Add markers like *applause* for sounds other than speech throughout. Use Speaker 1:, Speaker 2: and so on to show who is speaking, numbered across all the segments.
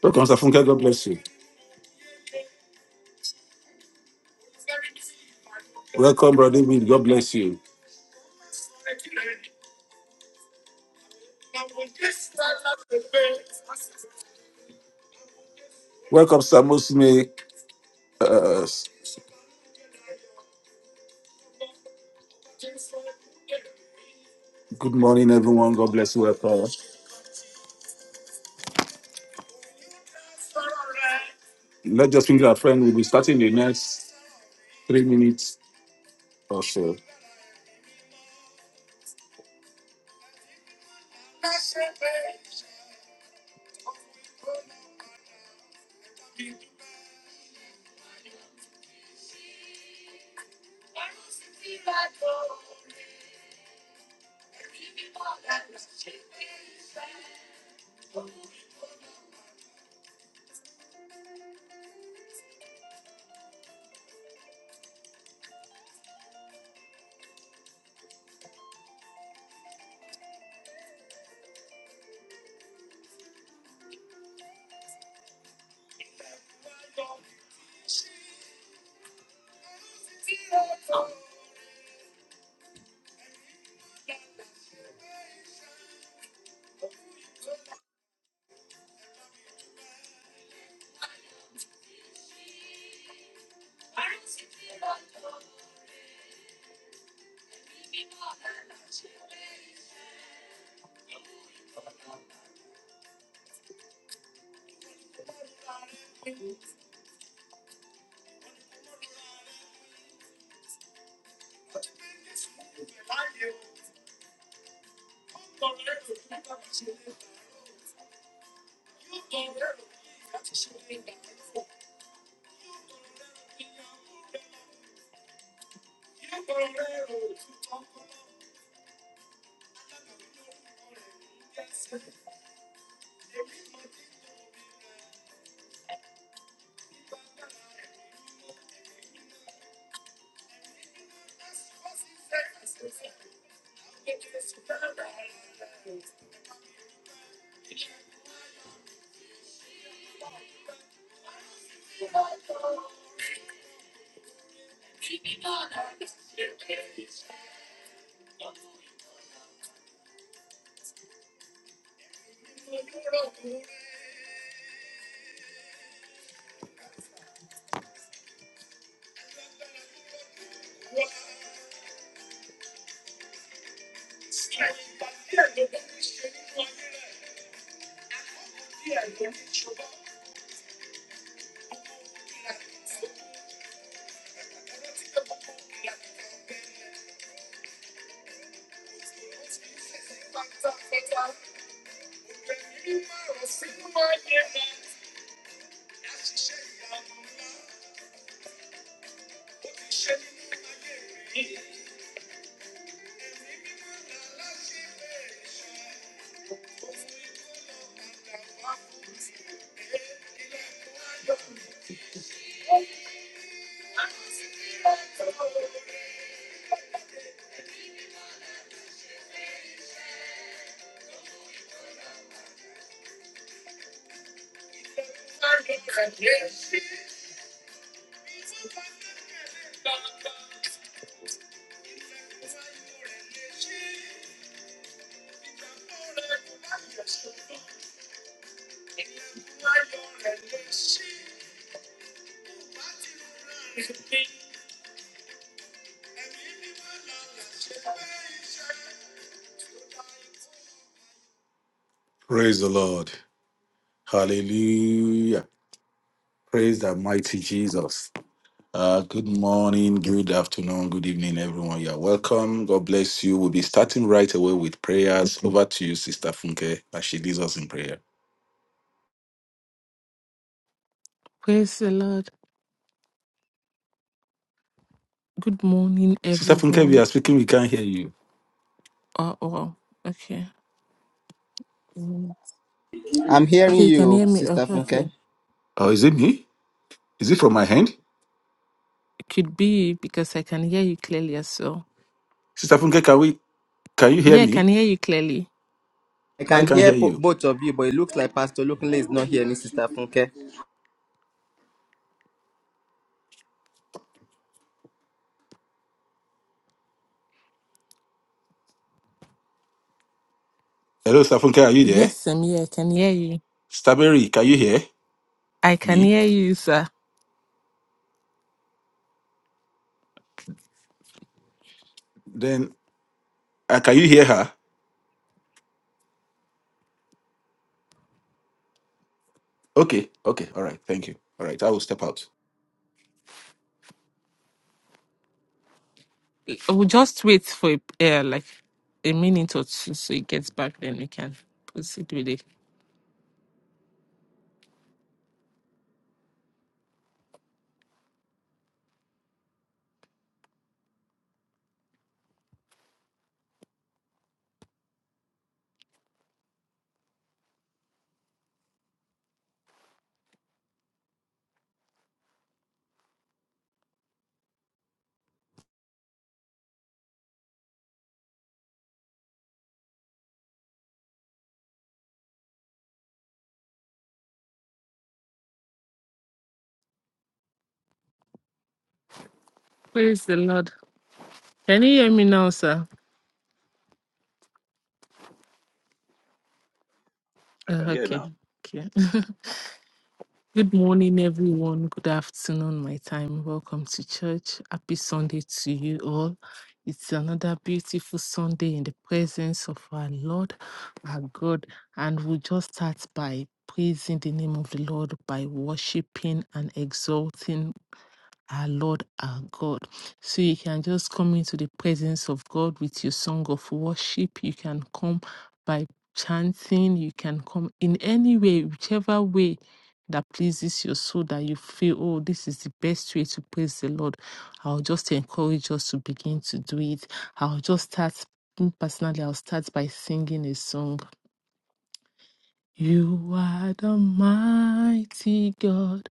Speaker 1: Welcome, Safunke. God bless you. Welcome, Brother David. God bless you. Welcome, Samosme. Uh, good morning, everyone. God bless you. Welcome. Let's just finger our friend. We'll be starting the next three minutes or so. Praise the Lord. Hallelujah. Praise the mighty Jesus. Uh, good morning, good afternoon, good evening, everyone. You're welcome. God bless you. We'll be starting right away with prayers. Over to you, Sister Funke, as she leads us in prayer.
Speaker 2: Praise the Lord. Good morning,
Speaker 1: Sister Funke, we
Speaker 2: everyone.
Speaker 1: are speaking. We can't hear you.
Speaker 2: Oh, oh, okay. Mm.
Speaker 3: I'm hearing
Speaker 2: Okay, you can
Speaker 3: you,
Speaker 2: hear me. Oh,
Speaker 3: Sister Funke.
Speaker 2: okay.
Speaker 1: Oh, is it me? Is it from my hand?
Speaker 2: It could be because I can hear you clearly as well.
Speaker 1: Sister Funke, can we can you hear
Speaker 2: Yeah, I
Speaker 1: me?
Speaker 2: can hear you clearly.
Speaker 3: I
Speaker 1: I
Speaker 3: can
Speaker 1: can
Speaker 3: hear
Speaker 1: hear
Speaker 3: po-
Speaker 1: you.
Speaker 3: both of you, but it looks like Pastor Lukunle is not hearing Sister Funke.
Speaker 1: Hello, Sister Funke, are you there?
Speaker 2: Yes, I'm here. I can hear you.
Speaker 1: Staberry, can you hear
Speaker 2: I can
Speaker 1: me?
Speaker 2: hear you, sir.
Speaker 1: Then uh, can you hear her? Okay, okay, all right, thank you. All right, I will step out.
Speaker 2: We'll just wait for uh, like a minute or two so it gets back, then we can proceed with it. Praise the Lord. Can you hear me now, sir?
Speaker 4: I
Speaker 2: Oh,
Speaker 4: can hear
Speaker 2: okay.
Speaker 4: now.
Speaker 2: Okay. Good morning, everyone. Good afternoon, my time. Welcome to church. Happy Sunday to you all. It's another beautiful Sunday in the presence of our Lord, our God. And we'll just start by praising the name of the Lord, by worshiping and exalting our Lord, our God. So you can just come into the presence of God with your song of worship. You can come by chanting. You can come in any way, whichever way that pleases your soul that you feel, oh, this is the best way to praise the Lord. I'll just encourage us to begin to do it. I'll just start. me Personally, I'll start by singing a song. You are the mighty God,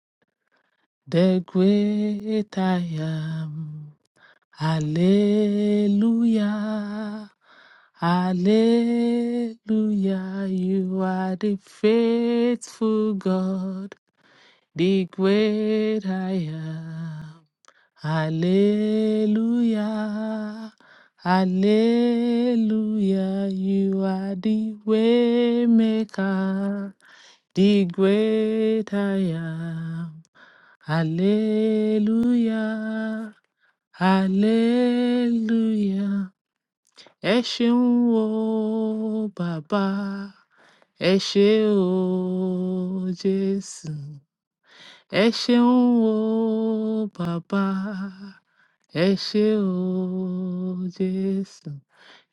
Speaker 2: the great I am. Hallelujah. Hallelujah. You are the faithful God, the great I am. Hallelujah. Hallelujah. You are the way maker, the great I am. Hallelujah hallelujah ẹ ṣeun o bàbá ẹ ṣé o jésù ẹ ṣeun o bàbá ẹ ṣé o jésù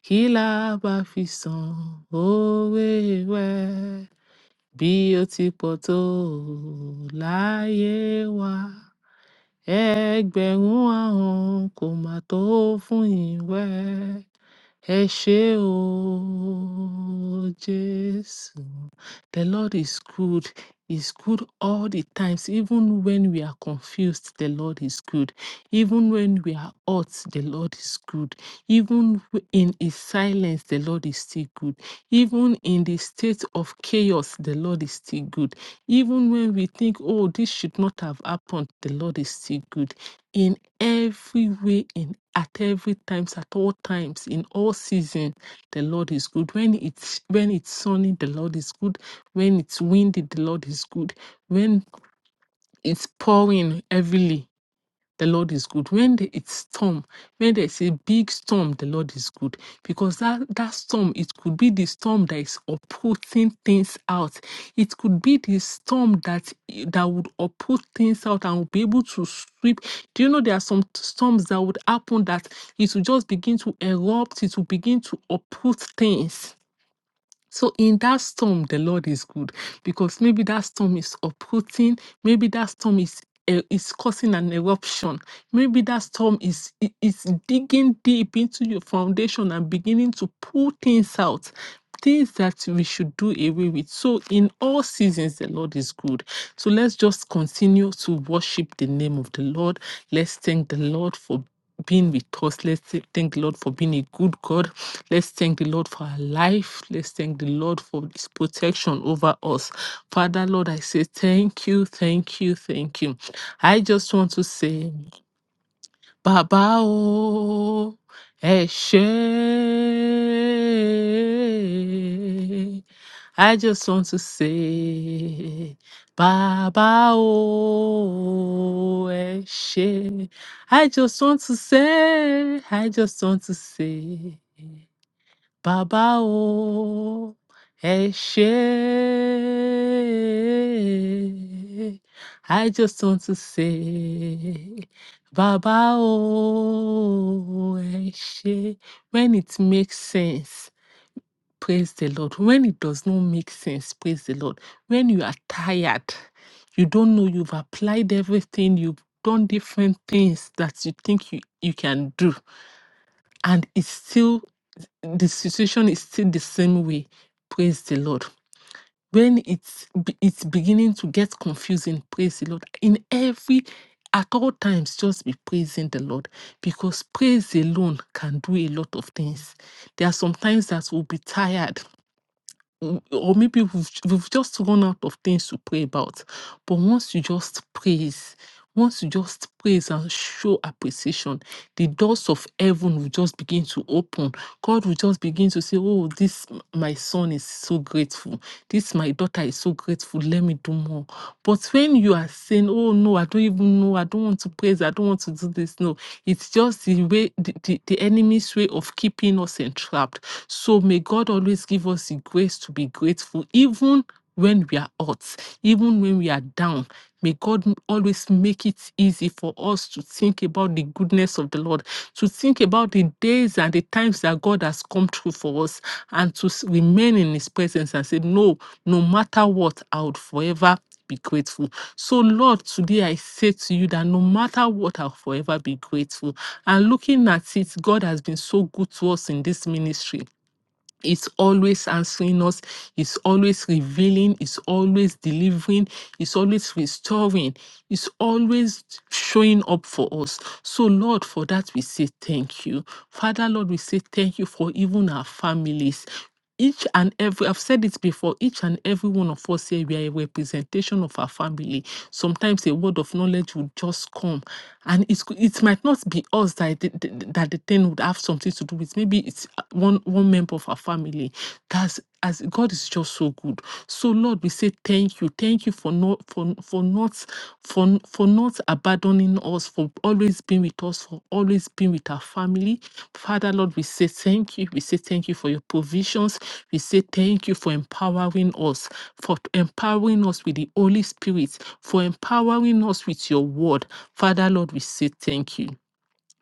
Speaker 2: kí la bá fi san owó rẹ bí ó ti pọ̀ tó láyé wa ẹgbẹ̀rún àrùn kò mà tó fún ìwẹ ẹ ṣé o jésù the Lord is good. Is good all the times, even when we are confused, the Lord is good. Even when we are hurt, the Lord is good. Even w- in His silence, the Lord is still good. Even in the state of chaos, the Lord is still good. Even when we think, oh, this should not have happened, the Lord is still good. In every way, in at every times, at all times, in all seasons, the Lord is good. When it's when it's sunny, the Lord is good. When it's windy, the Lord is good. When it's pouring heavily, the Lord is good. When the- it's storm, when there's a big storm, the Lord is good. Because that, that storm, it could be the storm that is uprooting things out. It could be the storm that that would uproot things out and will be able to sweep. Do you know there are some storms that would happen that it will just begin to erupt, it will begin to uproot things so in that storm, the Lord is good because maybe that storm is uprooting, maybe that storm is eh, is causing an eruption. Maybe that storm is i- is digging deep into your foundation and beginning to pull things out, things that we should do away with. So in all seasons, the Lord is good. So let's just continue to worship the name of the Lord. Let's thank the Lord for being with us. Let's thank the Lord for being a good God. Let's thank the Lord for our life. Let's thank the Lord for his protection over us. Father, Lord, I say thank you, thank you, thank you. I just want to say Bàbá o, ẹ ṣé. I just want to say, Bàbá o, ẹ ṣé. I just want to say, I just want to say. Bàbá o, ẹ ṣé. I just want to say, Bàbá o, ẹ ṣé. When it makes sense, praise the Lord. When it does not make sense, praise the Lord. When you are tired, you don't know you've applied everything, you've done different things that you think you, you can do, and it still the situation is still the same way praise the lord when it's be- it's beginning to get confusing praise the lord in every at all times just be praising the lord because praise alone can do a lot of things there are some times that we'll be tired w- or maybe we've, j- we've just run out of things to pray about. But once you just praise, once you just praise and show appreciation, the doors of heaven will just begin to open. God will just begin to say, Oh, this m- my son is so grateful. This my daughter is so grateful. Let me do more. But when you are saying, oh no, I don't even know, I don't want to praise, I don't want to do this, no, it's just the way, the, the, the enemy's way of keeping us entrapped. So may God always give us the grace to be grateful, even when we are out, even when we are down. May God m- always make it easy for us to think about the goodness of the Lord, to think about the days and the times that God has come through for us, and to s- remain in His presence and say, No, no matter what, I would forever be grateful. So, Lord, today I say to you that no matter what, I'll forever be grateful. And looking at it, God has been so good to us in this ministry. It's always answering us. It's always revealing. It's always delivering. It's always restoring. It's always showing up for us. So, Lord, for that we say thank you. Father, Lord, we say thank you for even our families each and every i've said it before each and every one of us here we are a representation of our family sometimes a word of knowledge would just come and it's, it might not be us that the, the- that the thing would have something to do with maybe it's uh, one one member of our family that's as god is just so good so lord we say thank you thank you for not not for for not for for not abandoning us, for always being with us, for always being with our family. Father Lord, we say thank you. We say thank you for your provisions. We say thank you for empowering us, for empowering us with the Holy Spirit, for empowering us with your word. Father Lord, we say thank you.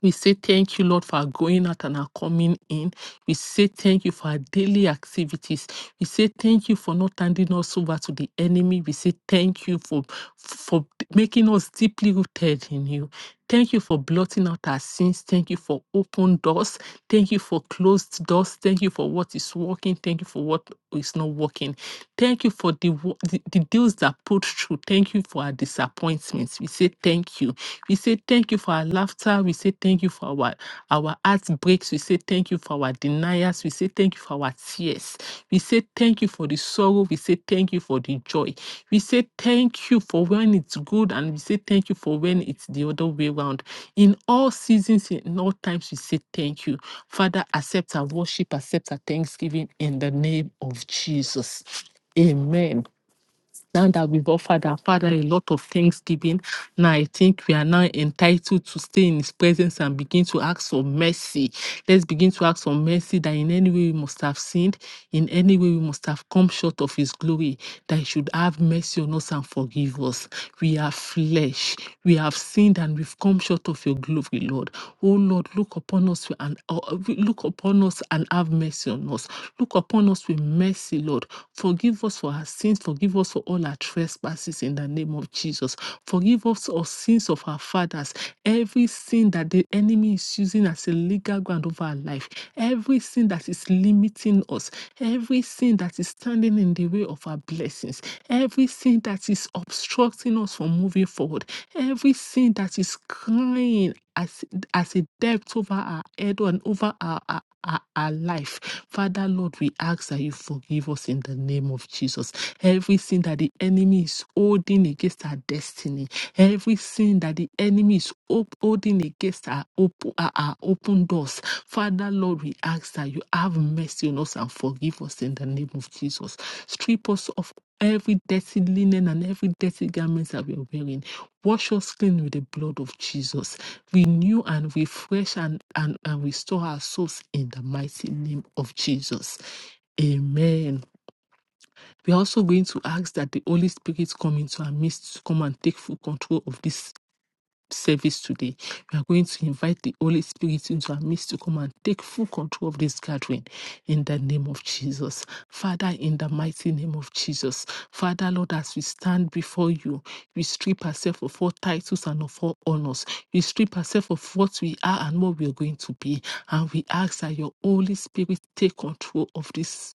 Speaker 2: We say thank you, Lord, for our going out and our coming in. We say thank you for our daily activities. We say thank you for not handing us over to the enemy. We say thank you for, for making us deeply rooted in you. Thank you for blotting out our sins. Thank you for open doors. Thank you for closed doors. Thank you for what is working. Thank you for what is not working. Thank you for the, the, the deals that put through. Thank you for our disappointments. We say thank you. We say thank you for our laughter. We say thank you for our, our heartbreaks. We say thank you for our deniers. We say thank you for our tears. We say thank you for the sorrow. We say thank you for the joy. We say thank you for when it's good and we say thank you for when it's the other way around. In all seasons, in all times, we say thank you. Father, accept our worship, accept our thanksgiving in the name of Jesus. Amen. Now that we've offered our Father a lot of thanksgiving, now I think we are now entitled to stay in His presence and begin to ask for mercy. Let's begin to ask for mercy that in any way we must have sinned, in any way we must have come short of his glory, that he should have mercy on us and forgive us. We are flesh. We have sinned and we've come short of your glory, Lord. Oh Lord, look upon us and uh, uh, look upon us and have mercy on us. Look upon us with mercy, Lord. Forgive us for our sins. Forgive us for all our trespasses in the name of Jesus. Forgive us our sins of our fathers. Every sin that the enemy is using as a legal ground over our life, Everything that is limiting us, everything that is standing in the way of our blessings, everything that is obstructing us from moving forward, everything that is crying as, as a debt over our head and over our, our our, our life. Father, Lord, we ask that you forgive us in the name of Jesus. Every sin that the enemy is holding against our destiny, every sin that the enemy is op- holding against our, op- our, our open doors, Father, Lord, we ask that you have mercy on us and forgive us in the name of Jesus. Strip us of Every dirty linen and every dirty garments that we are wearing, wash us clean with the blood of Jesus. Renew and refresh and, and, and restore our souls in the mighty name of Jesus. Amen. We're also going to ask that the Holy Spirit come into our midst to come and take full control of this service today. We are going to invite the Holy Spirit into our midst to come and take full control of this gathering in the name of Jesus. Father, in the mighty name of Jesus. Father, Lord, as we stand before you, we strip ourselves of all titles and of all honors. We strip ourselves of what we are and what we are going to be. And we ask that your Holy Spirit take control of this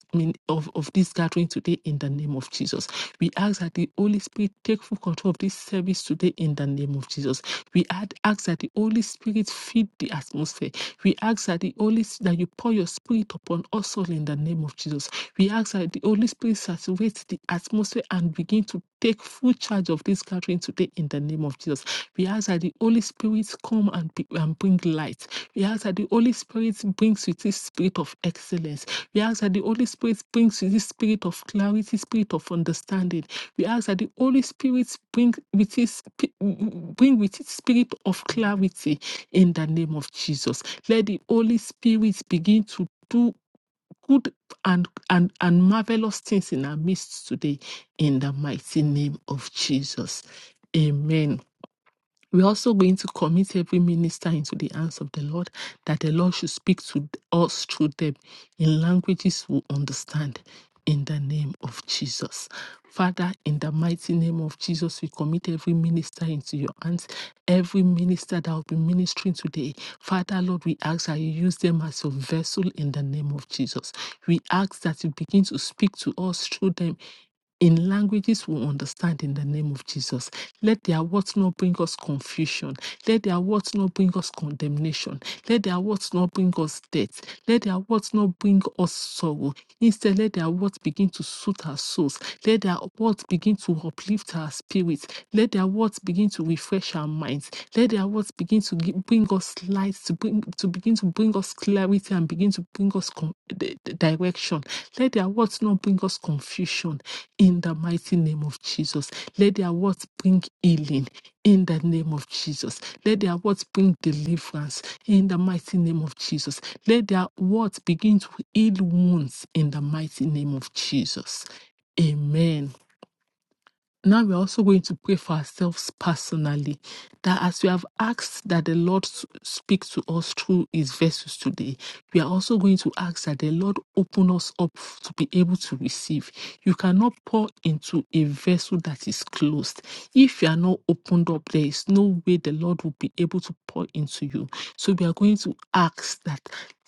Speaker 2: of, of this gathering today in the name of Jesus. We ask that the Holy Spirit take full control of this this service today in the name of Jesus. We ad- ask that the Holy Spirit feed the atmosphere. We ask that the Holy that you pour your spirit upon us all in the name of Jesus. We ask that the Holy Spirit saturates the atmosphere and begin to take full charge of this gathering today in the name of Jesus. We ask that the Holy Spirit come and, be, and bring light. We ask that the Holy Spirit brings with his spirit of excellence. We ask that the Holy Spirit brings with his spirit of clarity, spirit of understanding. We ask that the Holy Spirit bring with his bring with his spirit of clarity in the name of Jesus. Let the Holy Spirit begin to do good and, and, and marvelous things in our midst today in the mighty name of Jesus. Amen. We're also going to commit every minister into the hands of the Lord, that the Lord should speak to us through them in languages we understand. In the name of Jesus. Father, in the mighty name of Jesus, we commit every minister into your hands. Every minister that will be ministering today, Father, Lord, we ask that you use them as your vessel in the name of Jesus. We ask that you begin to speak to us through them in languages we understand in the name of Jesus. Let their words not bring us confusion. Let their words not bring us condemnation. Let their words not bring us death. Let their words not bring us sorrow. Instead, let their words begin to soothe our souls. Let their words begin to uplift our spirits. Let their words begin to refresh our minds. Let their words begin to gi- bring us light, to, bring, to begin to bring us clarity and begin to bring us con- the, the direction. Let their words not bring us confusion in the mighty name of Jesus. Let their words bring healing in the name of Jesus. Let their words bring deliverance in the mighty name of Jesus. Let their words begin to heal wounds in the mighty name of Jesus. Amen. Now we're also going to pray for ourselves personally that as we have asked that the Lord s- speak to us through his vessels today, we are also going to ask that the Lord open us up f- to be able to receive. You cannot pour into a vessel that is closed. If you are not opened up, there is no way the Lord will be able to pour into you. So we are going to ask that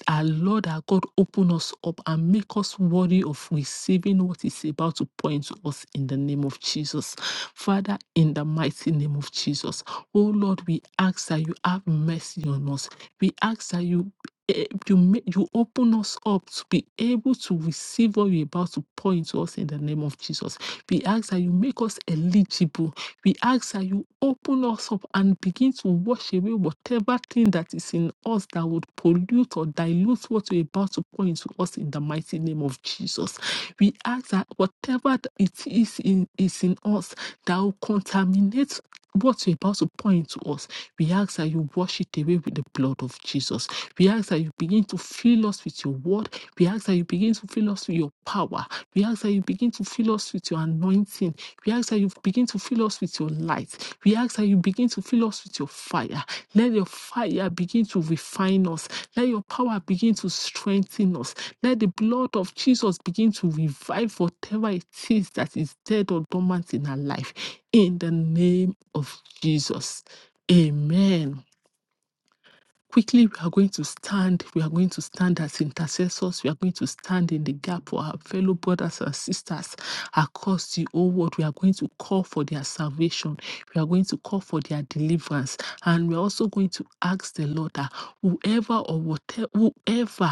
Speaker 2: our Lord, our God, open us up and make us worthy of receiving what is about to point to us in the name of Jesus. Father, in the mighty name of Jesus, oh Lord, we ask that you have mercy on us. We ask that you eh, you, make, you open us up to be able to receive what you're about to point to us in the name of Jesus. We ask that you make us eligible we ask that you open us up and begin to wash away whatever thing that is in us that would pollute or dilute what you're about to pour into us in the mighty name of Jesus. We ask that whatever th- it is in is in us that will contaminate what you're about to pour into us, we ask that you wash it away with the blood of Jesus. We ask that you begin to fill us with your word. We ask that you begin to fill us with your power. We ask that you begin to fill us with your anointing. We ask that you begin to fill us with your light. We ask that you begin to fill us with your fire. Let your fire begin to refine us. Let your power begin to strengthen us. Let the blood of Jesus begin to revive whatever it is that is dead or dormant in our life. In the name of Jesus. Amen quickly we are going to stand we are going to stand as intercessors we are going to stand in the gap for our fellow brothers and sisters across the whole world we are going to call for their salvation we are going to call for their deliverance and we're also going to ask the lord that whoever or whatever whoever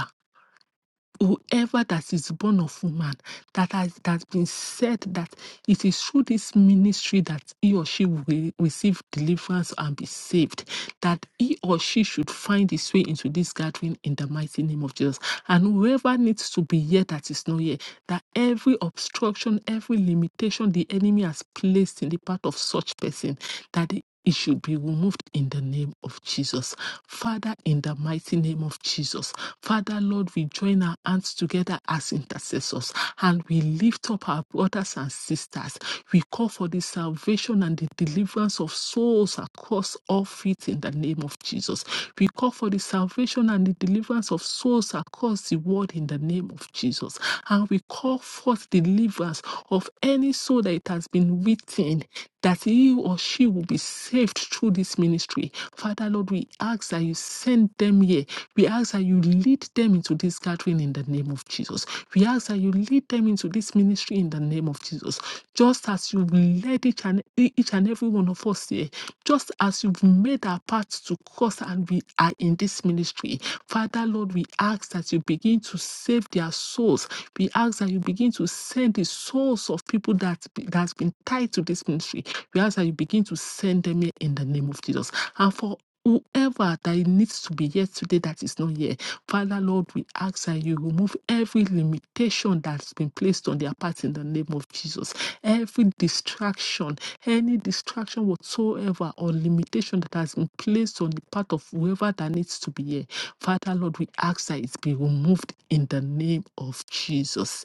Speaker 2: whoever that is born of woman that has that has been said that it is through this ministry that he or she will re- receive deliverance and be saved that he or she should find his way into this gathering in the mighty name of jesus and whoever needs to be here that is not here that every obstruction every limitation the enemy has placed in the path of such person that it should be removed in the name of Jesus. Father, in the mighty name of Jesus. Father, Lord, we join our hands together as intercessors and we lift up our brothers and sisters. We call for the salvation and the deliverance of souls across all faith in the name of Jesus. We call for the salvation and the deliverance of souls across the world in the name of name of Jesus. And we call forth deliverance of any soul that it has been written that he or she will be saved through this ministry. Father, Lord, we ask that you send them here. We ask that you lead them into this gathering in the name of Jesus. We ask that you lead them into this ministry in the name of Jesus. Just as you led each and each and every one of us here, just as you've made our path to cross and we are in this ministry. Father, Lord, we ask that you begin to save their souls. We ask that you begin to send the souls of people that be- that's been tied to this ministry. We ask that you begin to send them here in the name of Jesus. And for whoever that needs to be here today that is not here, Father, Lord, we ask that you remove every limitation that's been placed on their part in the name of Jesus. Every distraction, any distraction whatsoever or limitation that has been placed on the part of whoever that needs to be here. Father, Lord, we ask that it be removed in the name of Jesus.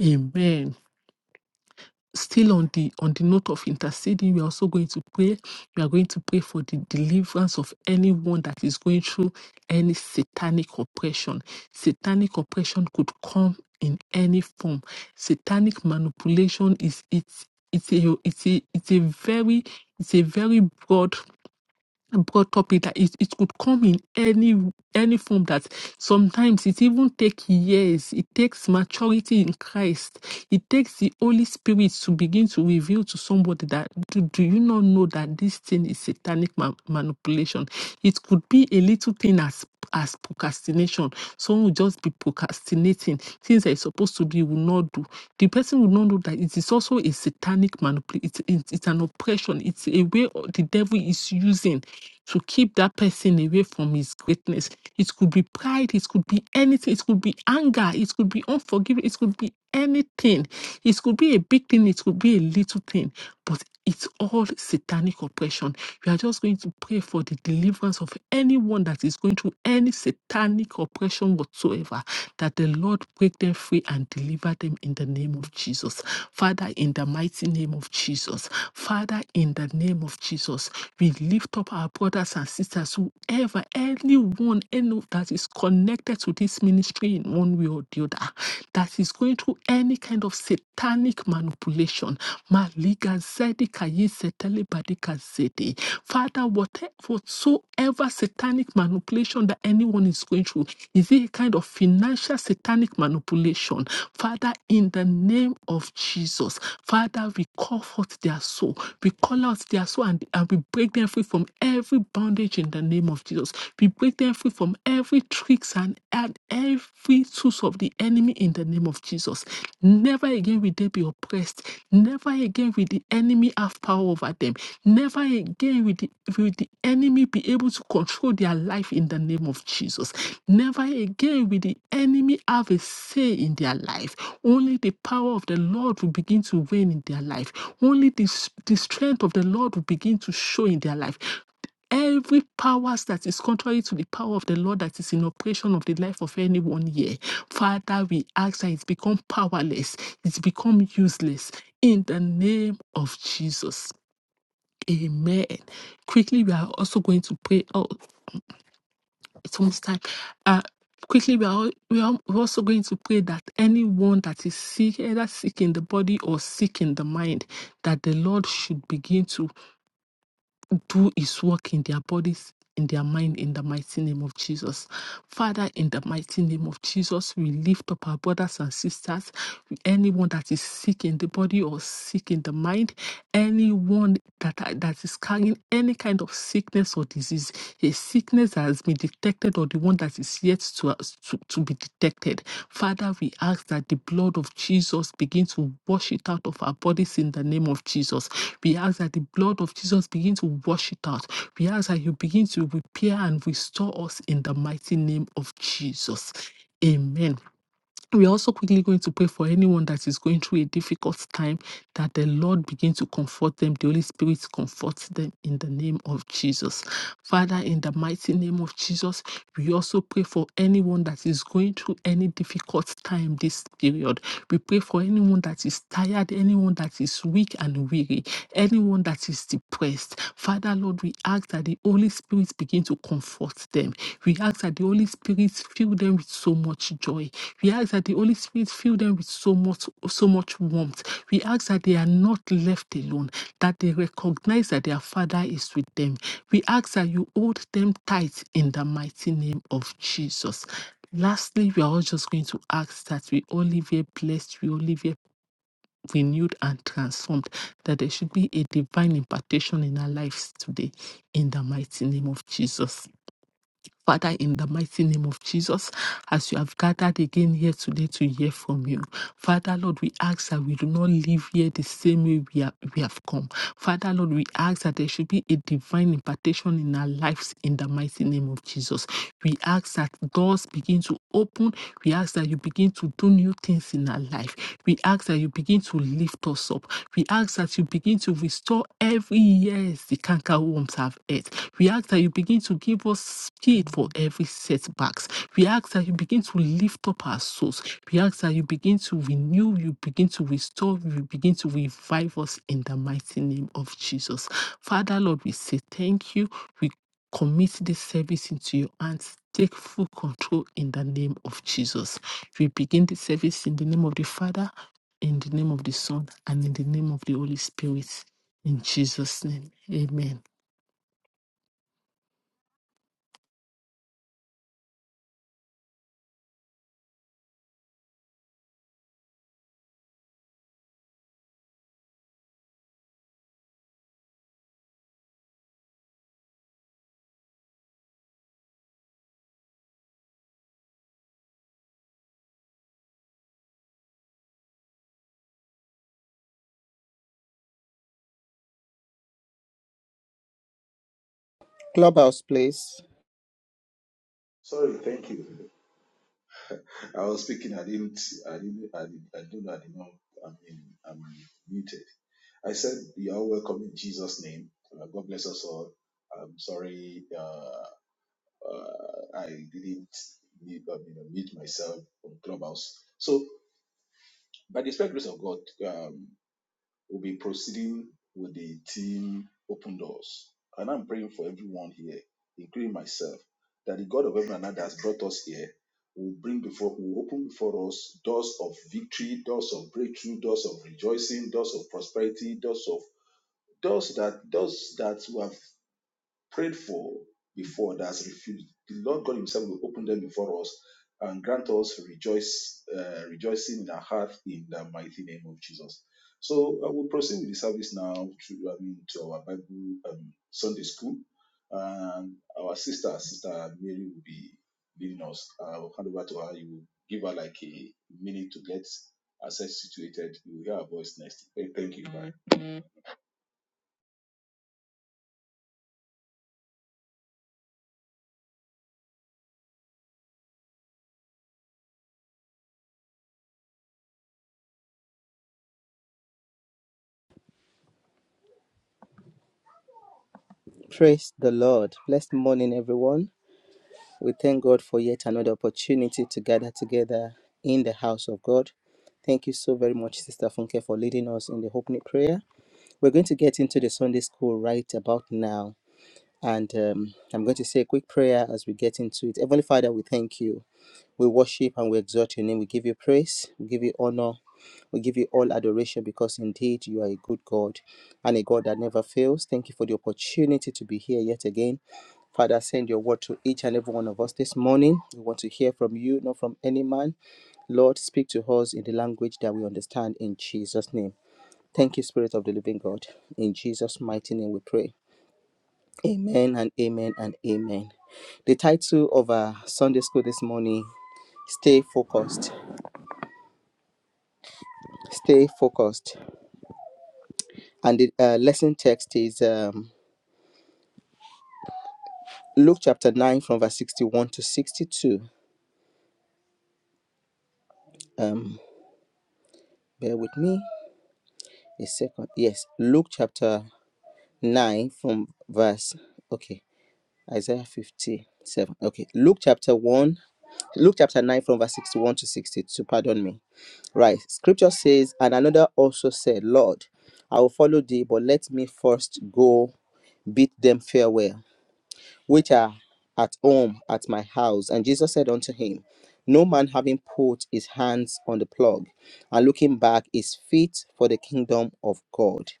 Speaker 2: Amen still on the on the note of interceding we are also going to pray we are going to pray for the deliverance of anyone that is going through any satanic oppression satanic oppression could come in any form satanic manipulation is it's it's a it's a it's a very it's a very broad brought up it that it, it could come in any any form that sometimes it even take years it takes maturity in christ it takes the holy spirit to begin to reveal to somebody that do, do you not know that this thing is satanic ma- manipulation it could be a little thing as as procrastination someone will just be procrastinating things that is supposed to be will not do the person will not know that it is also a satanic manipulation. It's, it's, it's an oppression. It's a way o- the devil is using to keep that person away from his greatness. It could be pride. It could be anything. It could be anger. It could be unforgiveness. It could be anything. It could be a big thing. It could be a little thing. But it's all satanic oppression. We are just going to pray for the deliverance of anyone that is going through any satanic oppression whatsoever, that the Lord break them free and deliver them in the name of Jesus. Father, in the mighty name of Jesus. Father, in the name of Jesus, we lift up our brothers and sisters, whoever, anyone, any that is connected to this ministry in one way or the other, that is going through to any kind of satanic manipulation. Maliga zedi kayi setele badika zedi. Father, whatever, whatsoever satanic manipulation that anyone is going through, is it a kind of financial satanic manipulation? Father, in the name of Jesus, Father, we call forth their soul. We call out their soul and, and we break them free from every bondage in the name of Jesus. We break them free from every tree quicksand and every source of the enemy in the name of Jesus. Never again will they be oppressed. Never again will the enemy have power over them. Never again will the, will the enemy be able to control their life in the name of Jesus. Never again will the enemy have a say in their life. Only the power of the Lord will begin to reign in their life. Only the, the strength of the Lord will begin to show in their life Every powers that is contrary to the power of the Lord that is in operation of the life of anyone here, Father, we ask that it's become powerless, it's become useless in the name of Jesus. Amen. Quickly, we are also going to pray. Oh, it's almost time. Uh, quickly, we are, al- we are also going to pray that anyone that is sick, either sick in the body or sick in the mind, that the Lord should begin to do his work in their bodies, in their mind, in the mighty name of Jesus. Father, in the mighty name of Jesus, we lift up our brothers and sisters, anyone that is sick in the body or sick in the mind, anyone that, that is carrying any kind of sickness or disease, a sickness that has been detected or the one that is yet to, uh, to, to be detected. Father, we ask that the blood of Jesus begin to wash it out of our bodies in the name of Jesus. We ask that the blood of Jesus begin to wash it out. We ask that you begin to repair and restore us in the mighty name of Jesus. Amen. We're also quickly going to pray for anyone that is going through a difficult time, that the Lord begin to comfort them, the Holy Spirit comforts them in the name of Jesus. Father, in the mighty name of Jesus, we also pray for anyone that is going through any difficult time this period. We pray for anyone that is tired, anyone that is weak and weary anyone that is depressed. Father, Lord, we ask that the Holy Spirit begin to comfort them. We ask that the Holy Spirit fill them with so much joy. We ask that the Holy Spirit fill them with so much, so much warmth. We ask that they are not left alone, that they recognize that their Father is with them. We ask that you hold them tight in the mighty name of Jesus. Lastly, we are all just going to ask that we all live a blessed, we all live a renewed and transformed, that there should be a divine impartation in our lives today, in the mighty name of Jesus. Father, in the mighty name of Jesus, as you have gathered again here today to hear from you, Father Lord, we ask that we do not leave here the same way we, are, we have come. Father Lord, we ask that there should be a divine impartation in our lives in the mighty name of Jesus. We ask that doors begin to open. We ask that you begin to do new things in our life we ask that you begin to lift us up. We ask that you begin to restore every year the canker worms have ate. We ask that you begin to give us speed for every setbacks. We ask that you begin to lift up our souls. We ask that you begin to renew, you begin to restore, you begin to revive us in the mighty name of Jesus. Father, Lord, we say thank you. We commit this service into your hands. Take full control in the name of Jesus. We begin the service in the name of the Father in the name of the Son and in the name of the Holy Spirit. In Jesus' name. Amen.
Speaker 3: Clubhouse, please.
Speaker 4: I was speaking. I didn't. I didn't. I, did, I don't. know. I did not. know. I mean, I'm muted. I said, "You are welcome in Jesus' name. Uh, God bless us all." I'm sorry. Uh, uh, I didn't mute, uh, you know, mute myself on Clubhouse. So, by the special grace of God, um, We'll be proceeding with the team Open Doors. And I'm praying for everyone here, including myself, that the God of heaven and earth that has brought us here will bring before, will open before us doors of victory, doors of breakthrough, doors of rejoicing, doors of prosperity, doors of doors that doors that we have prayed for before that has refused, the Lord God Himself will open them before us and grant us rejoice, uh, rejoicing in our heart in the mighty name of Jesus. So I will proceed with the service now to, I mean, to our Bible um, Sunday school. And our sister, Sister Mary, will be leading us. I'll hand over to her. You will give her like a minute to get herself situated. You will hear her voice next. Thank you. Bye.
Speaker 3: Praise the Lord. Blessed morning, everyone. We thank God for yet another opportunity to gather together in the house of God. Thank you so very much, Sister Funke, for leading us in the opening prayer. We're going to get into the Sunday school right about now. And um, I'm going to say a quick prayer as we get into it. Heavenly Father, we thank you. We worship and we exalt your name. We give you praise. We give you honor. We give you all adoration because indeed you are a good God and a God that never fails. Thank you for the opportunity to be here yet again. Father, send your word to each and every one of us this morning. We want to hear from you, not from any man. Lord, speak to us in the language that we understand in Jesus' name. Thank you, Spirit of the Living God. In Jesus' mighty name we pray. Amen and amen and amen. The title of our Sunday school this morning, Stay Focused. stay focused. And the uh, lesson text is um, Luke chapter 9 from verse 61 to 62. Um, bear with me a second. Yes, Luke chapter 9 from verse, okay, Isaiah 57. Okay, Luke chapter 1, Luke chapter 9 from verse 61 to 62. Pardon me. Right, scripture says, And another also said, Lord, I will follow thee, but let me first go bid them farewell which are at home at my house. And Jesus said unto him, No man having put his hands on the plug and looking back is fit for the kingdom of God.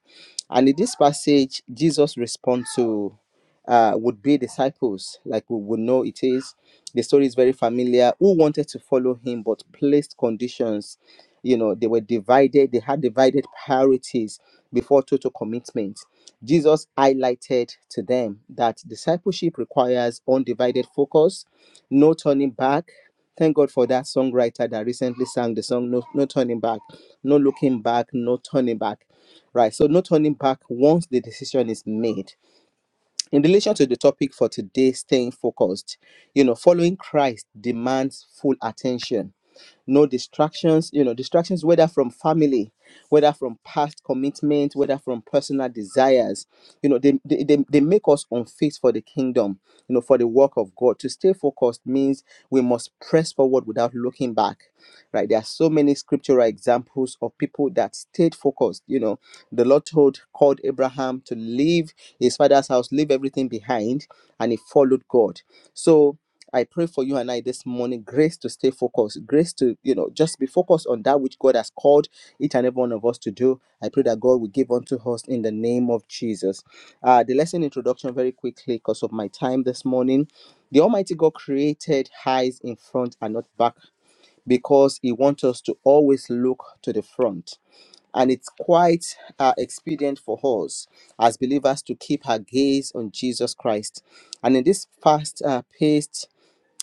Speaker 3: And in this passage, Jesus responds to uh, would be disciples, like we would know it is. The story is very familiar, who wanted to follow him but placed conditions you know they were divided they had divided priorities before total commitment jesus highlighted to them that discipleship requires undivided focus no turning back thank god for that songwriter that recently sang the song no, no turning back no looking back no turning back right so no turning back once the decision is made in relation to the topic for today staying focused you know following christ demands full attention no distractions you know distractions whether from family whether from past commitment whether from personal desires you know they, they, they, they make us unfit for the kingdom you know for the work of god to stay focused means we must press forward without looking back right there are so many scriptural examples of people that stayed focused you know the lord told called abraham to leave his father's house leave everything behind and he followed god so I pray for you and I this morning grace to stay focused, grace to, you know, just be focused on that which God has called each and every one of us to do. I pray that God will give unto us in the name of Jesus. Uh, the lesson introduction, very quickly, because of my time this morning. The Almighty God created eyes in front and not back because He wants us to always look to the front. And it's quite uh, expedient for us as believers to keep our gaze on Jesus Christ. And in this fast uh, paced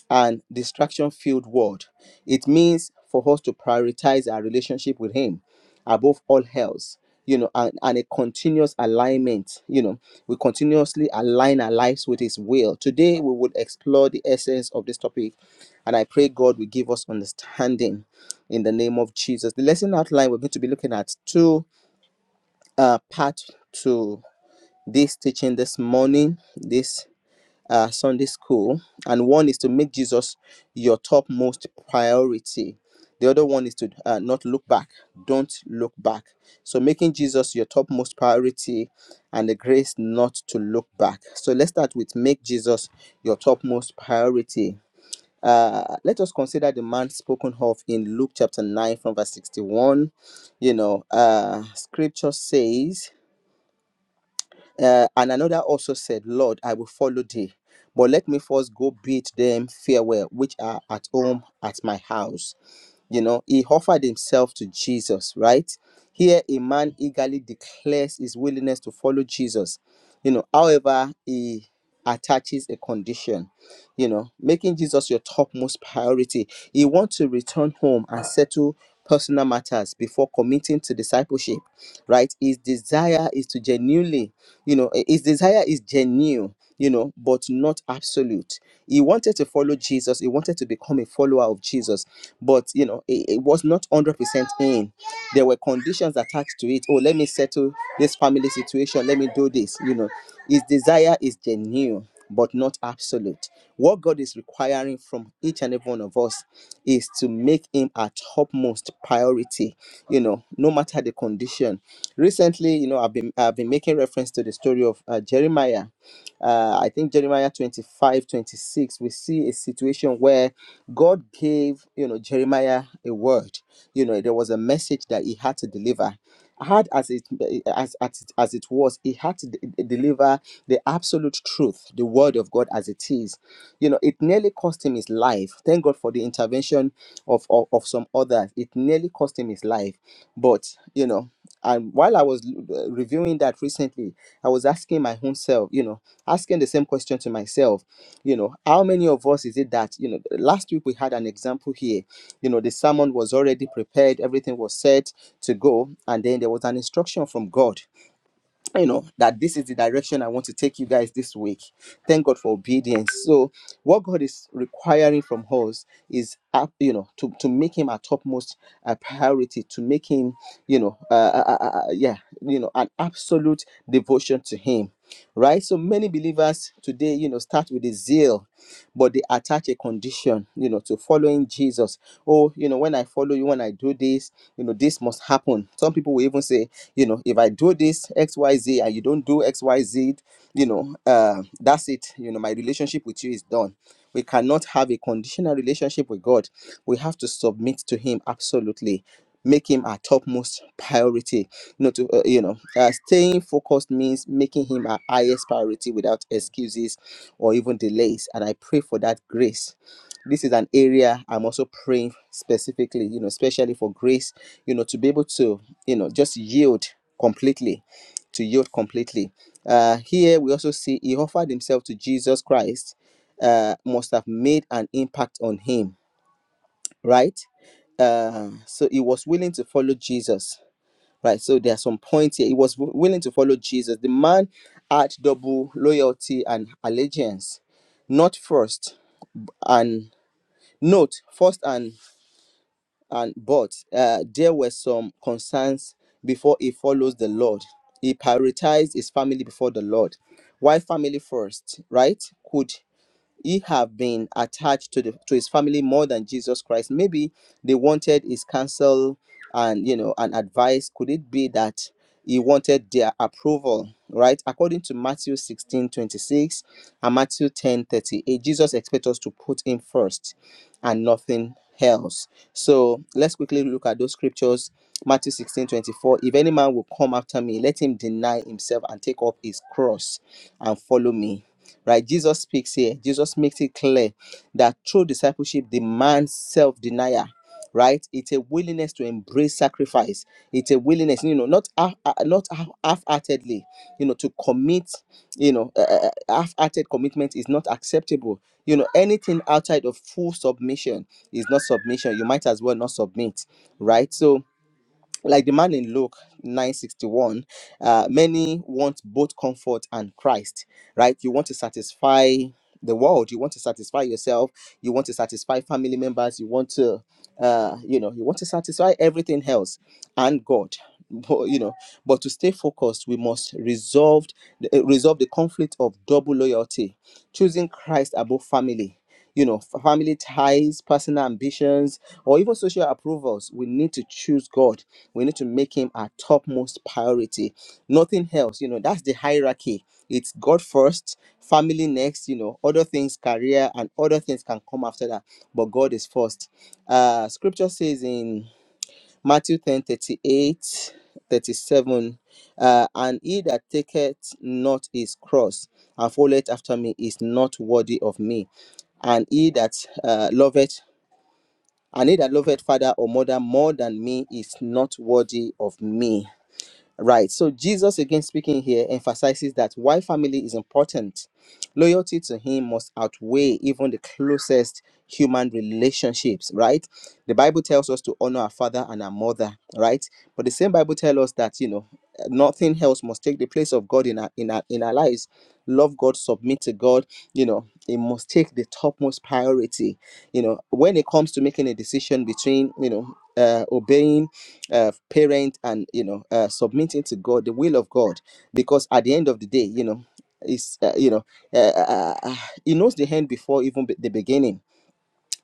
Speaker 3: and distraction filled world. It means for us to prioritize our relationship with Him above all else, you know, and, and a continuous alignment. You know, we continuously align our lives with His will. Today, we would explore the essence of this topic, and I pray God will give us understanding in the name of Jesus. The lesson outline we're going to be looking at two uh, part to this teaching this morning. This uh, Sunday school, and one is to make Jesus your topmost priority. The other one is to uh, not look back. Don't look back. So, making Jesus your topmost priority and the grace not to look back. So, let's start with make Jesus your topmost priority. Uh, let us consider the man spoken of in Luke chapter 9 from verse 61. You know, uh, scripture says, uh, and another also said, Lord, I will follow thee, but let me first go bid them farewell, which are at home at my house. You know, he offered himself to Jesus, right? Here, a man eagerly declares his willingness to follow Jesus. You know, however, he attaches a condition, you know, making Jesus your topmost priority. He wants to return home and settle personal matters before committing to discipleship right his desire is to genuinely you know his desire is genuine you know but not absolute he wanted to follow jesus he wanted to become a follower of jesus but you know it, it was not 100% in there were conditions attached to it oh let me settle this family situation let me do this you know his desire is genuine but not absolute. What God is requiring from each and every one of us is to make Him our topmost priority, you know, no matter the condition. Recently, you know, I've been I've been making reference to the story of uh, Jeremiah uh, I think Jeremiah 25 26. we see a situation where God gave, you know, Jeremiah a word. You know, there was a message that he had to deliver. Hard as it as, as as it was, he had to de- deliver the absolute truth, the word of God as it is. You know, it nearly cost him his life. Thank God for the intervention of of, of some others. It nearly cost him his life, but you know. And while I was uh, reviewing that recently, I was asking my own self, you know, asking the same question to myself, you know, how many of us is it that, you know, last week we had an example here, you know, the sermon was already prepared, everything was set to go, and then there was an instruction from God you know that this is the direction i want to take you guys this week thank god for obedience so what god is requiring from us is uh, you know to, to make him our topmost uh, priority to make him you know uh, uh, uh, uh, uh, yeah you know an absolute devotion to him right so many believers today you know start with a zeal but they attach a condition you know to following jesus oh you know when i follow you when i do this you know this must happen some people will even say you know if i do this xyz and you don't do xyz you know uh that's it you know my relationship with you is done we cannot have a conditional relationship with god we have to submit to him absolutely make him our topmost priority you know to uh, you know uh, staying focused means making him our highest priority without excuses or even delays and i pray for that grace this is an area i'm also praying specifically you know especially for grace you know to be able to you know just yield completely to yield completely uh here we also see he offered himself to jesus christ uh must have made an impact on him right uh so he was willing to follow jesus right so there are some points here he was wi- willing to follow jesus the man had double loyalty and allegiance not first and note first and and but uh, there were some concerns before he follows the lord he prioritized his family before the lord why family first right could he have been attached to the to his family more than Jesus Christ. Maybe they wanted his counsel and you know and advice. Could it be that he wanted their approval? Right? According to Matthew 16 26 and Matthew 10 38, Jesus expects us to put him first and nothing else. So let's quickly look at those scriptures. Matthew 16 24: If any man will come after me, let him deny himself and take up his cross and follow me right jesus speaks here jesus makes it clear that true discipleship demands self-denial right it's a willingness to embrace sacrifice it's a willingness you know not half- uh, not half- half-heartedly you know to commit you know uh, uh, uh, half-hearted commitment is not acceptable you know anything outside of full submission is not submission you might as well not submit right so like the man in Luke 961, uh, many want both comfort and Christ, right? You want to satisfy the world, you want to satisfy yourself, you want to satisfy family members, you want to, uh, you know, you want to satisfy everything else and God. *laughs* But, you know, but to stay focused, we must resolve uh, resolve the conflict of double loyalty, choosing Christ above family. You know, family ties, personal ambitions, or even social approvals. We need to choose God we need to make him our topmost priority nothing else you know that's the hierarchy it's god first family next you know other things career and other things can come after that but god is first uh scripture says in matthew 10 38, 37, uh, and he that taketh not his cross and followeth after me is not worthy of me and he that uh, loveth and he that loveth father or mother more than me is not worthy of me Right. So Jesus, again speaking here, emphasizes that why family is important. Loyalty to him must outweigh even the closest human relationships, right? The Bible tells us to honor our father and our mother, right? But the same Bible tells us that, you know, nothing else must take the place of God in our in our in our lives. Love God, submit to God, you know, it must take the topmost priority. You know, when it comes to making a decision between, you know, uh, obeying uh, parent and you know uh, submitting to god the will of god because at the end of the day you know is uh, you know uh, uh, uh, he knows the end before even be- the beginning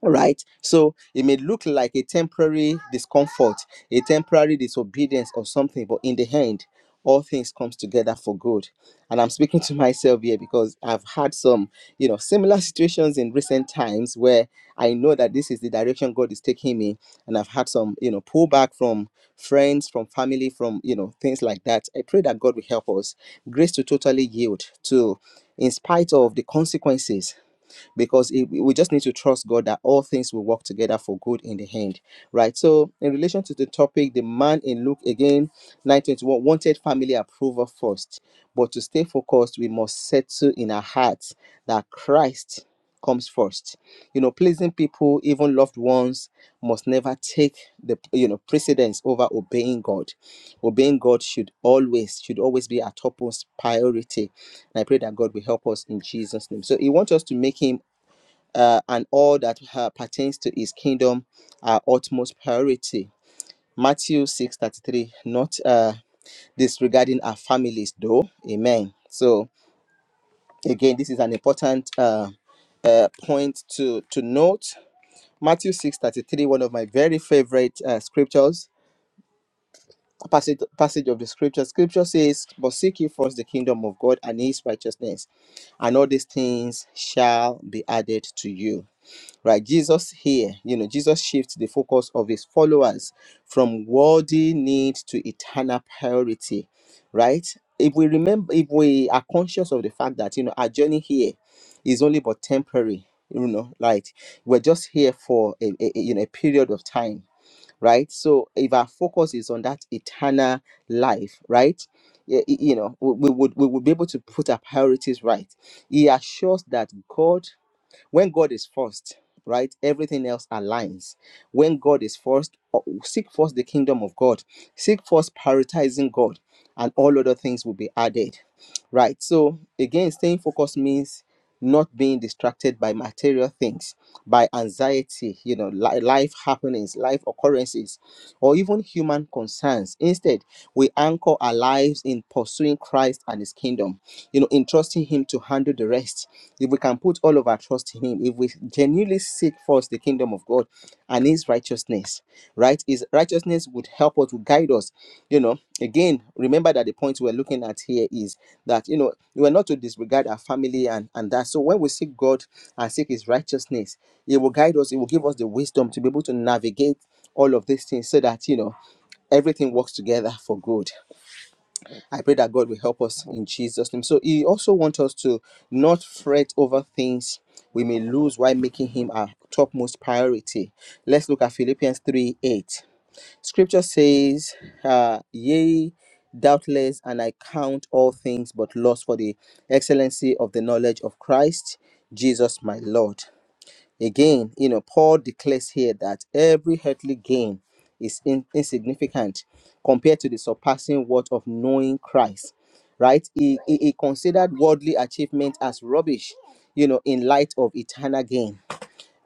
Speaker 3: right so it may look like a temporary discomfort a temporary disobedience or something but in the end all things comes together for good and i'm speaking to myself here because i've had some you know similar situations in recent times where i know that this is the direction god is taking me and i've had some you know pullback from friends from family from you know things like that i pray that god will help us grace to totally yield to in spite of the consequences because it, we just need to trust God that all things will work together for good in the end, right? So, in relation to the topic, the man in Luke again, 921 wanted family approval first, but to stay focused, we must settle in our hearts that Christ comes first. You know, pleasing people, even loved ones, must never take the you know precedence over obeying God. Obeying God should always should always be our topmost priority. And I pray that God will help us in Jesus' name. So He wants us to make Him uh, and all that uh, pertains to his kingdom are utmost priority. Matthew 6:33, not uh, disregarding our families though. Amen. So again, this is an important uh, uh, point to, to note. Matthew 6:33, one of my very favorite uh, scriptures, a passage, passage of the scripture. Scripture says, But seek ye first the kingdom of God and his righteousness, and all these things shall be added to you. right jesus here you know jesus shifts the focus of his followers from worldly need to eternal priority right if we remember if we are conscious of the fact that you know our journey here is only but temporary you know like we're just here for a, a- a- you know a period of time right so if our focus is on that eternal life right y- y- you know we we would we would be able to put our priorities right he assures that god when God is first, right, everything else aligns. When God is first, uh, seek first the kingdom of God, seek first prioritizing God, and all other things will be added, right? So, again, staying focused means not being distracted by material things, by anxiety, you know, li- life happenings, life occurrences or even human concerns. Instead, we anchor our lives in pursuing Christ and his kingdom, you know, in trusting him to handle the rest. If we can put all of our trust in him, if we genuinely seek first the kingdom of God and his righteousness, right? His righteousness would help us, would guide us, you know. Again, remember that the point we're looking at here is that, you know, we're not to disregard our family and, and that. So when we seek God and seek his righteousness, it will guide us, it will give us the wisdom to be able to navigate all of these things so that you know everything works together for good. I pray that God will help us in Jesus' name. So He also wants us to not fret over things we may lose while making Him our topmost priority. Let's look at Philippians 3 8. Scripture says, uh, Yea, doubtless, and I count all things but loss for the excellency of the knowledge of Christ. Jesus, my Lord. Again, you know, Paul declares here that every earthly gain is in- insignificant compared to the surpassing worth of knowing Christ. Right? He, he, he considered worldly achievement as rubbish, you know, in light of eternal gain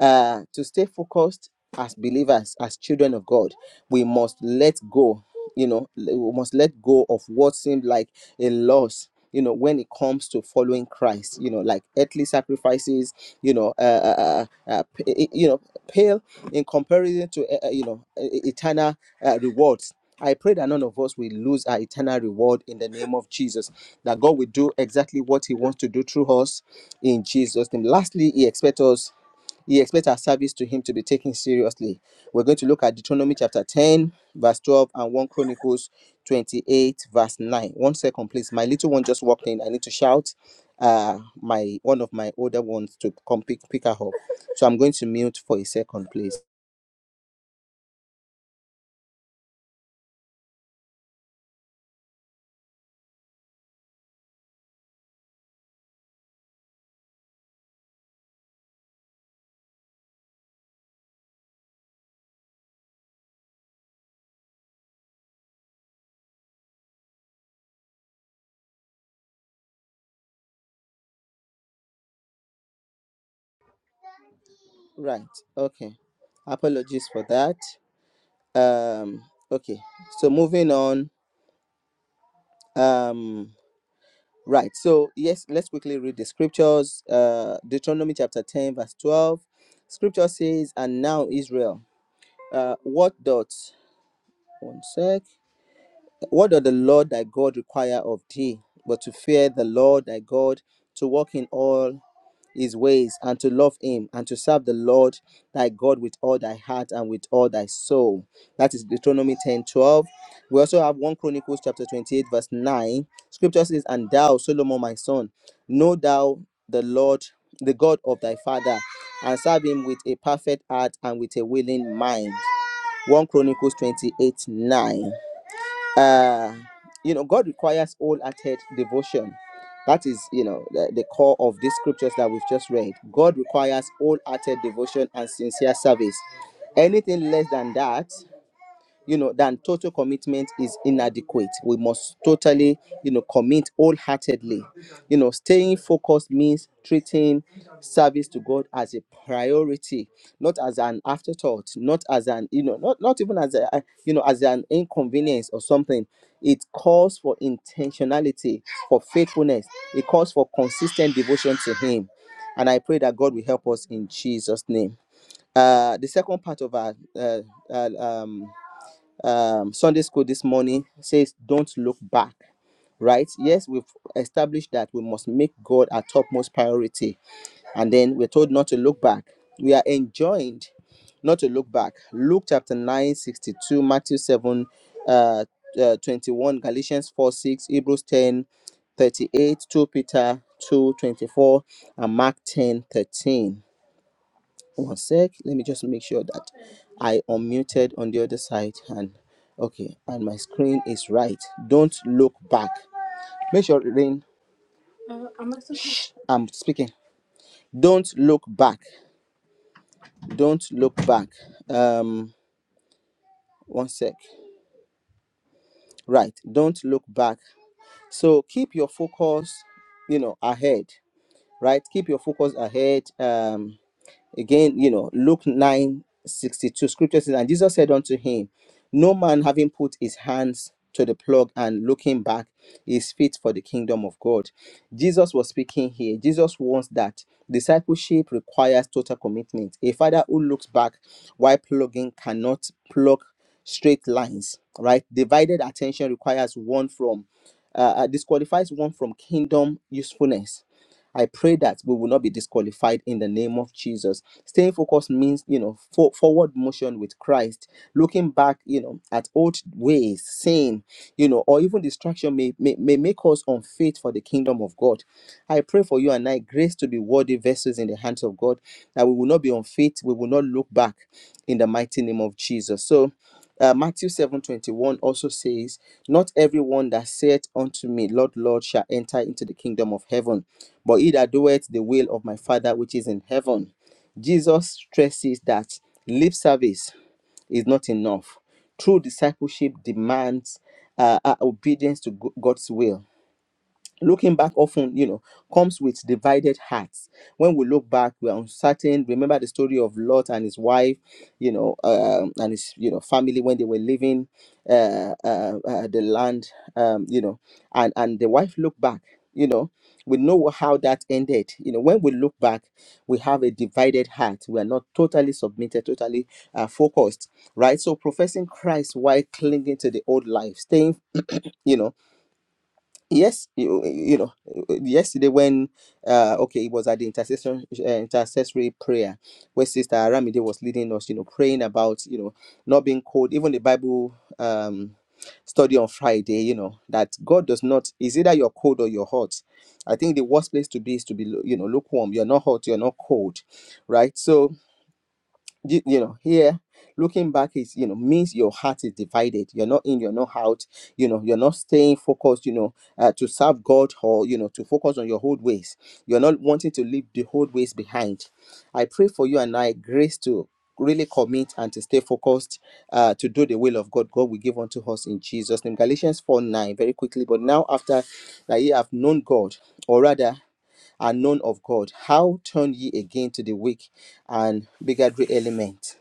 Speaker 3: uh, to stay focused as believers, as children of God, we must let go, you know, we must let go of what seemed like a loss. You know, when it comes to following Christ, you know, like earthly sacrifices, you know, uh, uh, uh, uh, you know, pale in comparison to, uh, uh, you know, e- e- eternal uh, rewards. I pray that none of us will lose our eternal reward in the name of Jesus. That God will do exactly what He wants to do through us in Jesus' name. Lastly, He expects us he expects our service to him to be taken seriously. We're going to look at Deuteronomy chapter 10, verse 12, and 1 Chronicles 28, verse 9. One second, please. My little one just walked in. I need to shout uh my one of my older ones to come pick, pick her up. So I'm going to mute for a second, please. Right. Okay. Apologies for that. Um, okay. So moving on. Um Right. So, yes, let's quickly read the scriptures. Uh, Deuteronomy chapter 10, verse 12. Scripture says, And now, Israel, uh, what doth, one sec, what doth the Lord thy God require of thee, but to fear the Lord thy God, to walk in all his ways and to love him and to serve the Lord thy God with all thy heart and with all thy soul. That is Deuteronomy 10 12. We also have 1 Chronicles chapter 28, verse 9. Scripture says, And thou, Solomon, my son, know thou the Lord, the God of thy father, and serve him with a perfect heart and with a willing mind. 1 Chronicles 28 9. Uh, you know, God requires wholehearted devotion. That is, you know, the, the core of these scriptures that we've just read. God requires wholehearted devotion and sincere service. Anything less than that you know then total commitment is inadequate we must totally you know commit wholeheartedly you know staying focused means treating service to god as a priority not as an afterthought not as an you know not, not even as a you know as an inconvenience or something it calls for intentionality for faithfulness it calls for consistent devotion to him and i pray that god will help us in jesus name uh the second part of our uh, uh, um um, Sunday school this morning says, Don't look back, right? Yes, we've established that we must make God our topmost priority. And then we're told not to look back. We are enjoined not to look back. Luke chapter 9 62, Matthew 7, uh, uh, 21, Galatians 4, 6, Hebrews ten thirty 2 Peter 2 24, and Mark 10 13 one sec let me just make sure that i unmuted on the other side and okay and my screen is right don't look back make sure rain Uh, I'm, not speaking. Shh, I'm speaking don't look back don't look back um one sec right don't look back so keep your focus you know ahead right keep your focus ahead um Again, you know, Luke nine sixty two scripture says, And Jesus said unto him, No man having put his hands to the plug and looking back is fit for the kingdom of God. Jesus was speaking here. Jesus wants that discipleship requires total commitment. A father who looks back while plugging cannot plug straight lines, right? Divided attention requires one from, uh, uh, disqualifies one from kingdom usefulness I pray that we will not be disqualified in the name of Jesus. Staying focused means, you know, for, forward motion with Christ, looking back, you know, at old ways, sin, you know, or even distraction may, may, may make us unfit for the kingdom of God. I pray for you and I grace to be worthy vessels in the hands of God, that we will not be unfit, we will not look back in the mighty name of Jesus. So, uh, Matthew 7:21 also says, Not everyone that saith unto me, Lord, Lord, shall enter into the kingdom of heaven, but he that doeth the will of my Father which is in heaven. Jesus stresses that lip service is not enough. True discipleship demands uh, uh, obedience to Go- God's will looking back often you know comes with divided hearts when we look back we're uncertain remember the story of lot and his wife you know um, and his you know family when they were leaving uh, uh, uh, the land um, you know and and the wife looked back you know we know how that ended you know when we look back we have a divided heart we are not totally submitted totally uh, focused right so professing christ while clinging to the old life staying you know yes you, you know yesterday when uh okay it was at the intercession uh, intercessory prayer where sister aramide was leading us you know praying about you know not being cold even the bible um study on friday you know that god does not is either you're cold or you're hot i think the worst place to be is to be you know lukewarm you're not hot you're not cold right so you, you know here looking back is you know means your heart is divided you're not in you're not out you know you're not staying focused you know uh, to serve god or you know to focus on your old ways you're not wanting to leave the old ways behind i pray for you and i grace to really commit and to stay focused uh, to do the will of god god will give unto us in jesus name galatians 4 9 very quickly but now after that ye have known god or rather are known of God. How turn ye again to the weak and bigotry element?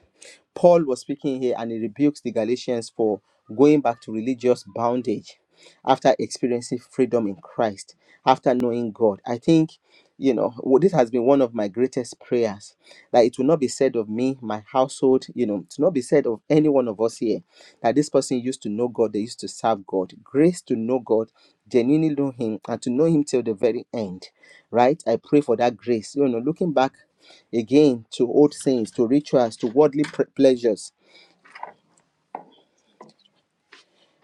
Speaker 3: Paul was speaking here and he rebukes the Galatians for going back to religious bondage after experiencing freedom in Christ, after knowing God. I think, you know, w- this has been one of my greatest prayers that it will not be said of me, my household, you know, to not be said of any one of us here that this person used to know God, they used to serve God. Grace to know God, genuinely know Him, and to know Him till the very end, right? I pray for that grace. You know, looking back again to old sins, to rituals, to worldly pleasures.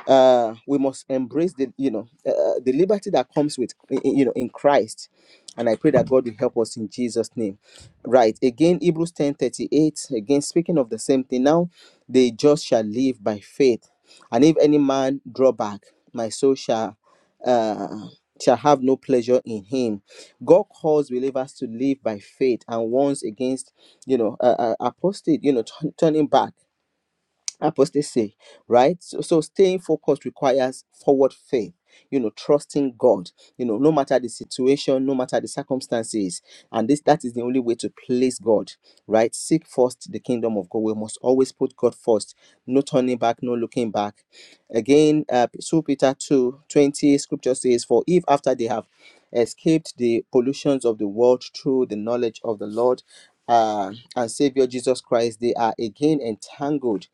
Speaker 3: uh, we must embrace the you know uh, uh, the liberty that comes with i- i- you know in Christ, and I pray that God will help us in Jesus' name. Right again, Hebrews ten thirty eight. Again, speaking of the same thing. Now, the just shall live by faith, and if any man draw back, my soul shall uh, shall have no pleasure in him. God calls believers to live by faith, and warns against you know uh, uh, apostate you know turn turning back apostasy, right? So, so staying focused requires forward faith, you know, trusting God, you know, no matter the situation, no matter the circumstances. And this that is the only way to place God, right? Seek first the kingdom of God. We must always put God first, no turning back, no looking back. Again, uh, 2 Peter 2:20 scripture says, For if after they have escaped the pollutions of the world through the knowledge of the Lord, uh, and Savior Jesus Christ, they are again entangled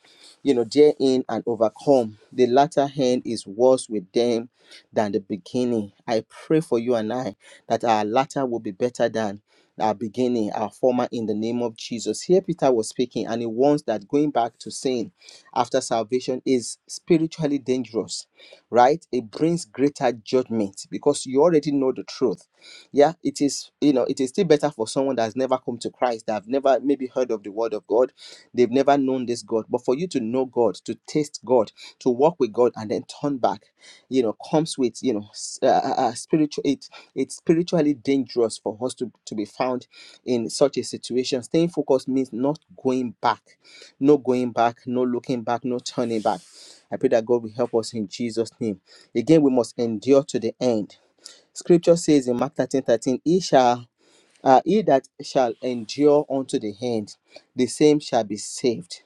Speaker 3: you know, therein and overcome. The latter end is worse with them than the beginning. I pray for you and I that our latter will be better than our beginning, our former in the name of Jesus. Here Peter was speaking, and he warns that going back to sin after salvation is spiritually dangerous, right? It brings greater judgment because you already know the truth yeah it is you know it is still better for someone that has never come to christ that have never maybe heard of the word of god They've never known this God. But for you to know God, to taste God, to walk with God, and then turn back, you know, comes with you know, s- uh, uh, uh, spiritual. It it's spiritually dangerous for us to to be found in such a situation. Staying focused means not going back, no going back, no looking back, no turning back. I pray that God will help us in Jesus' name. Again, we must endure to the end. Scripture says in Mark thirteen thirteen, "He shall." Uh, he that shall endure unto the end, the same shall be saved.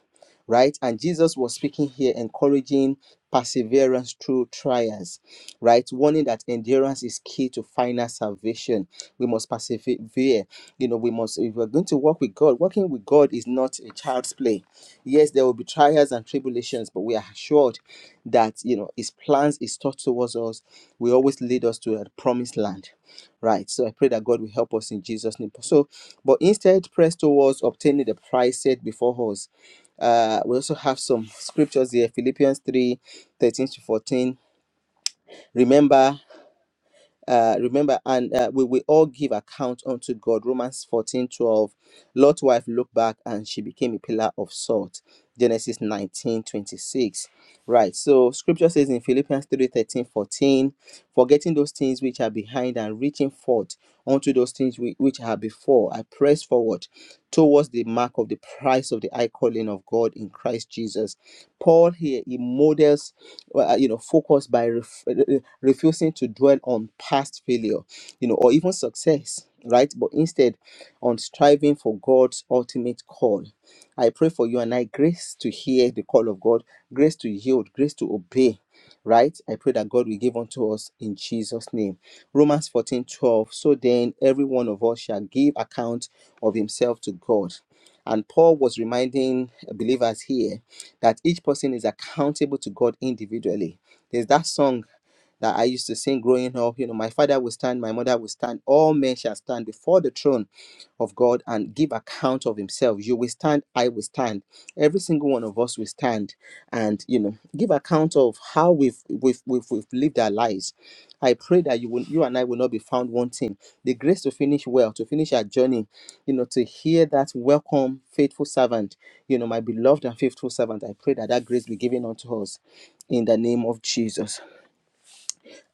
Speaker 3: Right? And Jesus was speaking here, encouraging perseverance through trials. Right? Warning that endurance is key to final salvation. We must persevere. You know, we must, if we're going to walk with God, working with God is not a child's play. Yes, there will be trials and tribulations, but we are assured that, you know, His plans, His thoughts towards us will always lead us to a promised land Right. So I pray that God will help us in Jesus' name. So, but instead, press towards obtaining the prize set before us. Uh, we also have some scriptures here Philippians 3, 13 to 14. Remember uh, remember, and uh, we will all give account unto God. Romans 14 12. Lot's wife looked back and she became a pillar of salt. Genesis 19 26. Right. So scripture says in Philippians 3 13 14, forgetting those things which are behind and reaching forth unto those things whi- which are before, I press forward towards the mark of the price of the high calling of God in Christ Jesus. Paul here, he models well, uh, you know, focus by ref- re- refusing to dwell on past failure, you know, or even success, right? But instead on striving for God's ultimate call. I pray for you and I grace to hear the call of God, grace to yield, grace to obey, right? I pray that God will give unto us in Jesus' name. Romans 14 12. So then, every one of us shall give account of himself to God. And Paul was reminding believers here that each person is accountable to God individually. There's that song that I used to sing growing up. You know, my father will stand, my mother will stand, all men shall stand before the throne of God and give account of himself. You will stand, I will stand. Every single one of us will stand and you know give account of how we've we've we've, we've lived our lives. I pray that you will you and I will not be found wanting. The grace to finish well, to finish our journey, you know, to hear that welcome, faithful servant, you know, my beloved and faithful servant. I pray that that grace be given unto us in the name of Jesus.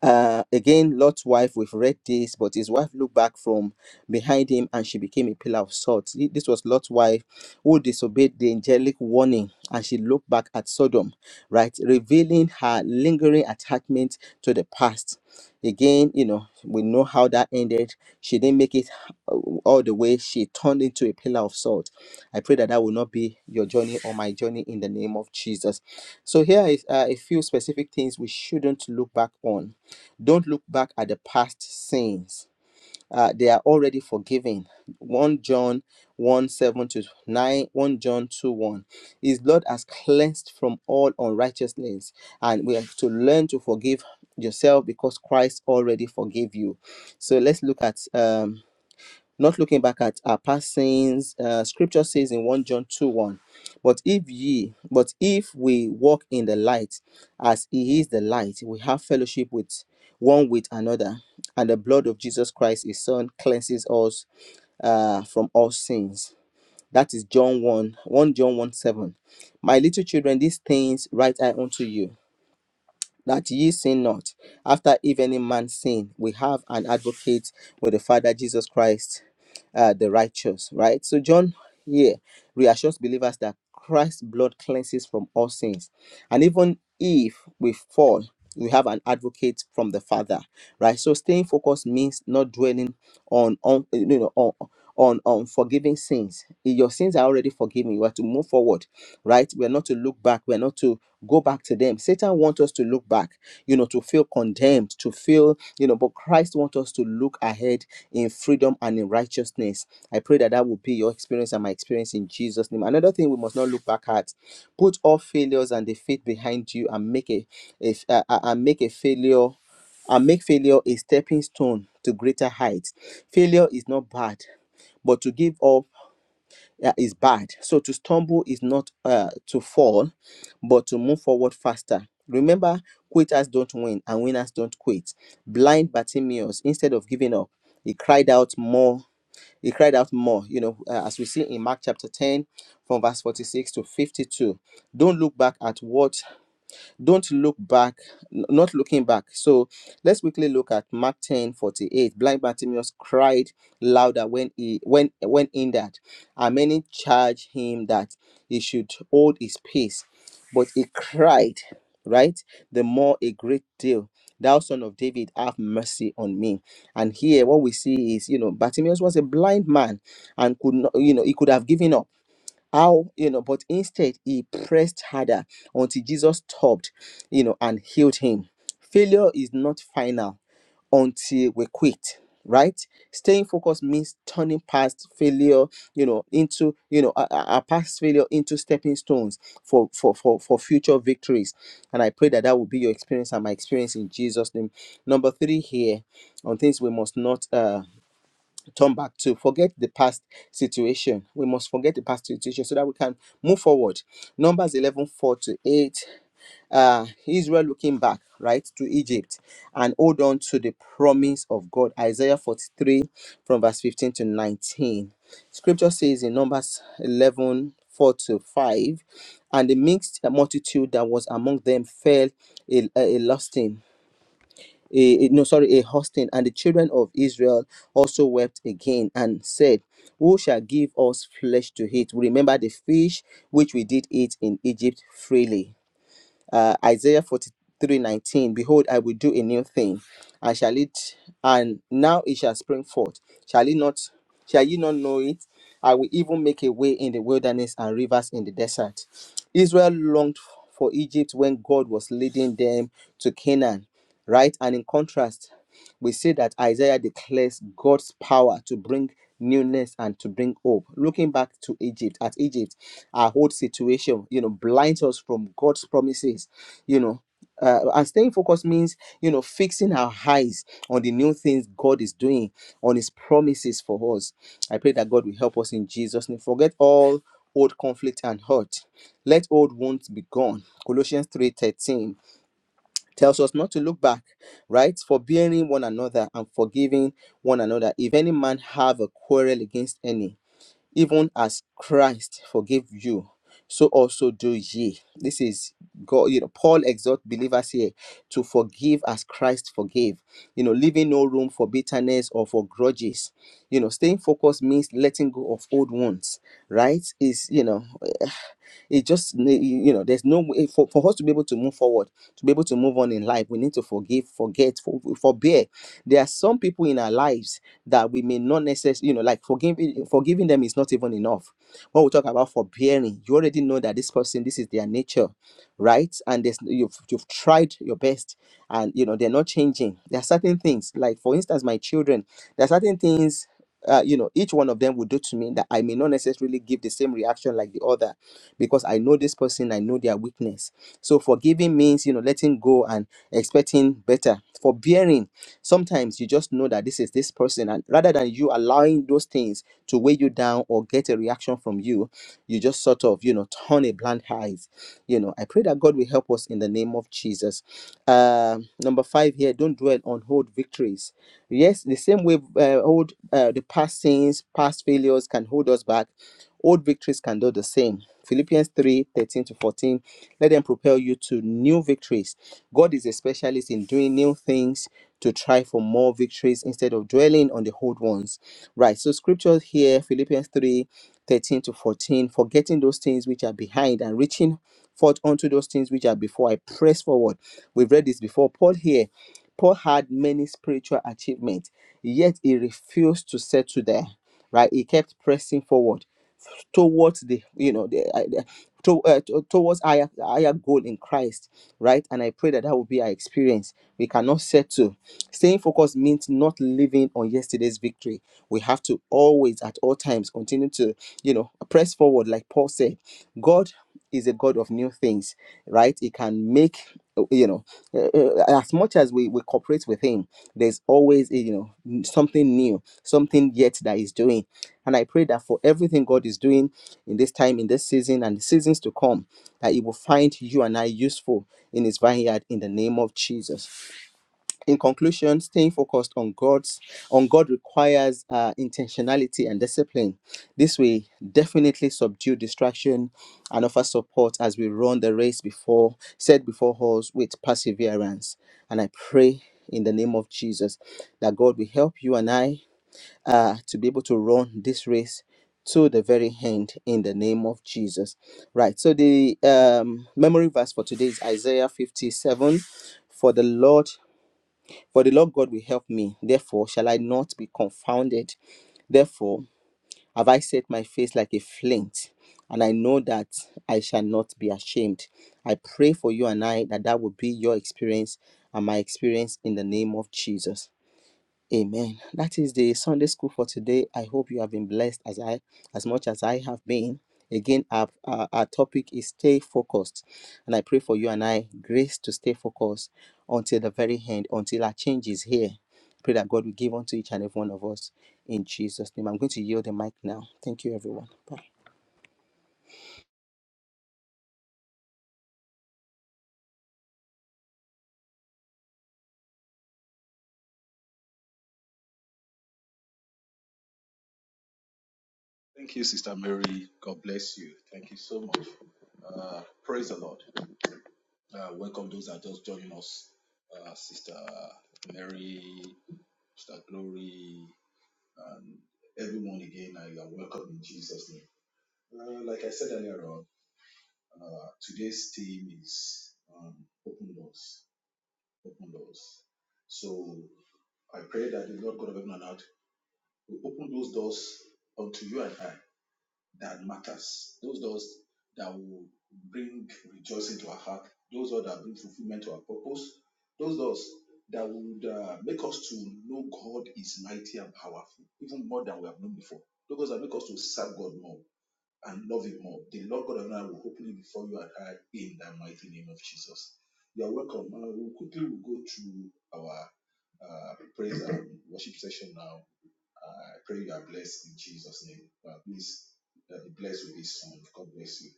Speaker 3: Uh, again, Lot's wife, we've read this, but his wife looked back from behind him and she became a pillar of salt. Thi- This was Lot's wife who disobeyed the angelic warning and she looked back at Sodom, right? Revealing her lingering attachment to the past. Again, you know, we know how that ended. She didn't make it uh, all the way. She turned into a pillar of salt. I pray that that will not be your journey or my journey in the name of Jesus. So, here is uh, a few specific things we shouldn't look back on don't look back at the past sins. Uh, they are already forgiven. 1 John 1 7 to 9, 1 John 2 1. His blood has cleansed from all unrighteousness, and we have to learn to forgive yourself because Christ already forgave you. So let's look at um, not looking back at our past sins. Uh, scripture says in 1 John 2 1, but if ye, but if we walk in the light as he is the light, we have fellowship with one with another, and the blood of Jesus Christ, his son, cleanses us uh, from all sins. That is John 1, 1 John 1 7. My little children, these things write I unto you that ye sin not. After if any man sin, we have an advocate with the Father Jesus Christ, uh, the righteous. Right. So John here reassures believers that Christ's blood cleanses from all sins, and even if we fall, we have an advocate from the Father. Right. So staying focused means not dwelling on on you know on on on forgiving sins. If Your sins are already forgiven. You are to move forward right? We're not to look back. We're not to go back to them. Satan wants us to look back, you know, to feel condemned, to feel, you know, but Christ wants us to look ahead in freedom and in righteousness. I pray that that will be your experience and my experience in Jesus' name. Another thing we must not look back at: put all failures and defeat behind you, and make a, a uh, uh, and make a failure and make failure a stepping stone to greater heights. Failure is not bad, but to give up uh, is bad. So to stumble is not uh, to fall, but to move forward faster. Remember, quitters don't win and winners don't quit. Blind Bartimaeus, instead of giving up, he cried out more. He cried out more, you know, uh, as we see in Mark chapter 10, from verse 46 to 52. Don't look back at what don't look back n- not looking back so let's quickly look at mark ten forty eight. blind bartimaeus cried louder when he when when hindered and many charged him that he should hold his peace but he cried right the more a great deal thou son of david have mercy on me and here what we see is you know bartimaeus was a blind man and could not you know he could have given up how, you know, but instead he pressed harder until Jesus stopped, you know, and healed him. Failure is not final until we quit right staying focused means turning past failure you know into you know our, our past failure into stepping stones for, for for for future victories and i pray that that will be your experience and my experience in jesus name number three here on things we must not uh turn back to forget the past situation we must forget the past situation so that we can move forward numbers 11 four to 8 uh israel looking back right to egypt and hold on to the promise of god isaiah 43 from verse 15 to 19 scripture says in numbers 11 four to 5 and the mixed multitude that was among them fell a, a lusting a, no sorry a hosting and the children of israel also wept again and said who shall give us flesh to eat we remember the fish which we did eat in egypt freely uh, Isaiah 43:19. Behold, I will do a new thing, and shall it, and now it shall spring forth. Shall it not, shall ye not know it? I will even make a way in the wilderness and rivers in the desert. Israel longed for Egypt when God was leading them to Canaan, right? And in contrast, we see that Isaiah declares God's power to bring newness and to bring hope. Looking back to Egypt, at Egypt, our whole situation, you know, blinds us from God's promises, you know. Uh, and staying focused means, you know, fixing our eyes on the new things God is doing, on His promises for us. I pray that God will help us in Jesus' name. Forget all old conflict and hurt. Let old wounds be gone. Colossians three thirteen tells us not to look back, right? Forbearing one another and forgiving one another. If any man have a quarrel against any, even as Christ forgave you, so also do ye. This is God, you know, Paul exhorts believers here to forgive as Christ forgave, you know, leaving no room for bitterness or for grudges. You know, staying focused means letting go of old wounds, right? Is, you know, *sighs* it just you know there's no way for, for us to be able to move forward to be able to move on in life we need to forgive forget for, forbear there are some people in our lives that we may not necessarily, you know, like forgiving forgiving them is not even enough. When we talk about forbearing, you already know that this person, this is their nature, right? And there's, you've you've tried your best, and you know they're not changing. There are certain things, like for instance, my children. There are certain things. Uh, you know, each one of them will do to me that I may not necessarily give the same reaction like the other because I know this person, I know their weakness. So, forgiving means, you know, letting go and expecting better. Forbearing Sometimes you just know that this is this person, and rather than you allowing those things to weigh you down or get a reaction from you, you just sort of, you know, turn a blind eye. You know, I pray that God will help us in the name of Jesus. Um, number five here, don't dwell on old victories. Yes, the same way uh, old uh, the past sins, past failures can hold us back. Old victories can do the same. Philippians 3 13 to 14. Let them propel you to new victories. God is a specialist in doing new things to try for more victories instead of dwelling on the old ones. Right. So, scriptures here, Philippians 3 13 to 14. Forgetting those things which are behind and reaching forth unto those things which are before, I press forward. We've read this before. Paul here. Paul had many spiritual achievements, yet he refused to settle there right? He kept pressing forward towards the you know the, I- the to, uh, to- towards higher higher goal in Christ, right? And I pray that that will be our experience. We cannot settle. Staying focused means not living on yesterday's victory. We have to always, at all times, continue to you know press forward, like Paul said. God is a God of new things, right? He can make uh, you know uh, uh, as much as we we cooperate with Him. There's always uh, you know n- something new, something yet that He's doing and I pray that for everything God is doing in this time, in this season, and the seasons to come, that He will find you and I useful in His vineyard in the name of Jesus. In conclusion, staying focused on God's on God requires uh, intentionality and discipline. This will definitely subdue distraction and offer support as we run the race before set before us with perseverance. And I pray in the name of Jesus that God will help you and I uh, to be able to run this race to the very end in the name of Jesus. Right. So the um, memory verse for today is Isaiah 57. For the Lord, for the Lord God will help me. Therefore shall I not be confounded. Therefore have I set my face like a flint, and I know that I shall not be ashamed. I pray for you and I that that will be your experience and my experience in the name of Jesus. Amen. That is the Sunday school for today. I hope you have been blessed as I as much as I have been. Again, our, our, our topic is stay focused. And I pray for you and I grace to stay focused until the very end, until our change is here. Pray that God will give unto each and every one of us in Jesus' name. I'm going to yield the mic now. Thank you, everyone. Bye.
Speaker 4: Thank you, Sister Mary. God bless you. Thank you so much. Uh, praise the Lord. Uh, welcome those that are just joining us, uh, Sister Mary, Sister Glory, and everyone again. Uh, you are welcome in Jesus' name. Uh, like I said earlier on, uh, today's theme is um, open doors. Open doors. So I pray that the Lord God of heaven and earth will open those doors unto you and I that matters. Those doors that will bring rejoicing to our heart. Those doors that bring fulfillment to our purpose. Those doors that would uh, make us to know God is mighty and powerful, even more than we have known before. Those doors that make us to serve God more and love Him more. The Lord God of now will open it before you and I in the mighty name of Jesus. You are welcome. Uh, we'll quickly will go through our uh, praise and worship session now. I pray you are blessed in Jesus' name. But please uh, be blessed with this song. God bless you.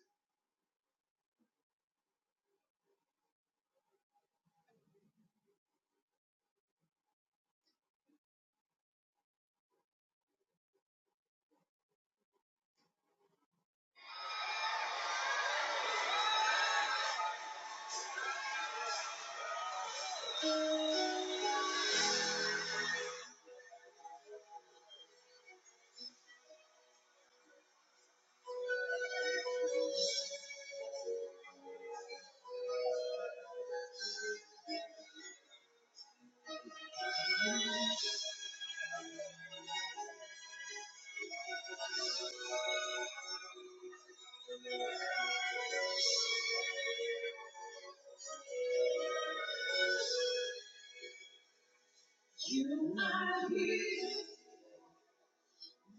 Speaker 4: You are here,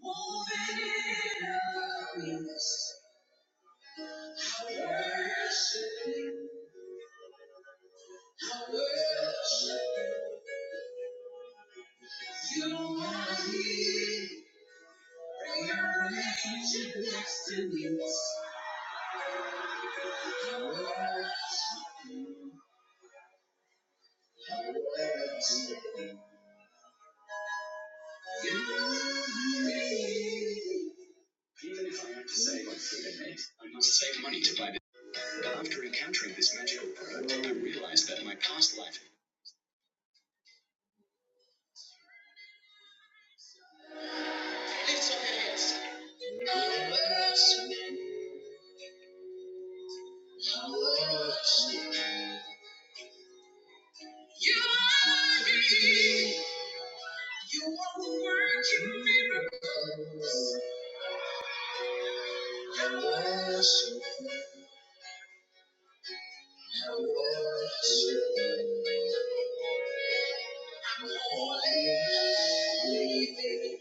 Speaker 4: moving in our midst. I worship I worship you, my King. For your nature next to me. I worship. you. I worship. You You me. your Even if I have to save like seven eggs, I must save money to buy them. But after encountering this magical product, I realized that my past life. Little eggs. I worship. You I worship you. You are me. You are working miracles. I worship, I worship. I'm holy, living in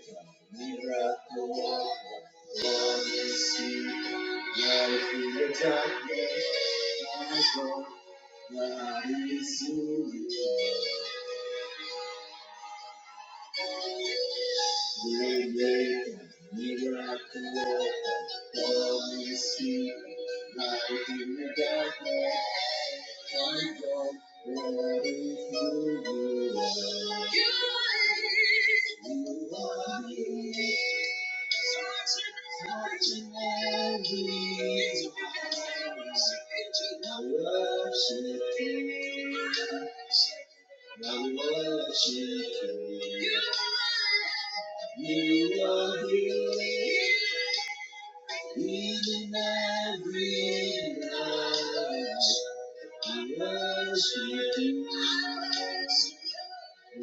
Speaker 4: the dark. Living in the dark. Light in the darkness. I go. Thank you. I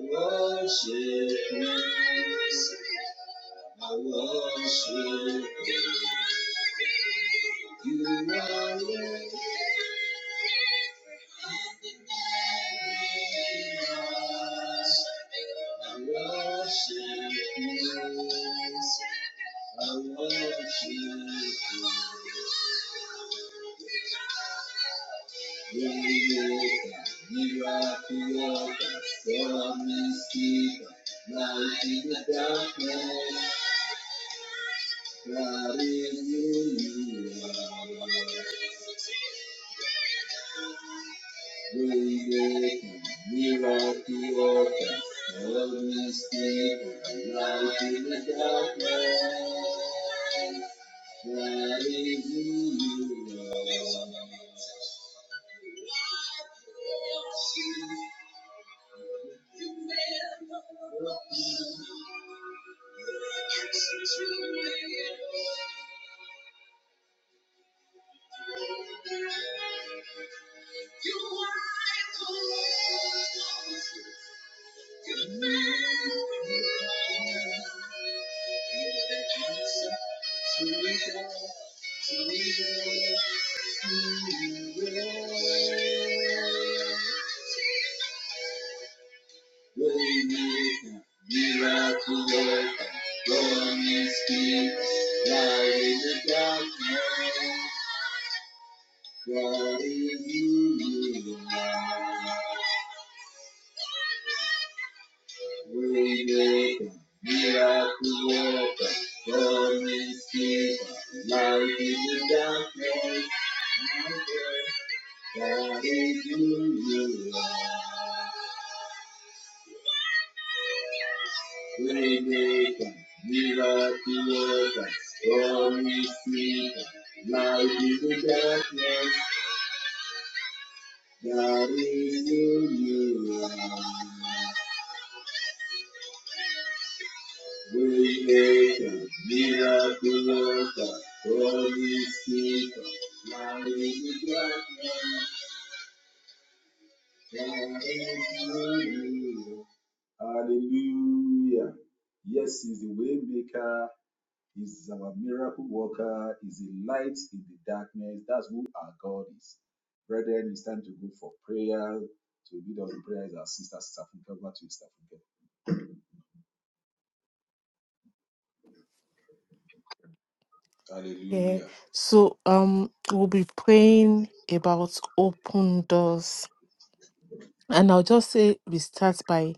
Speaker 4: worship you worship you. You are it. I worship you. I worship you. You are the author, promise keeper, light in the darkness. Thank you. Miracle worker, Holy Spirit, light in the darkness. What is your name? Waymaker, miracle worker, promise keeper, light in the darkness, that is you. Waymaker, miracle worker, promise keeper, light in the darkness, God that is you. We make a miraculous Holy Spirit. Hallelujah. Yes, He's the way maker. He's our miracle worker. He's the light in the darkness. That's who our God is. Brethren, it's time to go for prayer. To lead us in prayer is our sister, Sister Funke. Over to you, Sister Funke.
Speaker 2: Yeah.
Speaker 4: Hallelujah.
Speaker 2: So um we'll be praying about open doors. And I'll just say we start by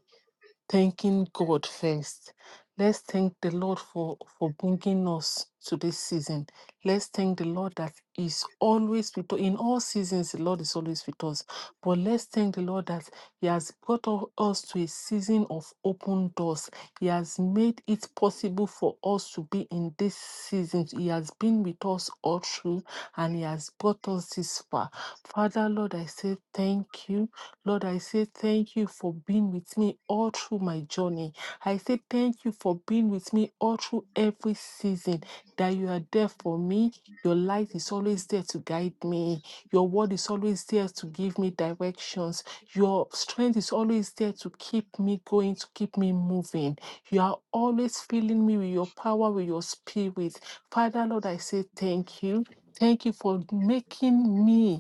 Speaker 2: thanking God first. Let's thank the Lord for, for bringing us to this season. Let's thank the Lord that is always with us. In all seasons, the Lord is always with us. But let's thank the Lord that He has brought u- us to a season of open doors. He has made it possible for us to be in this season. He has been with us all through and He has brought us this far. Father, Lord, I say thank you. Lord, I say thank you for being with me all through my journey. I say thank you for being with me all through every season, that you are there for me. Your light is always there to guide me. Your word is always there to give me directions. Your strength is always there to keep me going, to keep me moving. You are always filling me with your power, with your spirit. Father, Lord, I say thank you. Thank you for making me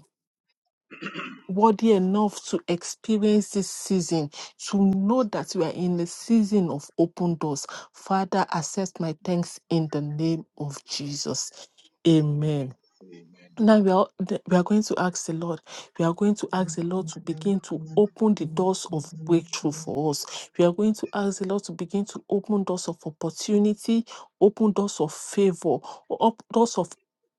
Speaker 2: worthy enough to experience this season, to know that we are in a season of open doors. Father, accept my thanks in the name of Jesus. Amen.
Speaker 4: Amen.
Speaker 2: Now we are, th- we are going to ask the Lord. We are going to ask the Lord to begin to open the doors of breakthrough for us. We are going to ask the Lord to begin to open doors of opportunity, open doors of favor, up, doors of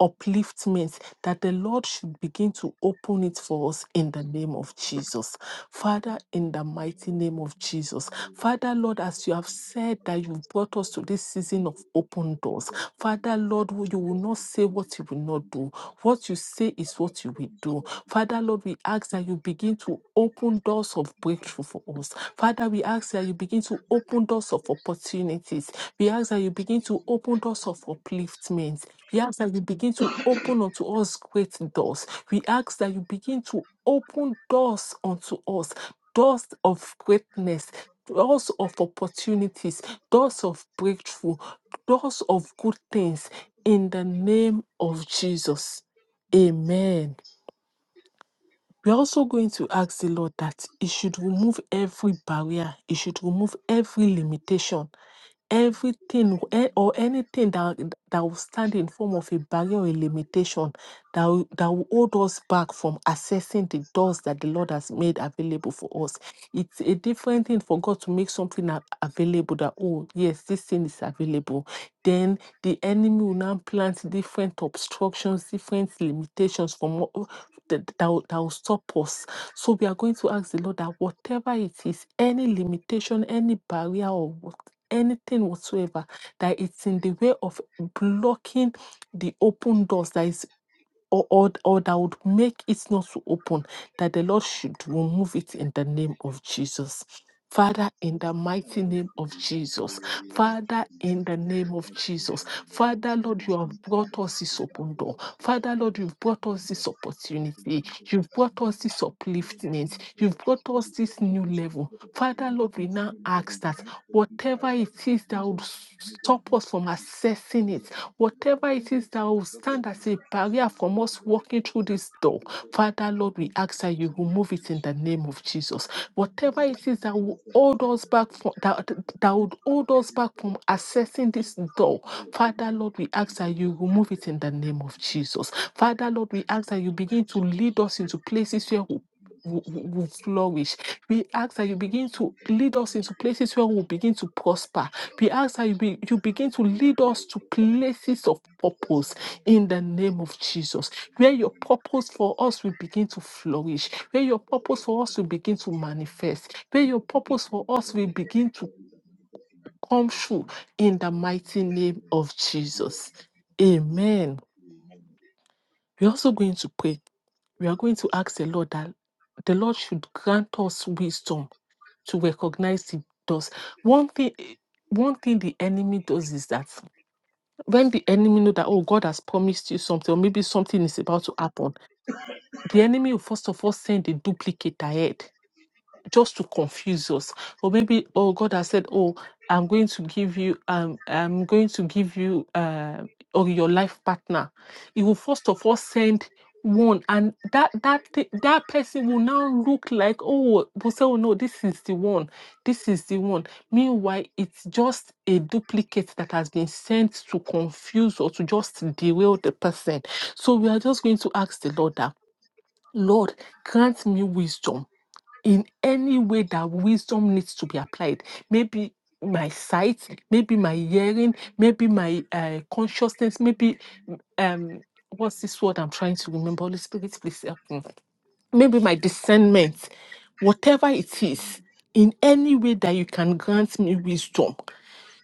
Speaker 2: upliftment, that the Lord should begin to open it for us in the name of Jesus. Father, in the mighty name of Jesus. Father, Lord, as you have said that you brought us to this season of open doors, Father, Lord, you will not say what you will not do. What you say is what you will do. Father, Lord, we ask that you begin to open doors of breakthrough for us. Father, we ask that you begin to open doors of opportunities. We ask that you begin to open doors of upliftment. We ask that you begin to open unto us great doors. We ask that you begin to open doors unto us, doors of greatness. Doors of opportunities, doors of breakthrough, doors of good things in the name of Jesus. Amen. We're also going to ask the Lord that He should remove every barrier, He should remove every limitation everything eh, or anything that that will stand in form of a barrier or a limitation that will, that will hold us back from accessing the doors that the Lord has made available for us. It's a different thing for God to make something a- available that oh yes this thing is available. Then the enemy will now plant different obstructions, different limitations from what- that, that, will, that will stop us. So we are going to ask the Lord that whatever it is, any limitation, any barrier or what anything whatsoever that it's in the way of blocking the open doors that is or, or, or that would make it not so open, that the Lord should remove it in the name of Jesus. Father, in the mighty
Speaker 4: Lord, we
Speaker 2: name
Speaker 4: pray
Speaker 2: of
Speaker 4: in
Speaker 2: Jesus.
Speaker 4: the name of
Speaker 2: Father, in
Speaker 4: Jesus,
Speaker 2: the
Speaker 4: we will
Speaker 2: name of
Speaker 4: touch you,
Speaker 2: Jesus.
Speaker 4: Lord, we will
Speaker 2: Father, Lord, you have
Speaker 4: everything that
Speaker 2: brought
Speaker 4: is
Speaker 2: us this
Speaker 4: in that
Speaker 2: open
Speaker 4: we are
Speaker 2: door.
Speaker 4: petition,
Speaker 2: Father, Lord,
Speaker 4: Lord,
Speaker 2: you've brought
Speaker 4: we will
Speaker 2: us this
Speaker 4: love. I pray for
Speaker 2: opportunity.
Speaker 4: you, Lord, in the
Speaker 2: You've
Speaker 4: name
Speaker 2: brought
Speaker 4: of
Speaker 2: us this
Speaker 4: Jesus. We will thank you,
Speaker 2: upliftment.
Speaker 4: Lord, for
Speaker 2: You've brought us
Speaker 4: the
Speaker 2: this
Speaker 4: church, for
Speaker 2: new
Speaker 4: this place,
Speaker 2: level.
Speaker 4: Lord, of this,
Speaker 2: Father,
Speaker 4: Lord.
Speaker 2: Lord, we now
Speaker 4: Pray, that
Speaker 2: ask
Speaker 4: we will
Speaker 2: that
Speaker 4: move from people
Speaker 2: whatever
Speaker 4: around
Speaker 2: it
Speaker 4: our
Speaker 2: is
Speaker 4: lives.
Speaker 2: that would stop us from accessing it, Whatever it is that will
Speaker 4: Lord, we are
Speaker 2: stand
Speaker 4: taking
Speaker 2: as a
Speaker 4: for thank you,
Speaker 2: barrier
Speaker 4: Lord, to
Speaker 2: from
Speaker 4: get to
Speaker 2: us
Speaker 4: the church,
Speaker 2: walking
Speaker 4: Lord,
Speaker 2: through this door, Father Lord, we ask that you remove it in the name of Jesus. Whatever it is that will hold us back from that, that would hold us back from accessing this door, Father Lord, we ask that you remove it in the name of Jesus. Father Lord, we ask that you begin to lead us into places where we we- we- we flourish. We
Speaker 4: to
Speaker 2: ask that
Speaker 4: get
Speaker 2: you
Speaker 4: to the
Speaker 2: begin
Speaker 4: church, to
Speaker 2: to lead us
Speaker 4: get
Speaker 2: into places where
Speaker 4: to the church,
Speaker 2: we'll
Speaker 4: Lord. So
Speaker 2: begin to prosper we ask that you, be, you
Speaker 4: we
Speaker 2: begin to
Speaker 4: thank
Speaker 2: lead
Speaker 4: you,
Speaker 2: us
Speaker 4: Lord,
Speaker 2: to
Speaker 4: for the church, Lord, to get to the church, Lord,
Speaker 2: places of
Speaker 4: to to
Speaker 2: purpose
Speaker 4: the church,
Speaker 2: in the name of Jesus, where your purpose for us will begin to flourish, where your purpose for us will begin to manifest, where your purpose for us will begin to come true in the mighty name of Jesus. Amen. We're also going to pray. We are going to ask the Lord that the Lord should grant us wisdom to recognize the does. One thing one thing the enemy does is that when the enemy know that oh god has promised you something or maybe something is about to happen the enemy will first of all send a duplicate ahead just to confuse us or maybe oh god has said oh i'm going to give you um i'm going to give you uh, or your life partner he will first of all send one and that that thi- that person will now look like oh we say oh no this is the one this is the one meanwhile it's just a duplicate that has been sent to confuse or to just derail the person so we are just going to ask the lord that lord grant me wisdom in any way that wisdom needs to be applied. Maybe my sight, maybe my hearing, maybe my uh, consciousness, maybe mm, um, what's this word I'm trying to remember? Holy Spirit, please help me. Maybe my discernment, whatever it is, in any way that you can grant me wisdom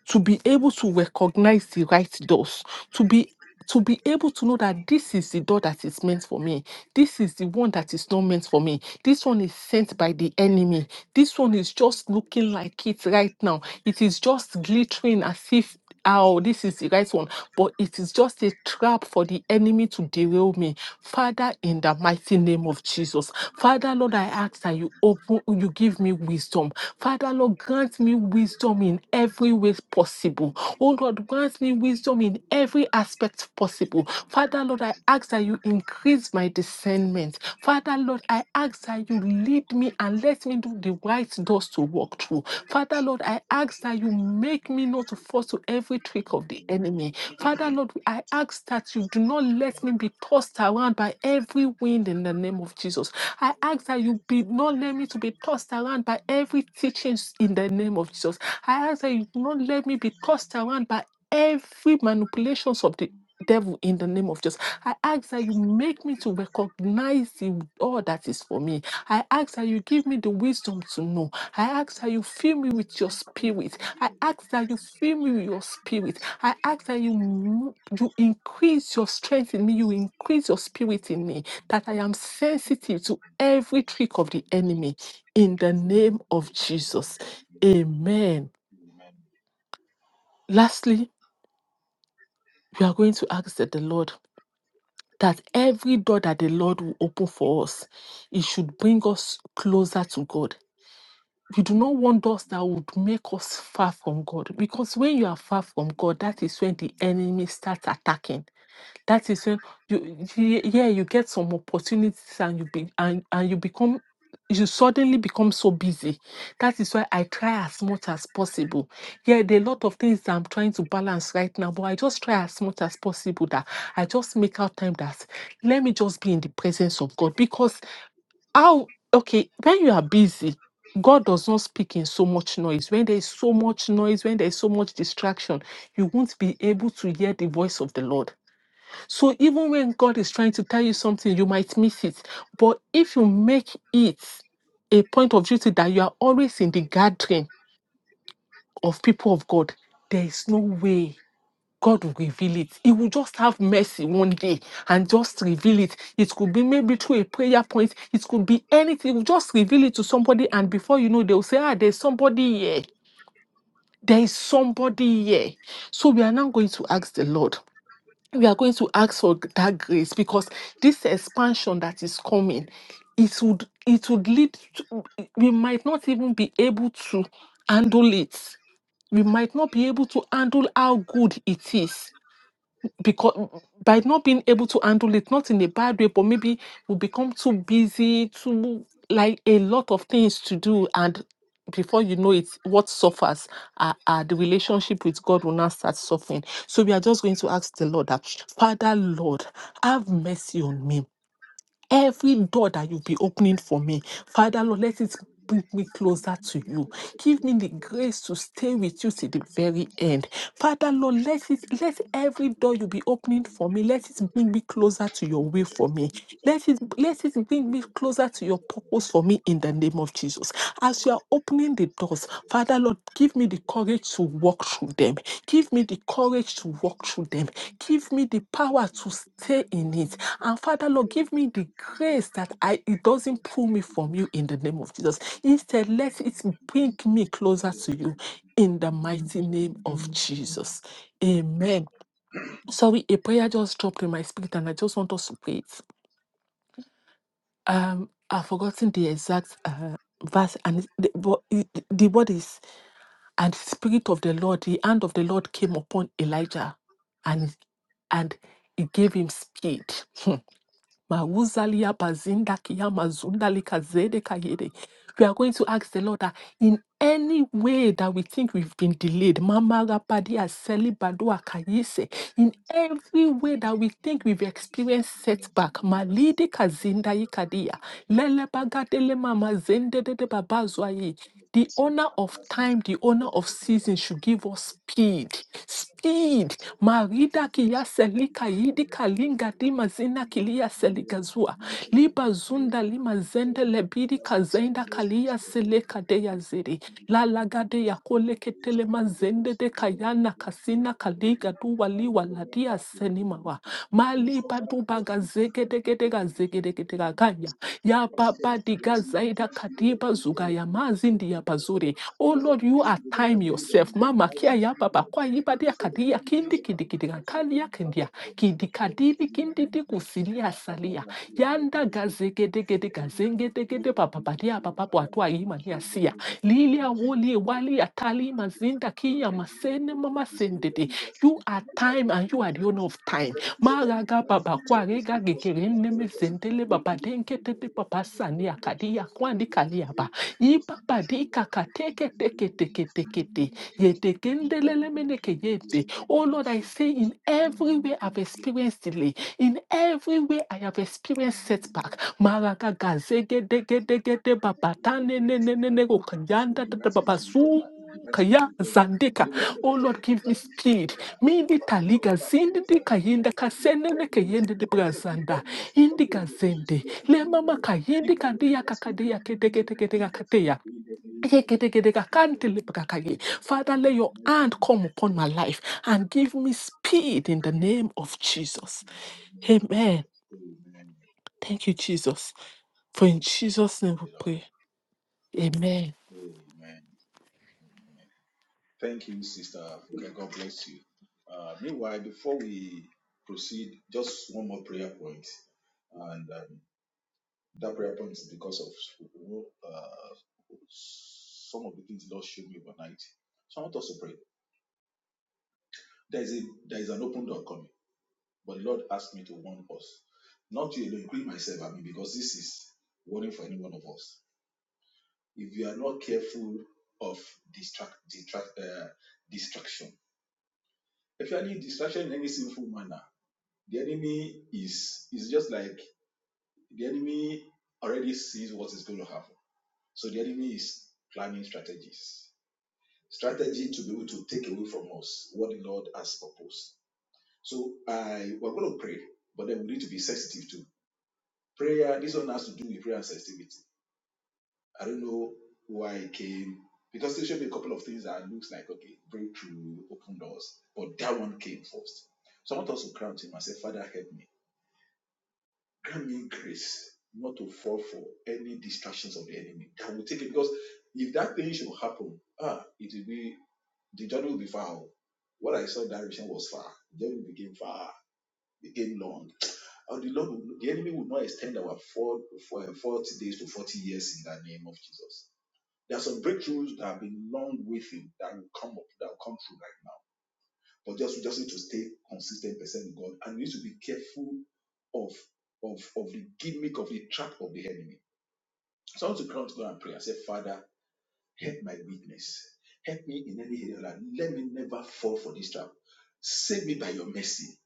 Speaker 2: to be able to recognize the right doors, to be to be able to know that this is the door that is meant for me. This is the one that is not meant for me. This one is sent by the enemy. This one is just looking like it right now. It is just glittering as if oh, this is the right one. But it is just a trap for the enemy to derail me. Father, in the mighty name of Jesus. Father, Lord, I ask that you open you give me wisdom. Father, Lord, grant me wisdom in every way possible. Oh Lord, grant me wisdom in every aspect possible. Father, Lord, I ask that you increase my discernment. Father, Lord, I ask that you lead me and let me do the right doors to walk through. Father, Lord, I ask that you make me not to fall to every trick of the enemy. Father Lord, I ask that you do not let me be tossed around by every wind in the name of Jesus. I ask that you be not let me to be tossed around by every teachings in the name of Jesus. I ask that you do not let me be tossed around by every manipulations of the devil in the name of Jesus. I ask that you make me to recognize the all that is for me I ask that you give me the wisdom to know. I ask that you fill me with your spirit. I ask that you fill me with your spirit. I ask that you mo- you increase your strength in me. You increase your spirit in me. That I am sensitive to every trick of the enemy. In the name of Jesus, Amen. Lastly, we are going to ask that the Lord. That every door that the Lord will open for us, it should bring us closer to God We do not want us that would make us far from God. Because when you are far from God, that is when the enemy starts attacking. That is when you ye- yeah, you get some opportunities and you be and, and you become you suddenly become so busy. That is why I try as much as possible. Yeah, there are a lot of things that I'm trying to balance right now, but I just try as much as possible that I just make out time that let me just be in the presence of God because how okay when you are busy god does not speak in so much noise when there is so much noise when there is so much distraction you won't be able to hear the voice of the lord so even when god is trying to tell you something you might miss it but if you make it a point of duty that you are always in the gathering of people of god there is no way God will reveal it. He will just have mercy one day and just reveal it. It could be maybe through a prayer point. It could be anything. He will just reveal it to somebody, and before you know, they will say, "Ah, there's somebody here. There is somebody here." So we are now going to ask the Lord. We are going to ask for that grace because this expansion that is coming, it would it would lead. To, we might not even be able to handle it. We might not be able to handle how good it is because by not being able to handle it, not in a bad way, but maybe we become too busy, too like a lot of things to do, and before you know it, what suffers are, are the relationship with God will now start suffering. So we are just going to ask the Lord that Father, Lord, have mercy on me. Every door that you'll be opening for me, Father Lord, let it bring me closer to you. Give me the grace to stay with you to the very end. Father Lord, let it let every door you'll be opening for me, let it bring me closer to your will for me. Let it, let it bring me closer to your purpose for me in the name of Jesus. As you are opening the doors, Father Lord, give me the courage to walk through them. Give me the courage to walk through them. Give me the power to stay in it. And Father Lord, give me the grace that I it doesn't pull me from you in the name of Jesus. Instead, let it bring me closer to you in the mighty name of Jesus. Amen. Sorry, a prayer just dropped in my spirit, and I just want us to pray it um I've forgotten the exact uh, verse and it's- the, but it- the word is and the spirit of the Lord the hand of the Lord came upon Elijah and and he gave him speed *laughs* Mawuzalia bazinda kia mazunda lika kayede. We are going to ask the Lord that in any way that we think we've been delayed, Mama Rapadia Selibadua Kayese, in every way that we think we've experienced setback, Malidi Kazinda Ikadia, Lele Bagadele Mama Zende de the owner of time, the owner of season should give us speed. Speed. Marida kiya selika yidi kalinga di mazina kilia seligazua. Liba zunda lima zende lebidi kazenda kalia seleka deya ziri. La lagade deya kole ketele mazende de kayana kasina kaliga duwa liwa ladia senimawa. Mali baduba gazegedegedega zegedegedega zegedegedega ganya. Ya baba diga
Speaker 4: Thank You
Speaker 2: zaida kadiba zuga ya mazindi ya bazuri. Oh Lord, you are time yourself. Mama kia ya baba kwa yiba dia kadia kindi kidikidiga kalia kendia. Kidikadili kindidi kusilia salia. Yanda gazegedegede gazengedegede papapadia papapo atua imania
Speaker 4: know
Speaker 2: sia.
Speaker 4: that you're
Speaker 2: Lilia Woli Wali Atali
Speaker 4: not alone.
Speaker 2: Mazinda
Speaker 4: Donc,
Speaker 2: Kiya
Speaker 4: il a dit,
Speaker 2: Masene
Speaker 4: on peut
Speaker 2: Mama
Speaker 4: que Dieu est
Speaker 2: Sendede.
Speaker 4: venu dans ce qui
Speaker 2: You are
Speaker 4: est pas
Speaker 2: time
Speaker 4: avec
Speaker 2: and
Speaker 4: le
Speaker 2: you are
Speaker 4: monde.
Speaker 2: the owner of
Speaker 4: Donc, je
Speaker 2: time.
Speaker 4: vais vous donner du
Speaker 2: Maraga
Speaker 4: temps, si
Speaker 2: Baba
Speaker 4: vous avez une
Speaker 2: Kwarega
Speaker 4: grosse histoire,
Speaker 2: Gekerene
Speaker 4: une grosse histoire,
Speaker 2: Mizendele
Speaker 4: vous
Speaker 2: Baba
Speaker 4: dites, et
Speaker 2: Denke
Speaker 4: donc,
Speaker 2: Tete
Speaker 4: vous avez
Speaker 2: Papa
Speaker 4: une
Speaker 2: Sani
Speaker 4: name of
Speaker 2: Akadia
Speaker 4: Jesus.
Speaker 2: Kwandi
Speaker 4: In the
Speaker 2: Kaliaba.
Speaker 4: name of
Speaker 2: I
Speaker 4: Jesus, in
Speaker 2: Baba
Speaker 4: the
Speaker 2: Di
Speaker 4: name of Jesus,
Speaker 2: Kateke
Speaker 4: in the
Speaker 2: Teke
Speaker 4: name of
Speaker 2: Teke
Speaker 4: Jesus, in
Speaker 2: Teke
Speaker 4: the
Speaker 2: Te.
Speaker 4: name of
Speaker 2: Ye
Speaker 4: Jesus. Ma parole,
Speaker 2: Tekendelele
Speaker 4: je vous
Speaker 2: Meneke
Speaker 4: le dis, je
Speaker 2: Yete.
Speaker 4: vous le dis,
Speaker 2: Oh Lord, I
Speaker 4: je vous le
Speaker 2: say
Speaker 4: dis,
Speaker 2: in
Speaker 4: je
Speaker 2: every way
Speaker 4: vous le
Speaker 2: I've
Speaker 4: dis.
Speaker 2: experienced delay. In every way I have experienced setback. Malaka kazeke deke deke de babatane ne ne ne ne go kanyanda da da
Speaker 4: to
Speaker 2: babasu
Speaker 4: recover, it's diversity to
Speaker 2: kaya
Speaker 4: recover.
Speaker 2: zandeka.
Speaker 4: Lift your hand and
Speaker 2: Oh
Speaker 4: tell
Speaker 2: Lord,
Speaker 4: yourself,
Speaker 2: give me
Speaker 4: diversity to
Speaker 2: speed.
Speaker 4: recover, to
Speaker 2: Mindi
Speaker 4: recover, to recover
Speaker 2: taliga
Speaker 4: back from
Speaker 2: zindi di
Speaker 4: exile.
Speaker 2: kayenda
Speaker 4: to
Speaker 2: kasene ne
Speaker 4: recovery,
Speaker 2: kayende de
Speaker 4: Recovery of the
Speaker 2: brazanda.
Speaker 4: dead loss,
Speaker 2: Indi
Speaker 4: recovery of the opportunity
Speaker 2: gazende.
Speaker 4: loss in the
Speaker 2: Le
Speaker 4: name of
Speaker 2: mama
Speaker 4: Jesus. If
Speaker 2: kayendi
Speaker 4: by your
Speaker 2: kandiya
Speaker 4: diversity in
Speaker 2: kakadeya
Speaker 4: the
Speaker 2: keteke
Speaker 4: name of
Speaker 2: teke teke
Speaker 4: Jesus.
Speaker 2: kateya.
Speaker 4: In the name of
Speaker 2: Eke deke
Speaker 4: Jesus.
Speaker 2: deka
Speaker 4: In the
Speaker 2: kante
Speaker 4: name of
Speaker 2: lepra
Speaker 4: Jesus.
Speaker 2: kaye. Father,
Speaker 4: In
Speaker 2: let
Speaker 4: the
Speaker 2: your
Speaker 4: mighty
Speaker 2: hand
Speaker 4: name of
Speaker 2: come
Speaker 4: Jesus.
Speaker 2: upon my life and give me speed in the name of Jesus. Amen.
Speaker 4: Amen.
Speaker 2: Thank you, Jesus. For in Jesus'
Speaker 4: Thank
Speaker 2: name we
Speaker 4: you, Lord.
Speaker 2: pray. Amen.
Speaker 4: Amen. Amen. Thank you, Sister. Okay, God bless you. Uh, meanwhile, before we proceed, just one more prayer point. and uh, That prayer point is because of you know, uh, some of the things the Lord showed me overnight. So I want us to pray. There is a there is an open door coming, but the Lord asked me to warn us. Not you alone, including myself, I mean, because this is warning for any one of us. If you are not careful of distract, distract uh, distraction, if you are any distraction in any sinful manner, the enemy is is just like the enemy already sees what is going to happen. So the enemy is planning strategies. strategy to be able to take away from us what the Lord has proposed. So I we're going to pray, but then we need to be sensitive to prayer. This one has to do with prayer and sensitivity. I don't know why it came because there should be a couple of things that looks like okay breakthrough, open doors, but that one came first. So I want us to crown him and say, Father, help me, grant me grace not to fall for any distractions of the enemy that will take it because if that thing should happen, ah, it will be The journey will be far. oh. What I saw in that region was far. The journey became far, became long. And the Lord, will- the enemy will not extend our four, for, uh, 40 days to 40 years in the name of Jesus. There are some breakthroughs that have been long waiting that will come up, that will come through right now. But just, we just need to stay consistent percent with God and we need to be careful of, of, of the gimmick of the trap of the enemy. So I want to come to God and pray and say, Father, Help my weakness. Help me in any area. Lord. Let me never fall for this trap. Save me by your mercy.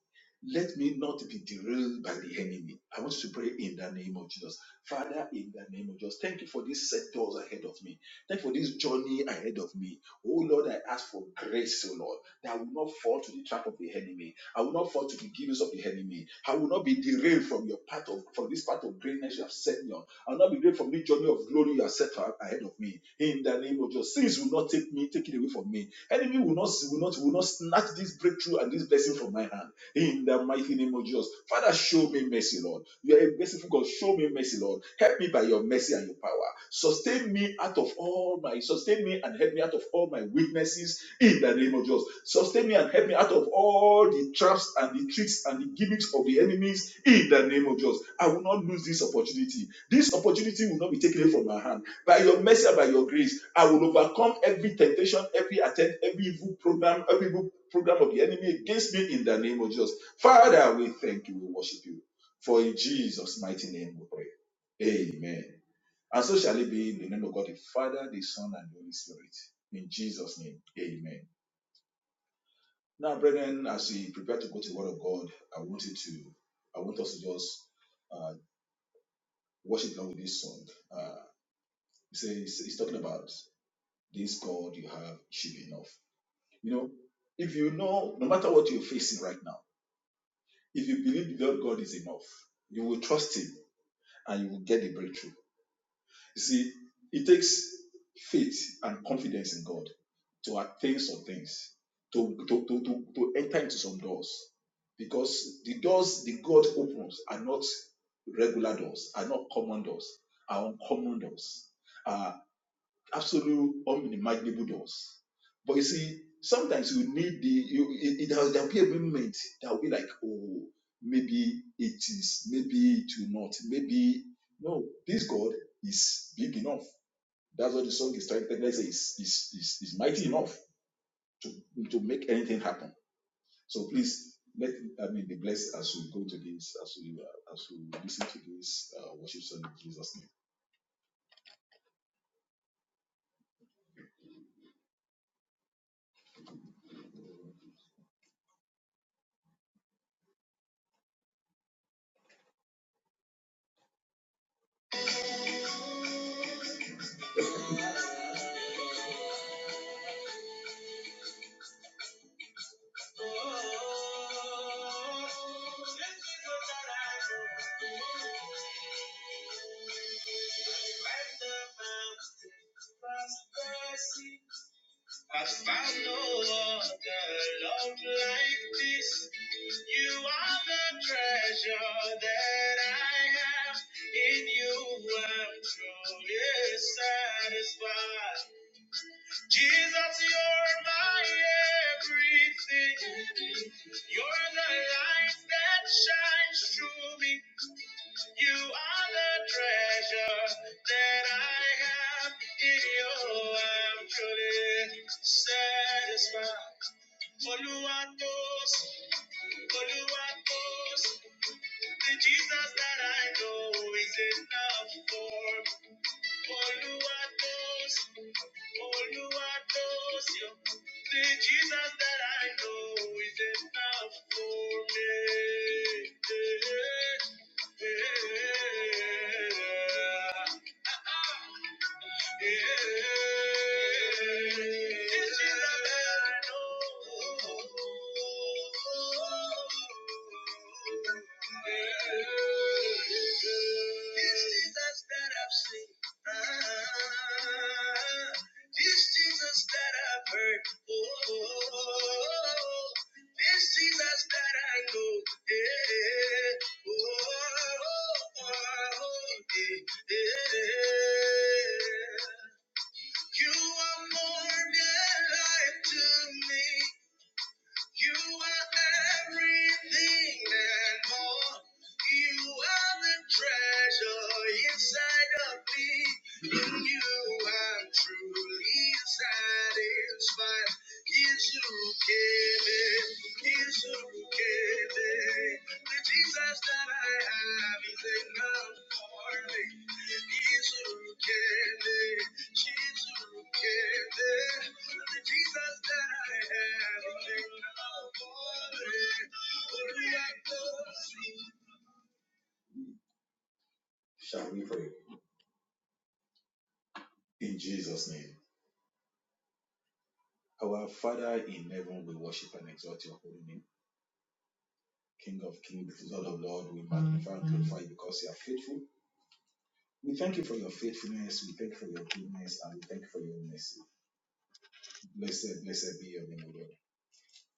Speaker 4: Let me not be derailed by the enemy. I want you to pray in the name of Jesus. Father, in the name of Jesus, thank you for these sectors ahead of me. Thank you for this journey ahead of me. Oh Lord, I ask for grace, oh Lord, that I will not fall to the trap of the enemy. I will not fall to the givings of the enemy. I will not be derailed from your path of from this path of greatness you have set me on. I'll not be great from this journey of glory you have set ahead of me. In the name of Jesus, sins will not take me, take it away from me. Enemy will not, will not, will not snatch this breakthrough and this blessing from my hand in the mighty name of Jesus. Father, show me mercy, Lord. You are a merciful God. Show me mercy, Lord. Help me by your mercy and your power. Sustain me out of all my sustain me and help me out of all my weaknesses in the name of Jesus. Sustain me and help me out of all the traps and the tricks and the gimmicks of the enemies in the name of Jesus. I will not lose this opportunity. This opportunity will not be taken away from my hand by your mercy and by your grace, I will overcome every temptation, every attempt, every evil program, every evil program of the enemy against me in the name of Jesus. Father, we thank you, we worship you. For in Jesus' mighty name we pray. Amen. And so shall it be in the name of God, the Father, the Son, and the Holy Spirit. In Jesus' name, amen. Now, brethren, as we prepare to go to the Word of God, I want you to, I want us to just uh, worship along with this song. Uh, it's, it's, it's talking about This God you have should be enough. You know, if you know, no matter what you're facing right now, if you believe that God is enough, you will trust Him and you will get the breakthrough. You see, it takes faith and confidence in God to attain some things, to, to, to, to, to enter into some doors. Because the doors the God opens are not regular doors, are not common doors, are uncommon doors. Uh, absolute unimaginable doors. But you see, sometimes you need the you it, it has, there'll be a moment that will be like, oh, maybe it is, maybe it will not, maybe no, this God is big enough. That's what the song is trying to let's say is is is is mighty enough to to make anything happen. So please let I mean be blessed as we go to this, as we uh, as we listen to this uh, worship song in Jesus' name. I found no other love like this. You are the treasure that I have. In you, I'm truly satisfied. Jesus, you're my everything. You're the light that shines through me. You are the treasure that I have in you. I'm truly satisfied. Oluwatos, Oluwatos, the Jesus that I know is enough for. Oluwatos, Olúwa tó ṣeun, the Jesus that I know is enough for me. Yeah. Yeah. The Jesus that I know. Yeah. The Jesus that I've seen. Ah, This Jesus that I've heard oh, this Jesus that I know, yeah, oh, oh, oh, yeah, yeah. You are more than life to me. You are everything and more. You are the treasure inside of me. You are truly satisfied. Yes, you gave it. Yes, you gave it. The Jesus that I have is enough for me. Yes, you gave it. Yes, you gave it. The Jesus that I have is enough for me. Only I know. Shall we pray in Jesus' name? Our Father in heaven, we worship and exalt your holy name. King of kings, Lord of lords, we magnify and glorify you because you are faithful. We thank you for your faithfulness, we thank you for your goodness, and we thank you for your mercy. Blessed, blessed be your name, O Lord.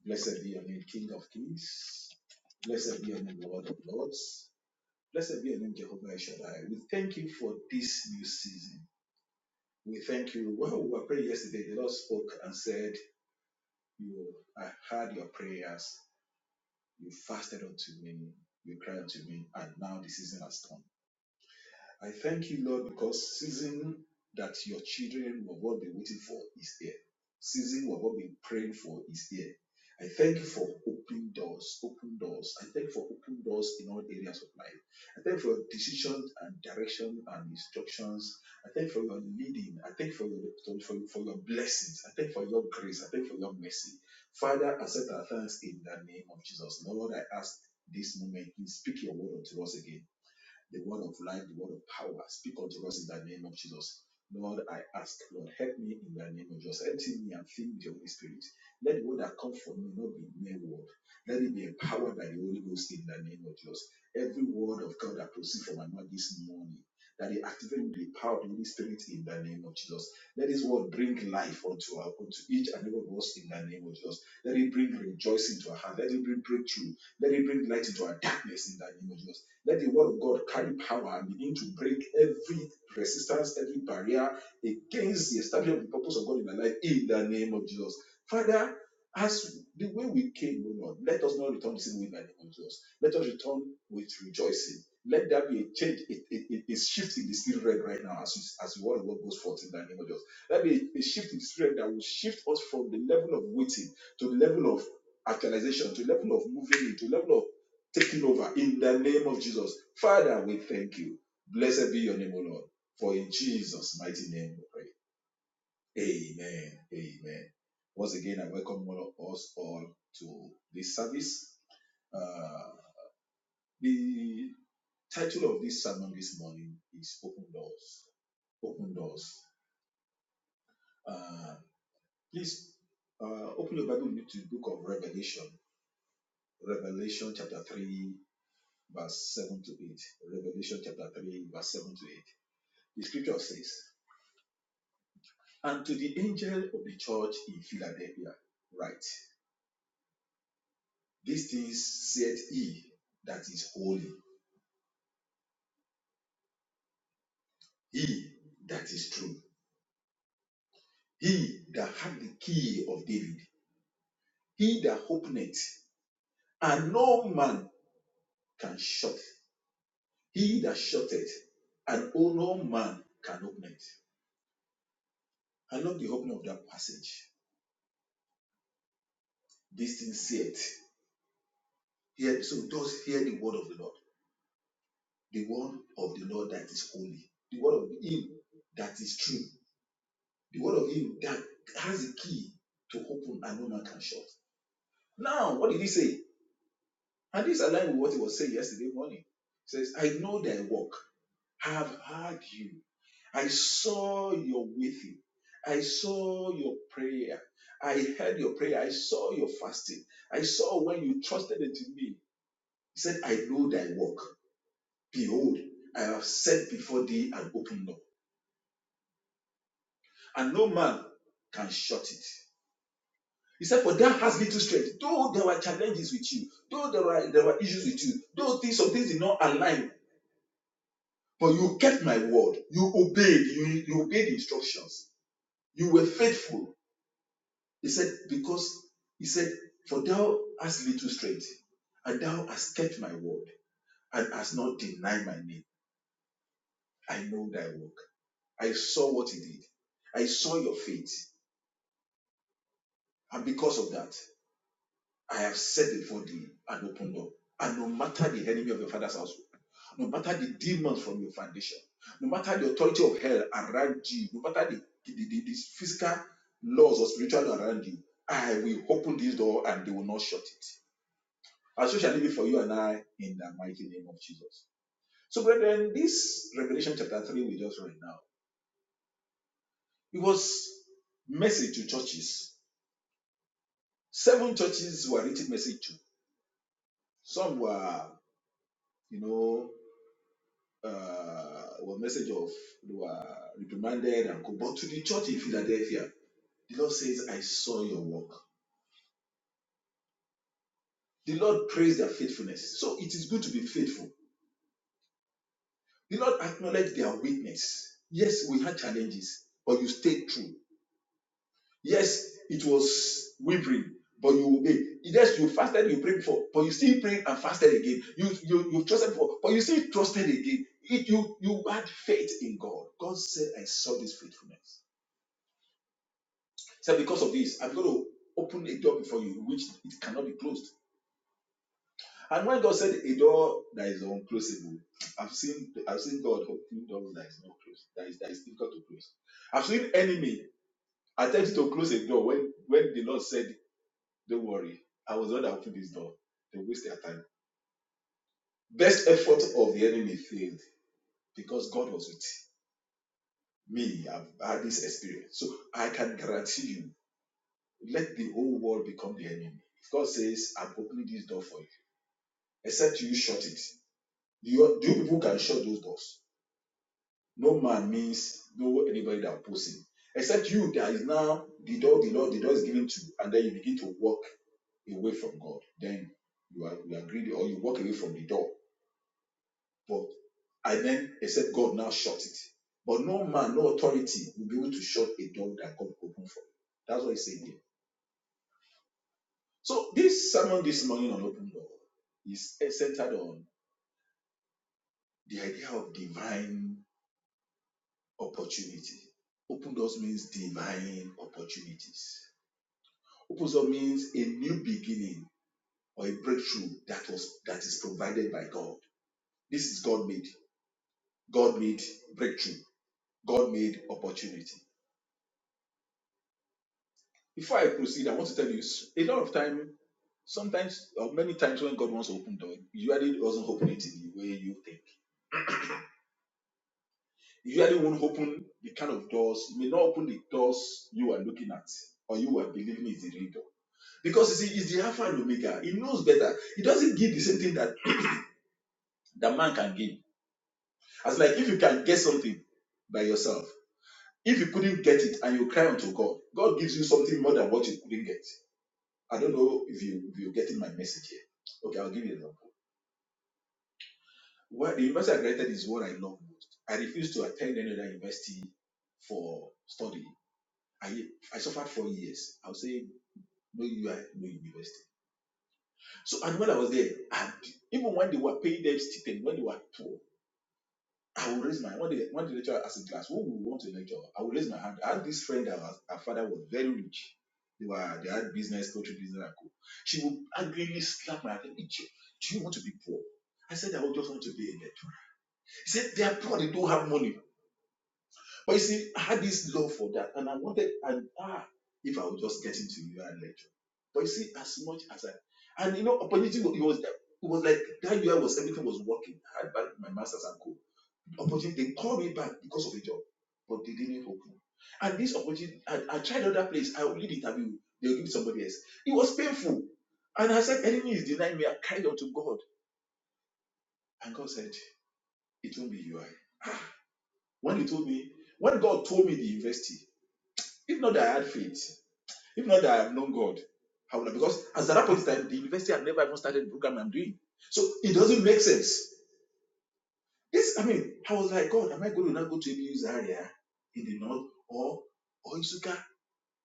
Speaker 4: Blessed be your name, King of kings. Blessed be your name, Lord of lords. Blessed be your name, Jehovah El Shaddai. We thank you for this new season. We thank you. When we were praying yesterday, the Lord spoke and said, You I heard your prayers You fasted unto me. You cried unto me. And now the season has come. I thank you, Lord, because season that your children will not be waiting for is here. Season will not be praying for is here. I thank you for open doors, open doors. I thank you for open doors in all areas of life. I thank you for your decisions and direction and instructions. I thank you for your leading. I thank you for your for, for your blessings. I thank you for your grace. I thank you for your mercy. Father, accept our thanks in the name of Jesus. Lord, I ask this moment, please speak your word unto us again the word of life, the word of power. Speak unto us in the name of Jesus. Lord, I ask, Lord, help me in the name of Jesus. Empty me and fill me with your Holy Spirit. Let the word that comes from me not be mere word. Let it be empowered by the Holy Ghost in the name of Jesus. Every word of God that proceeds from my mouth this morning that they activate the power of the Holy Spirit in the name of Jesus. Let His word bring life unto, our, unto each and every one of us in the name of Jesus. Let it bring rejoicing to our heart. Let it bring breakthrough. Let it bring light into our darkness in the name of Jesus. Let the word of God carry power and begin to break every resistance, every barrier against the establishment of the purpose of God in our life in the name of Jesus. Father, as the way we came, O Lord, let us not return the same way in the name of Jesus. Let us return with rejoicing. Let there be a change, a, a, a- a shift in the spirit realm right now as, you- as the word of God goes forth in the name of Jesus. Let be a, a shift in the spirit realm that will shift us from the level of waiting to the level of actualization, to the level of moving in, to the level of taking over in the name of Jesus. Father, we thank you. Blessed be your name, O Lord. For in Jesus' mighty name we pray. Amen. Amen. Once again, I welcome all of us all to this service. Uh, the title of this sermon this morning is open doors open doors uh, please uh, open your bible to the book of revelation revelation chapter 3 verse 7 to 8 revelation chapter 3 verse 7 to 8 the scripture says and to the angel of the church in philadelphia write these things said he that is holy he that is true he that hath the key of david he that openeth and no man can shut. He that shut it, and oh no man can open it. I love the opening of that passage. These Be sincere. Hear, so just hear the word of the Lord. The word of the Lord that is holy. The word of him that is true. The word of him that has the key to open and no man can shut. Now, what did he say? And this aligns with what he was saying yesterday morning. He says, I know thy work. I have heard you I saw your weeping. I saw your prayer. I heard your prayer. I saw your fasting. I saw when you trusted unto me. He said, I know thy work. Behold, I have set before thee an open door, and no man can shut it. He said, For thou hast little strength. Though there were challenges with you, though there were, there were issues with you, though things, some things did not align, but you kept my word. You obeyed. You, you obeyed instructions. You were faithful He said, Because he said, For thou hast little strength, and thou hast kept my word, and hast not denied my name. I know thy work. I saw what he did. I saw your faith. And because of that, I have set before thee an open door. And no matter the enemy of your father's household, no matter the demons from your foundation, no matter the authority of hell around you, no matter the, the, the, the physical laws or spiritual law around you, I will open this door and they will not shut it. And so shall it be for you and I in the mighty name of Jesus. So, brethren, this Revelation chapter 3 we just read now, it was message to churches. Seven churches were written message to. Some were, you know, uh, were message of, they were reprimanded and co- But to the church in Philadelphia, the Lord says, I saw your work. The Lord praised their faithfulness. So it is good to be faithful. The Lord acknowledged their weakness. Yes, we had challenges, but you stayed true. Yes, it was wavering, but you obey. Yes, you fasted, you prayed before, but you still prayed and fasted again. You you you trusted before, but you still trusted again. It, you you had faith in God. God said, "I saw this faithfulness." So "Because of this, I'm going to open a door before you, which it cannot be closed." And when God said, "A door that is unclosable," I've seen I've seen God open doors that is not closed, that is that is difficult to close. I've seen enemy attempt to close a door when when the Lord said Don't worry. I was the one that opened this door. They waste their time. Best effort of the enemy failed because God was with me. I've had this experience. So I can guarantee you, let the whole world become the enemy. If God says, I'm opening this door for you, except you shut it. You, you people can shut those doors. No man means no anybody that opposes him. Except you that is now the door, the door, the door is given to, you, and then you begin to walk away from God. Then you are you are greedy or you walk away from the door But I then except God now shut it. But no man, no authority will be able to shut a door that God opened for. you. That's what he's saying here. So this sermon this morning on open door is centered on the idea of divine opportunity. Open doors means divine opportunities. Open door means a new beginning or a breakthrough that was that is provided by God. This is God made. God made breakthrough. God made opportunity. Before I proceed, I want to tell you s- a lot of time, sometimes or many times when God wants to open door, He usually doesn't open it in the way you think. He usually won't open the kind of doors, He may not open the doors you are looking at or you are believing is the real door. Because you see, he's the Alpha and Omega. He knows better. He doesn't give the same thing that, *clears throat* that man can give. As like if you can get something by yourself, if you couldn't get it and you cry unto God, God gives you something more than what you couldn't get. I don't know if you if you're getting my message here. Okay, I'll give you an example. Well, the university I graduated is what I love most. I refused to attend any other university for study. I I suffered four years. I would say no UI, no university. So and when I was there, and even when they were paying them stipend, when they were poor, I would raise my hand. when the when the lecturer asked in class, who would want to lecture? I would raise my hand. I had this friend that was her father was very rich. They were they had business, poultry business and co. She would angrily slap my hand. Do you want to be poor? I said I would just want to be a lecturer. He said they are poor, they don't have money. But you see, I had this love for that, and I wanted, and ah, if I would just get into UI lecture. But you see, as much as I, and you know, opportunity wa- it was there. It was like that year was everything was working. I had back my masters and co. Opportunity, they called me back because of a job, but they didn't open. And this opportunity, and I tried other place. I only did interview. They'll give it somebody else. It was painful. And I said, enemy is denying me. I cried out to God. And God said, it won't be UI. When he told me, when God told me the university, if not that I had faith, If not that I have known God, I would have, because as at that point in time, the university had never even started the program I'm doing. So it doesn't make sense. This, I mean, I was like, God, am I going to now go to ABU's area in the north or or Isuka?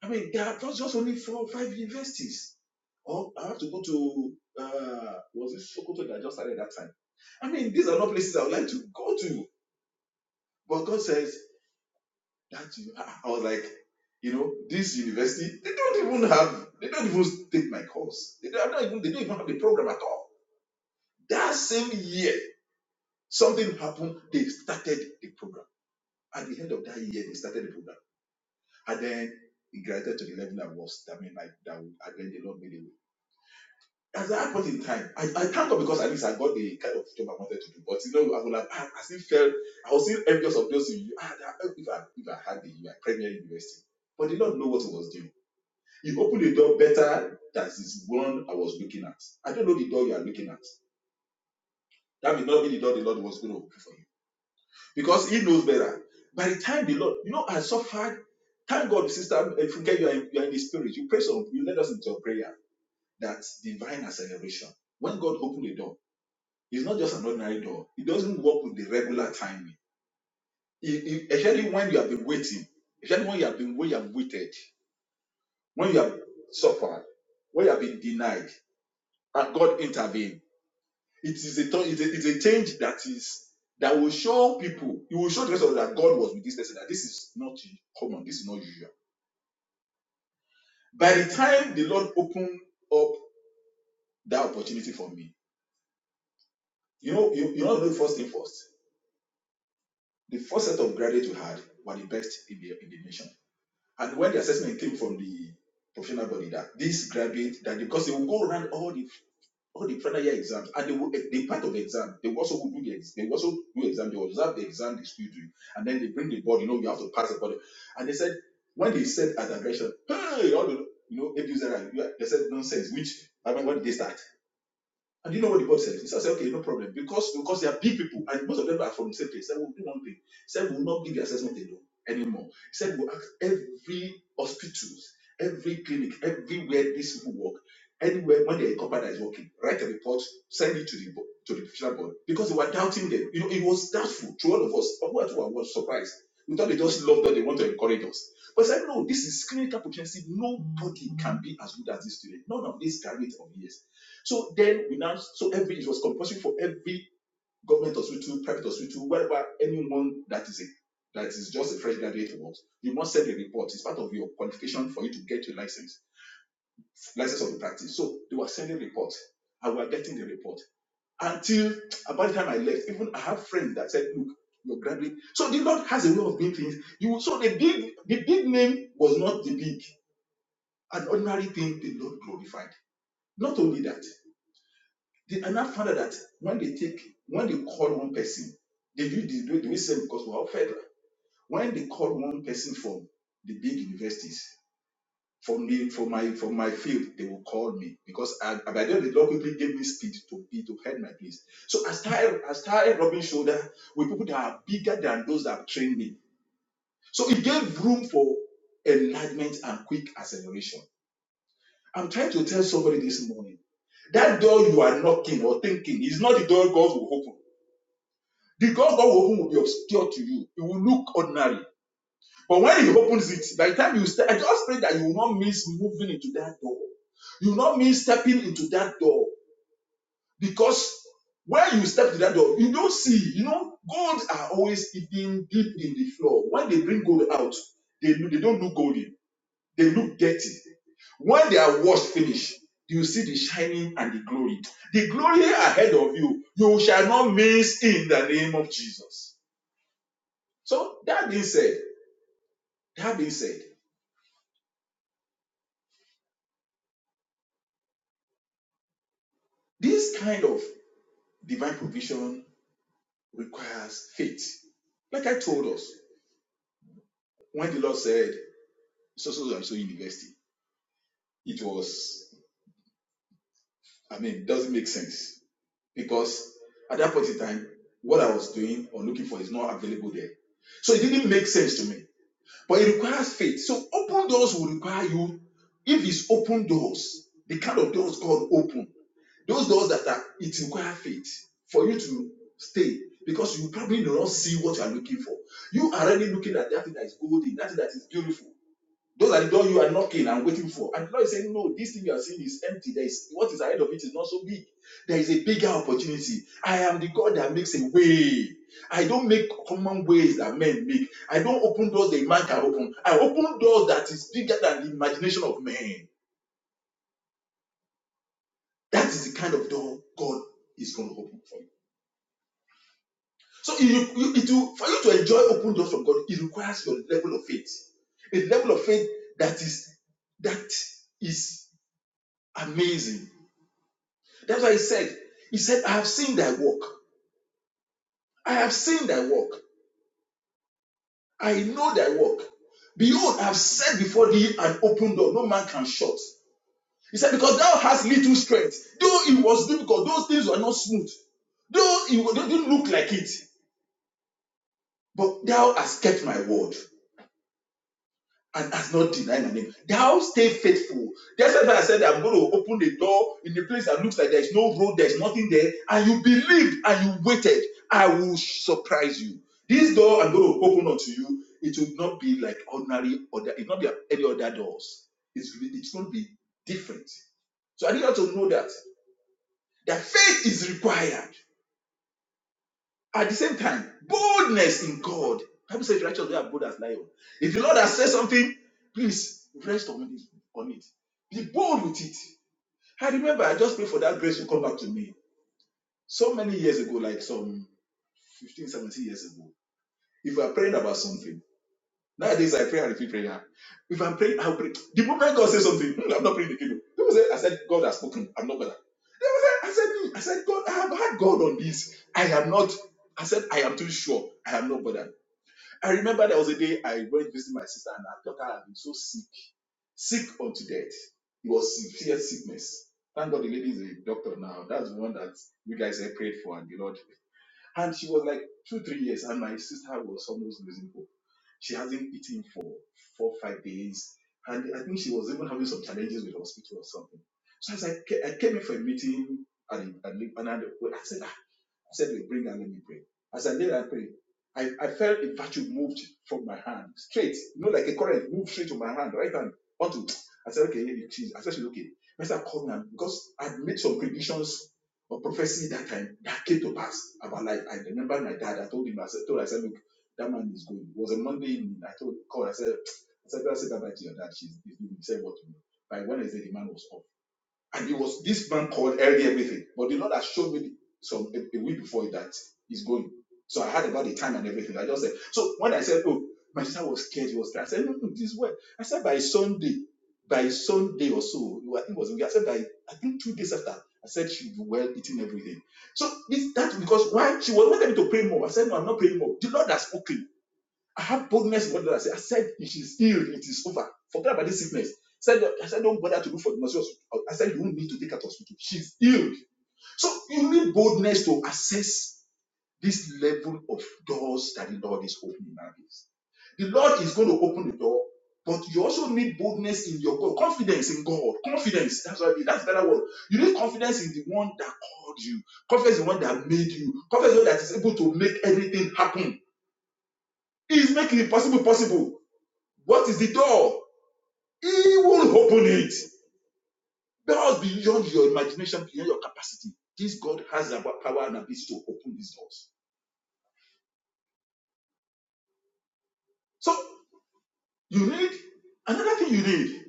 Speaker 4: I mean, there are just, only four or five universities. Or I have to go to uh was it Sokoto that I just started that time? I mean, these are not places I would like to go to. But God says that you ah, *laughs* I was like, you know, this university, they don't even have, they don't even take my course. They don't, even, they don't even have a program at all. That same year, something happened. They started the program. At the end of that year, they started the program. And then it graduated to the level that was. I mean, like that and then the Lord made it. As that point in time, I, I thank God because at least I got the kind of job I wanted to do. But you know, I would have I, I still felt I was still envious of those in you. Ah, if I if I had the like, Premier University. But they do not know what it was doing You open the door better than this one I was looking at. I don't know the door you are looking at. That may not be the door the Lord was going to open for you because He knows better. By the time the Lord, you know, I suffered. Thank God, sister, if you get you are in, you are in the spirit, you pray some, you let us into a prayer that divine acceleration. When God opened the door, it's not just an ordinary door. It doesn't work with the regular timing. It- it- especially when you have been waiting, especially when you have been when you have waited, when you have suffered, when you have been denied, and God intervened It is a it's a, it's a change that is that will show people, it will show the rest of us that God was with this person, that this is not common, this is not usual. By the time the Lord opened up that opportunity for me, you know, you, you know the first thing first. The first set of graduates we had were the best in the, in the nation. And when the assessment came from the professional body that this graduate, that because they will go around all the all the final year exams and they will they part of the exam they will also will do the ex, they also do exam they will observe the exam they still do and then they bring the board you know you have to pass the board and they said when they said at the direction hey all the you know abusers they said nonsense which I mean when did they start and you know what the board said? He said, okay, no problem. Because because they are big people and most of them are from the same place. He said, we'll do one thing. He said, we'll not give the assessment alone anymore. He said, we'll ask every hospitals, every clinic, everywhere these people work, anywhere when their company that is working, write a report, send it to the bo- to the professional board. Because they were doubting them. You know, it was doubtful to all of us. But we were was surprised. We thought they just loved us, they want to encourage us. But I said, no, this is clinical proficiency. Nobody can be as good as this student. None of these graduates of years. So then we now, so every, it was compulsory for every government hospital, private hospital, wherever anyone that is a, that is just a fresh graduate works, you must send a report. It's part of your qualification for you to get your license, license of the practice. So they were sending reports and we were getting the report until about the time I left, even I have friends that said, look, you're graduate. So the Lord has a way of doing things. You, so the big, the big name was not the big, an ordinary thing the Lord glorified. Not only that. They, and I found out that when they take, when they call one person, they do the do the same because we are federal. When they call one person from the big universities, from me, from my from my field, they will call me because I, I by then the law quickly gave me speed to be to head my place. So I started I started rubbing shoulder with people that are bigger than those that have trained me. So it gave room for enlargement and quick acceleration. I'm trying to tell somebody this morning that door you are knocking or thinking is not the door God will open. The God God will open will be obscure to you. It will look ordinary. But when He opens it, by the time you step, I just pray that you will not miss moving into that door. You will not miss stepping into that door. Because when you step to that door, you don't see, you know, gold are always hidden deep in the floor. When they bring gold out, they, they don't look golden, they look dirty. When they are washed finished, you see the shining and the glory. The glory ahead of you, you shall not miss in the name of Jesus. So that being said, that being said, this kind of divine provision requires faith. Like I told us, when the Lord said so so and so university, it was I mean doesn't make sense because at that point in time, what I was doing or looking for is not available there. So it didn't make sense to me. But it requires faith. So open doors will require you. If it's open doors, the kind of doors God opens. Those doors that are it requires faith for you to stay because you probably do not see what you are looking for. You are already looking at that thing that is golden, that thing that is beautiful. Those are the doors you are knocking and waiting for. And the Lord is saying, No, this thing you are seeing is empty. There is what is ahead of it is not so big. There is a bigger opportunity. I am the God that makes a way. I don't make common ways that men make. I don't open doors that man can open. I open doors that is bigger than the imagination of man. That is the kind of door God is going to open for you. So it, it will, for you to enjoy open doors from God, it requires your level of faith. A level of faith that is that is amazing. That's why he said, He said, I have seen thy work. I have seen thy work. I know thy work. Behold, I have set before thee an open door, no man can shut. He said, Because thou hast little strength. Though it was difficult, those things were not smooth. Though it didn't look like it, but thou hast kept my word. and has not denied my name. Thou stay faithful. That's why I said I'm going to open the door in the place that looks like there's no road, there's nothing there, and you believed and you waited. I will surprise you. This door I'm going to open unto you. It will not be like ordinary other. It will not be like any other doors. It's it's going to be different. So I need you to know that that faith is required. At the same time, boldness in God. Bible says righteous we are bold as lion. If the Lord has said something, please rest on it. On it. Be bold with it. I remember I just prayed for that grace to come back to me so many years ago, like some 15, 17 years ago. If I'm praying about something, nowadays I pray and repeat prayer. If I'm praying, I'll pray. The moment God says something, "Hmm, I'm not praying the kingdom. People say, I said, God has spoken. I'm not gonna. They were like, I said, "Hmm." I said, God, I have had God on this. I am not. I said, I am too sure. I am not bothered. I remember there was a day I went to visit my sister and I thought I had been so sick, sick unto death. It was severe sickness. Thank God the lady is a doctor now. That's the one that you guys have prayed for and the Lord. And she was like two, three years, and my sister was almost losing hope. She hasn't eaten for four, five days, and I think she was even having some challenges with the hospital or something. So as I, ca- I came in for a meeting and a, and I, said, "Ah, I said, "Look, bring her, let me pray. As I laid and prayed, I, I felt a virtue moved from my hand straight, you know, like a current moved straight to my hand, right hand, onto. I said, okay, here it is. I said, okay. Mr. called me because I'd made some predictions but prophecy that time that came to pass about life. I remember my dad, I told him, I said, told her, I said, look, that man is going. It was a Monday evening. I told called, I said, *tsk* I said, I said bye bye to your dad. She's he's leaving." He said what to me. By Wednesday, the man was up. And it was this man called early everything. But the Lord has shown me some a, a week before that he's going. So I heard about the time and everything. I just said, so when I said, oh, my sister was scared, he was scared. I said, no, no, this way. I said, by Sunday, by Sunday or so, I think it was, I said, by, I think two days after, I said, she'll be well eating everything. So this, that's because why she was wanting me to pray more. I said, no, I'm not praying more. The Lord has spoken. I have boldness in what I said. I said it is healed, it is over. Forget about this sickness. Said I said don't bother to look for the nurse. I said you won't need to take her to hospital. She's healed. So you need boldness to assess this level of doors that the Lord is opening nowadays. The Lord is going to open the door, but you also need boldness in your God, confidence in God, confidence. That's what I mean. That's a better word. You need confidence in the one that called you, confidence in the one that made you, confidence in the one that is able to make everything happen. He is making the possible possible. What is the door? He will open it. Doors beyond your imagination, beyond your capacity. This God has the power and ability to open these doors. So you need another thing you need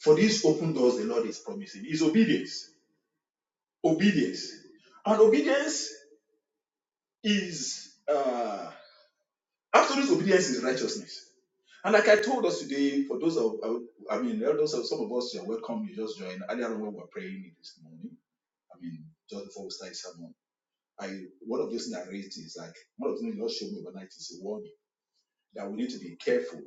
Speaker 4: for these open doors the Lord is promising is obedience. Obedience. And obedience is uh absolute obedience is righteousness. And like I told us today, for those of uh, I mean those of some of us you are welcome, you just joined earlier on when we were praying this morning. I mean, just before we started sermon I one of those things I raised is like one of the things God showed me overnight is a warning that we need to be careful.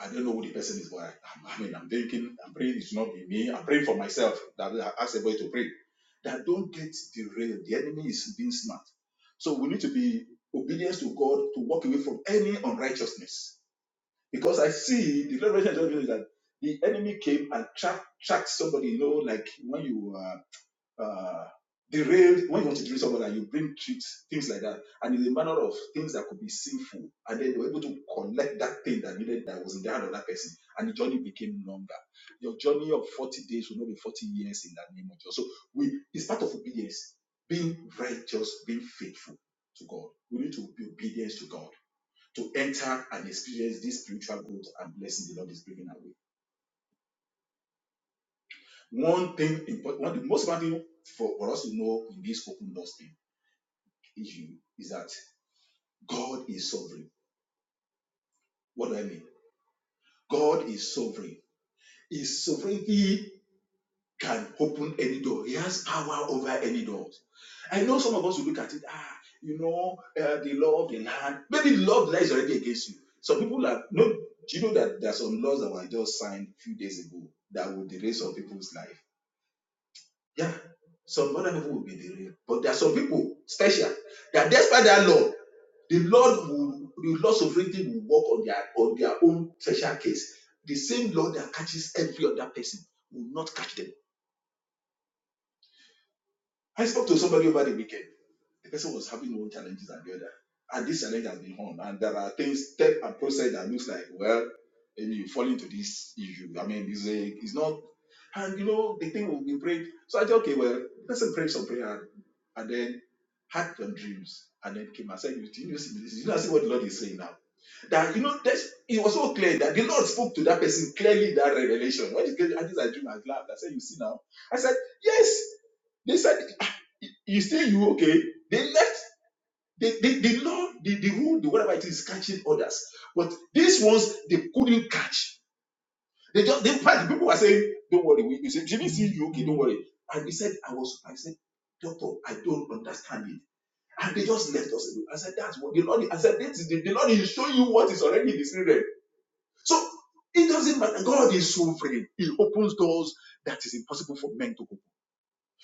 Speaker 4: I don't know who the person is, but I, I mean, I'm thinking, I'm praying it should not be me. I'm praying for myself. That I ask everybody to pray. That don't get derailed. The enemy is being smart. So we need to be obedient to God to walk away from any unrighteousness. Because I see the revelation I just got is that the enemy came and tracked tracked somebody. You know, like when you uh, uh, derailed when you want to derail someone you bring tricks, things like that, and in a manner of things that could be sinful, and then they were able to collect that thing that needed that was in the hand of that person, and the journey became longer. Your journey of 40 days will not be 40 years in that name of Jesus. So we it's part of obedience, being righteous, being faithful to God. We need to be obedient to God to enter and experience this spiritual growth and blessing the Lord is bringing our way. One thing important, one of the most important thing for, for us to know in this open doors thing issue is that God is sovereign. What do I mean? God is sovereign. His sovereignty can open any door. He has power over any doors. I know some of us will look at it, ah, you know, uh, the law of the land. Maybe the law of the land is already against you. Some people are, no, do you know that there are some laws that were just signed a few days ago that would erase some people's life? Yeah. Some other people will be the But there are some people special that despite that law, the Lord will the Lord's sovereignty will work on their on their own special case. The same law that catches every other person will not catch them. I spoke to somebody over the weekend. The person was having one challenges and the other. And this challenge has been on. And there are things, step and process that looks like, well, maybe you fall into this issue. I mean, it's, a, it's not. And you know, the thing will be prayed. So I said, okay, well, the person prayed some prayer and then had some dreams. And then came and said, you, did see this? Did you not see what the Lord is saying now? That, you know, that's, it was so clear that the Lord spoke to that person clearly in that revelation. When he gave, I just I dream, I laughed. I said, you see now? I said, yes, they said you say you okay they left the the, the law the, the rule the whatever it is is catching others but these ones they couldn't catch they just they the people were saying don't worry we you say jimmy see you okay don't worry and he said i was i said doctor i don't understand it and they just left us alone i said that's what the lord i said this is the, the lord is showing you what is already in the spirit so it doesn't matter god is sovereign he opens doors that is impossible for men to open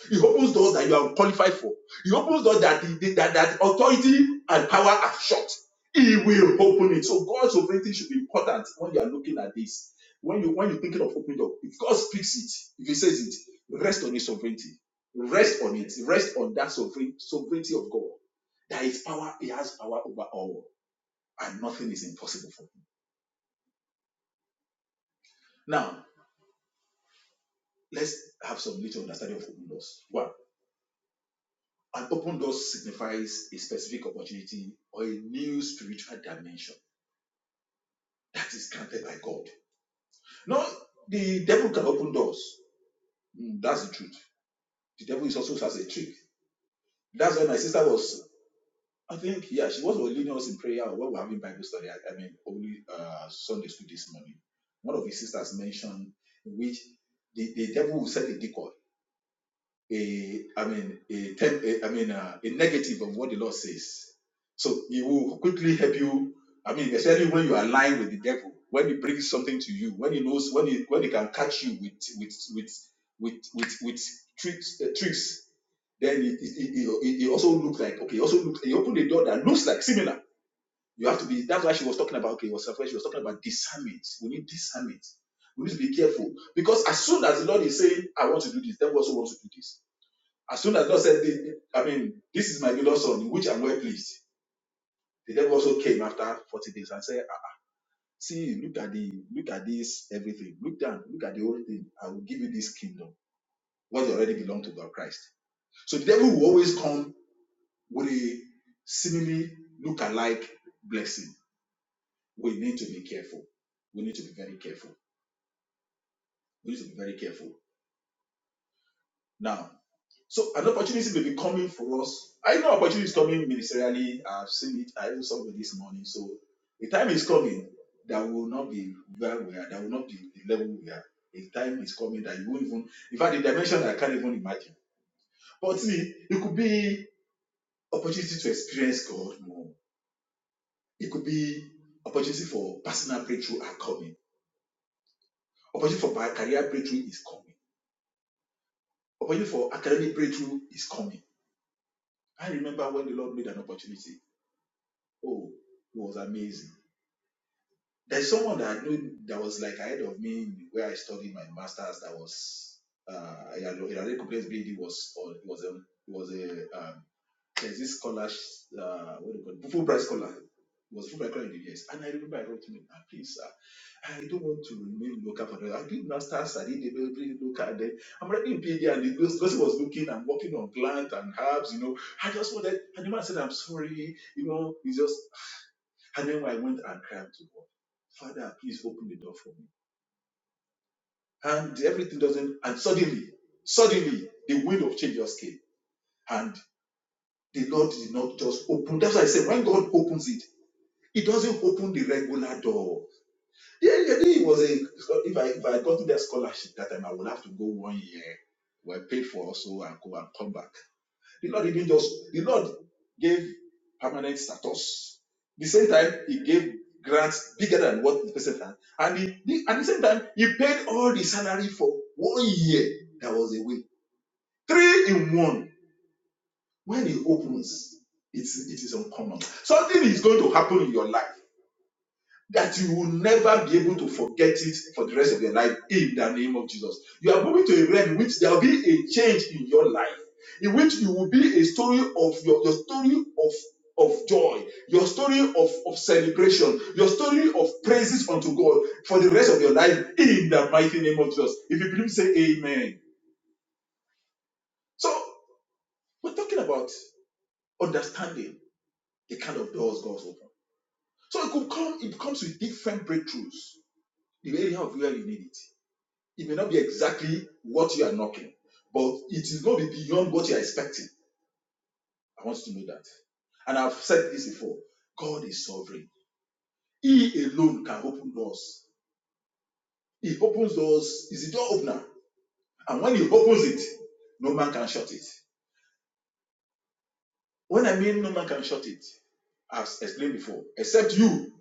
Speaker 4: he opens doors that you are qualified for. He opens doors that the, that, that authority and power are shut. He will open it. So God's sovereignty should be important when you are looking at this. When you when you're thinking of opening door, if God speaks it, if He says it, rest on His sovereignty. Rest on it. Rest on that sovereign sovereignty of God. That is power. He has power over all, and nothing is impossible for Him. Now let's have some little understanding of open doors. One. An open door signifies a specific opportunity or a new spiritual dimension that is granted by God. No, the devil can open doors. Mm, that's the truth. The devil is also has a trick. That's why my sister was, I think, yeah, she was leading us in prayer when we were having Bible study. I, I mean, only uh, Sunday school this morning. One of his sisters mentioned in which the, the devil will set a decoy a I mean a, ten, a I mean a, a negative of what the Lord says. So He will quickly help you. I mean, especially when you align with the devil, when he brings something to you, when he knows, when he when he can catch you with with with with with, with tricks uh, tricks, then it it, it, it it also looks like okay, It also looks he opened a door that looks like similar. You have to be. That's why she was talking about okay, it was afraid. She was talking about discernment. We need discernment. We need to be careful because as soon as the Lord is saying, "I want to do this," devil also wants to do this as soon as God said, I mean, this is my beloved son, in which I'm well pleased, the devil also came after 40 days and said, "Ah, ah, See, look at the look at this everything. Look down, look at the whole thing. I will give you this kingdom. What you already belong to God Christ. So the devil will always come with a seemingly look-alike blessing. We need to be careful. We need to be very careful. We need to be very careful. Now So an opportunity may be coming for us. I know opportunity is coming ministerially. I've seen it. I even saw it this morning. So the time is coming that we will not be where we are. That will not be the level we are. The time is coming that you won't even. In fact, the dimension I can't even imagine. But see, it could be opportunity to experience God more. It could be opportunity for personal breakthrough are coming. Opportunity for career breakthrough is coming. Opportunity for academic breakthrough is coming. I remember when the Lord made an opportunity. Oh, it was amazing There's someone that I knew that was like ahead of me where I studied my masters. That was uh, Yadore Kukule's BD was on. It was a it was a um, there's this scholar. Uh, what do you call it? Fulbright scholar. It was Fulbright scholar in the US. And I remember I wrote to him, ah, please, sir, I don't want to remain local for the I did masters. I did everything local. Then I'm already in PhD, and the person was looking and working on plant and herbs. You know, I just wanted. And the man said, I'm sorry. You know, it's just. And then I went and cried to God, Father, please open the door for me. And everything doesn't, and suddenly, suddenly, the wind of change just came. And the Lord did not just open. That's why I said, when God opens it, it doesn't open the regular door. Yeah, yeah, it was a, if I, if I got to that scholarship that time, I would have to go one year. We're paid for also and go and come back. The Lord didn't just, the Lord gave permanent status. The same time, He gave grants bigger than what the person had. And he, he- at the same time, He paid all the salary for one year that was away. Three in one. When He opens, it's, it is uncommon. Something is going to happen in your life that you will never be able to forget it for the rest of your life in the name of Jesus. You are moving to a realm in which there will be a change in your life, in which you will be a story of your, your story of of joy, your story of, of celebration, your story of praises unto God for the rest of your life in the mighty name of Jesus. If you believe, say amen. So we're talking about understanding the kind of doors God's open. So it could come, it comes with different breakthroughs, the area of where you need it. It may not be exactly what you are knocking, but it is going to be beyond what you are expecting. I want you to know that. And I've said this before God is sovereign. He alone can open doors. He opens doors, is a door opener. And when He opens it, no man can shut it. When I mean no man can shut it, as explained before, except you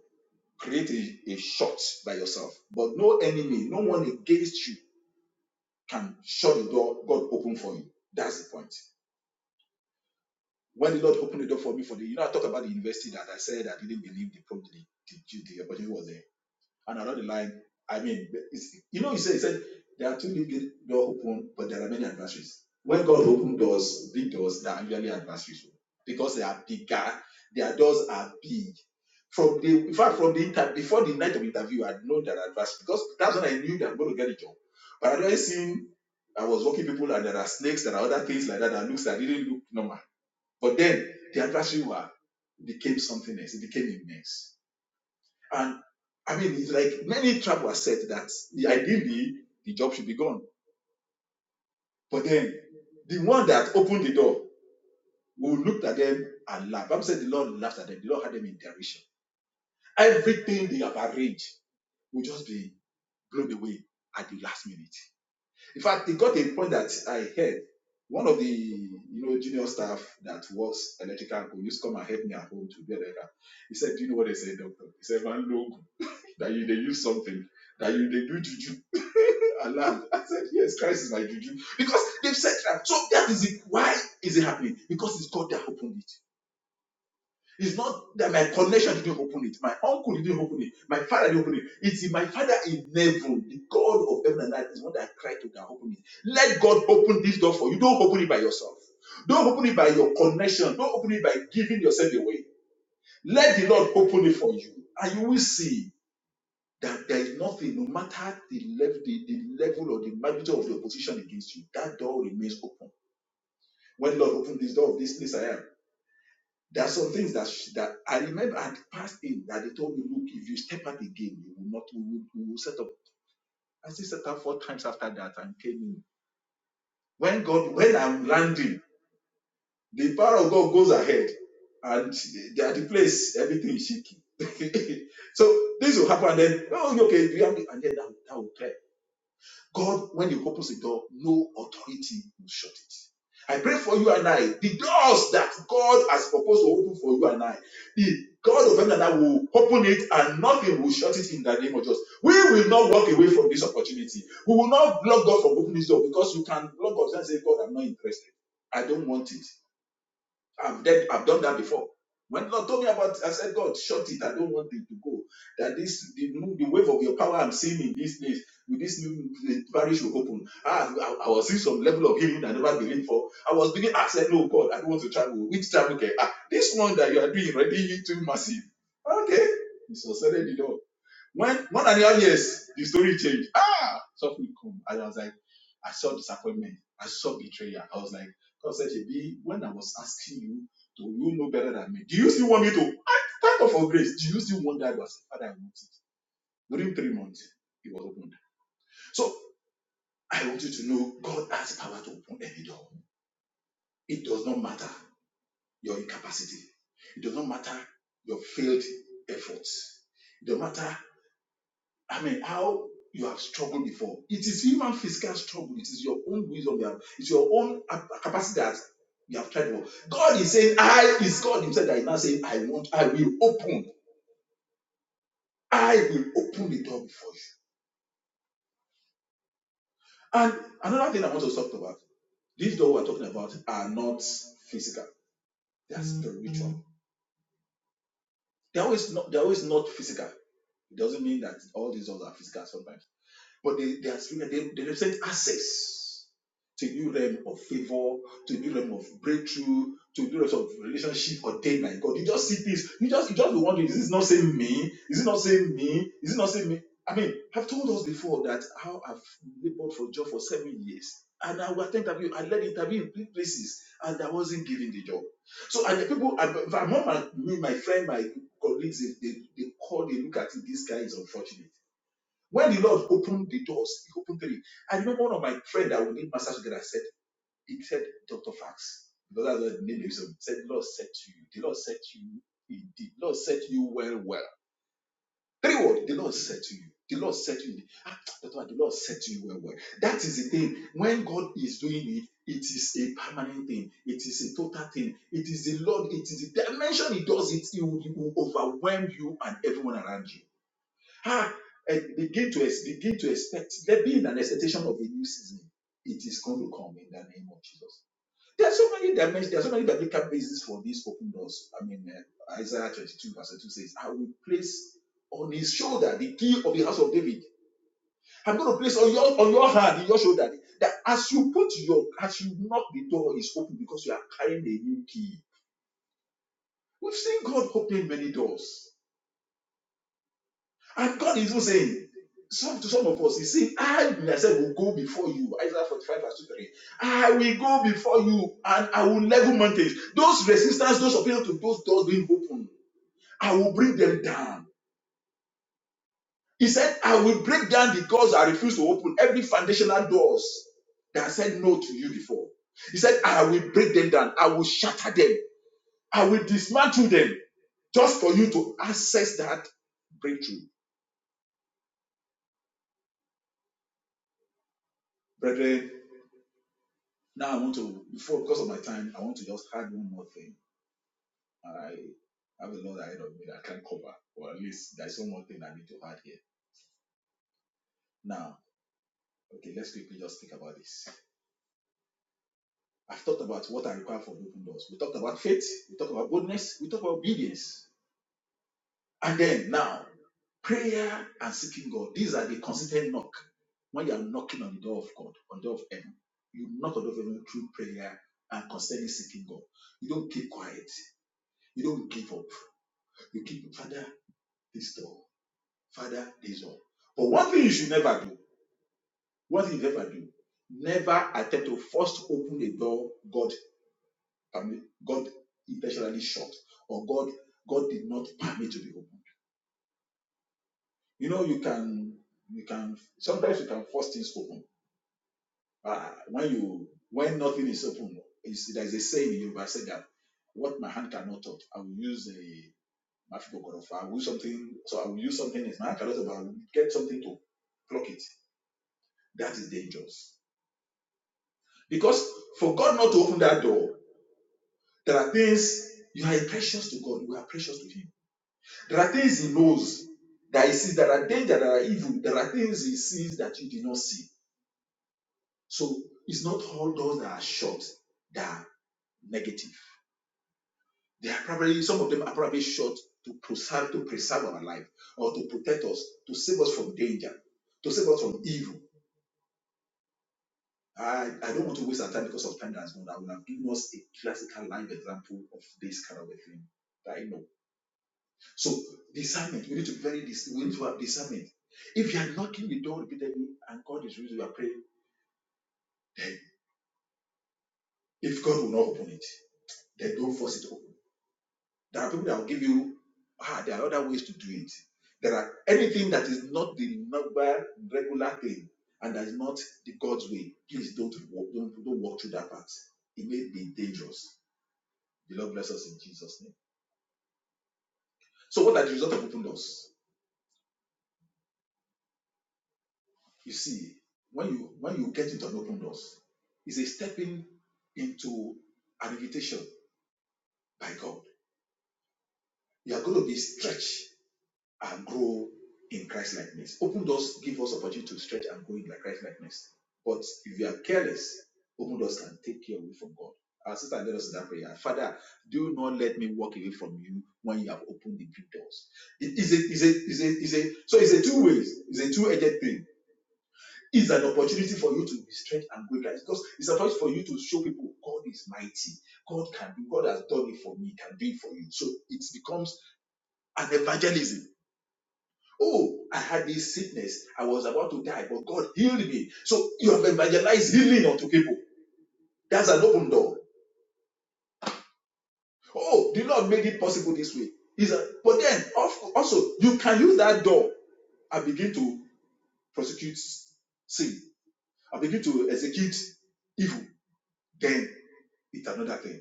Speaker 4: create a, a shot by yourself. But no enemy, no one against you can shut the door God opened for you. That's the point. when the Lord opened the door for me for the, you know, I talked about the university that I said I didn't believe the problem, the, the, the opportunity was there. And along the line, I mean, it's, you know, he said, he said, there are two big doors open, but there are many adversaries. When God opens doors, big doors, there are usually adversaries because they are bigger, their doors are big. From the, in fact, from the inter, before the night of interview, I know that adversaries because that's when I knew that I'm going to get a job. But I'd already seen, I was working people and there are snakes, there are other things like that that looks that didn't look normal but then the adversary were became something else. It became immense. And I mean, it's like many travelers said that ideally the job should be gone. But then the one that opened the door, we looked at them and laughed. Bible said the Lord laughed at them. The Lord had them in derision. Everything they have arranged will just be blown away at the last minute. In fact, it got a point that I heard one of the you know junior staff that works electrical who used to come and help me at home to do electrical. He said, Do you know what they say, doctor? He said, Man, look, that you they use something, that you they do juju. *laughs* I laughed. I said, Yes, Christ is my juju. Because they've said that. So that is it. Why is it happening? Because it's God that opened it. It's not that my connection didn't open it. My uncle didn't open it. My father didn't open it. It's my father in heaven, the God of heaven and earth, is what I cry to can open it. Let God open this door for you. Don't open it by yourself. Don't open it by your connection. Don't open it by giving yourself away. Let the Lord open it for you. And you will see that there is nothing, no matter the level, the, the level or the magnitude of the opposition against you, that door remains open. When Lord open this door of this place, I am. There are some things that she, that I remember I had passed in that they told me, look, if you step out again, you will not, we will, we will set up. I still set up four times after that and came in. When God, when I'm landing, the power of God goes ahead and they are the place, everything is shaking. *laughs* so this will happen then, oh, okay, we have, and then that, that will clear God, when He opens the door, no authority will shut it. I pray for you and I, the doors that God has proposed to open for you and I, the God of heaven and I will open it and nothing will shut it in the name of Jesus. We will not walk away from this opportunity. We will not block God from opening this door because you can block God and say, God, I'm not interested. I don't want it. I've done, I've done that before. When God told me about, I said, God, shut it. I don't want it to go. That this the, move, the wave of your power I'm seeing in this place with this new the parish will open. Ah, I, I was seeing some level of healing I never believed for. I was beginning. I said, No, God, I don't want to travel. Which travel? Okay, ah, this one that you are doing already too massive. Okay, so I said, it all. When one and a half years, the story changed. Ah, something come. And I was like, I saw disappointment. I saw betrayal. I was like, God said, Shebi, when I was asking you, do you know better than me? Do you still want me to? Thank of for grace. Do you still want that? I said, Father, I want it. During three months, it was opened. So I want you to know God has power to open any door. It does not matter your incapacity. It does not matter your failed efforts. It don't matter. I mean, how you have struggled before. It is human physical struggle. It is your own wisdom. You have, it's your own capacity that you have tried for. God is saying, I is God Himself that is now saying, I want, I will open, I will open the door before you. And another thing I want to talk about, these doors we're talking about are not physical. They are spiritual. They're always not they're always not physical. It doesn't mean that all these doors are physical sometimes But they, they, are, they, they represent access to new realm of favor, to new realm of breakthrough, to new realm of relationship ordained by God. You just see this. you just you just be wondering, is this not saying me? Is it not saying me? Is it not saying me? I mean, I've told us before that how I've labored for job for seven years. And I would attend interview, I led interview in three places, and I wasn't given the job. So and the people and among my, me, my friend, my colleagues, if they, they call, they look at it, this guy is unfortunate. When the Lord opened the doors, He opened three. I remember one of my friends that we did massage together said, He said, Dr. Fax, because that's the name of him. said, The Lord said to you, The Lord said to you, The Lord said to you well, well. Three words, the Lord said to you. The Lord said to you, ah, Dr. the Lord said to you well, well. That is the thing. When God is doing it, it is a permanent thing. It is a total thing. It is the Lord. It is the dimension He does it. He will, he will overwhelm you and everyone around you. *sighs* Ah, eh, begin to ex- begin to expect. There being an expectation of a new season. It is going to come in the name of Jesus. There are so many dimensions. There are so many biblical bases for these open doors. I mean, uh, Isaiah 22 verse 2 says, "I will place on his shoulder the key of the house of David. I'm going to place on your on your hand, in your shoulder, that as you put your as you knock, the door is open because you are carrying a new key. We've seen God open many doors. And God is even saying, some to some of us, He's saying, I myself will go before you. Isaiah 45, verse 2 3. I will go before you and I will level mountains. Those resistance, those appeal to those doors being open, I will bring them down. He said, I will break down the doors I refuse to open, every foundational doors that I said no to you before. He said, I will break them down. I will shatter them. I will dismantle them just for you to access that breakthrough. Brethren, Now I want to, before because of my time, I want to just add one more thing. I have a lot ahead of me that I can't cover, or at least there's one more thing I need to add here. Now, okay, let's quickly just think about this. I've talked about what I require for open doors. We talked about faith, we talked about boldness, we talked about obedience. And then now, prayer and seeking God. These are the consistent knock. When you are knocking on the door of God, on the door of heaven, you knock on the door of heaven through prayer and constantly seeking God. You don't keep quiet. You don't give up. You keep, Father, this door. Father, this door. But one thing you should never do, What you never do, never attempt to first open a door God God intentionally shut or God God did not permit to be opened. You know, you can you can sometimes you can force things open. Uh, when you when nothing is open, it's, there's a saying in Yoruba said that what my hand cannot touch, I will use a I will use something, so I will use something as my hand cannot touch, but I will get something to block it. That is dangerous. Because for God not to open that door, there are things you are precious to God, you are precious to Him. There are things He knows that He sees, there are danger, there are evil, there are things He sees that you did not see. So it's not all doors that are shut that are negative. They are probably some of them are probably shut to preserve to preserve our life or to protect us, to save us from danger, to save us from evil I, I don't want to waste our time because of time that's gone. I will have given us a classical live example of this kind of a thing that I know. So discernment, we need to be very dis- we need to have discernment. If you are knocking the door repeatedly and God is using your prayer, then if God will not open it, then don't force it open. There are people that will give you ah, there are other ways to do it. There are anything that is not the normal regular thing and that is not the God's way, please don't walk, don't, don't walk through that path. It may be dangerous The Lord bless us in Jesus' name. So what are the result of open doors? You see, when you when you get into an open doors, it's a stepping into an invitation by God. You are going to be stretched and grow in Christ likeness. Open doors give us opportunity to stretch and grow in like Christ likeness. But if you are careless, open doors can take you away from God. Our sister led us in that prayer. Father, do not let me walk away from you when you have opened the big doors. It is a, is a, is a, is a, so it's a two ways. It's a two-edged thing. It's an opportunity for you to be stretched and grow in because it's an opportunity for you to show people God is mighty. God can do. God has done it for me. Can do it for you. So it becomes an evangelism Oh, I had this sickness. I was about to die, but God healed me. So you have evangelized healing unto people. That's an open door. Oh, the Lord made it possible this way. Is a, but then of- also you can use that door and begin to prosecute sin. and begin to execute evil. Then it's another thing.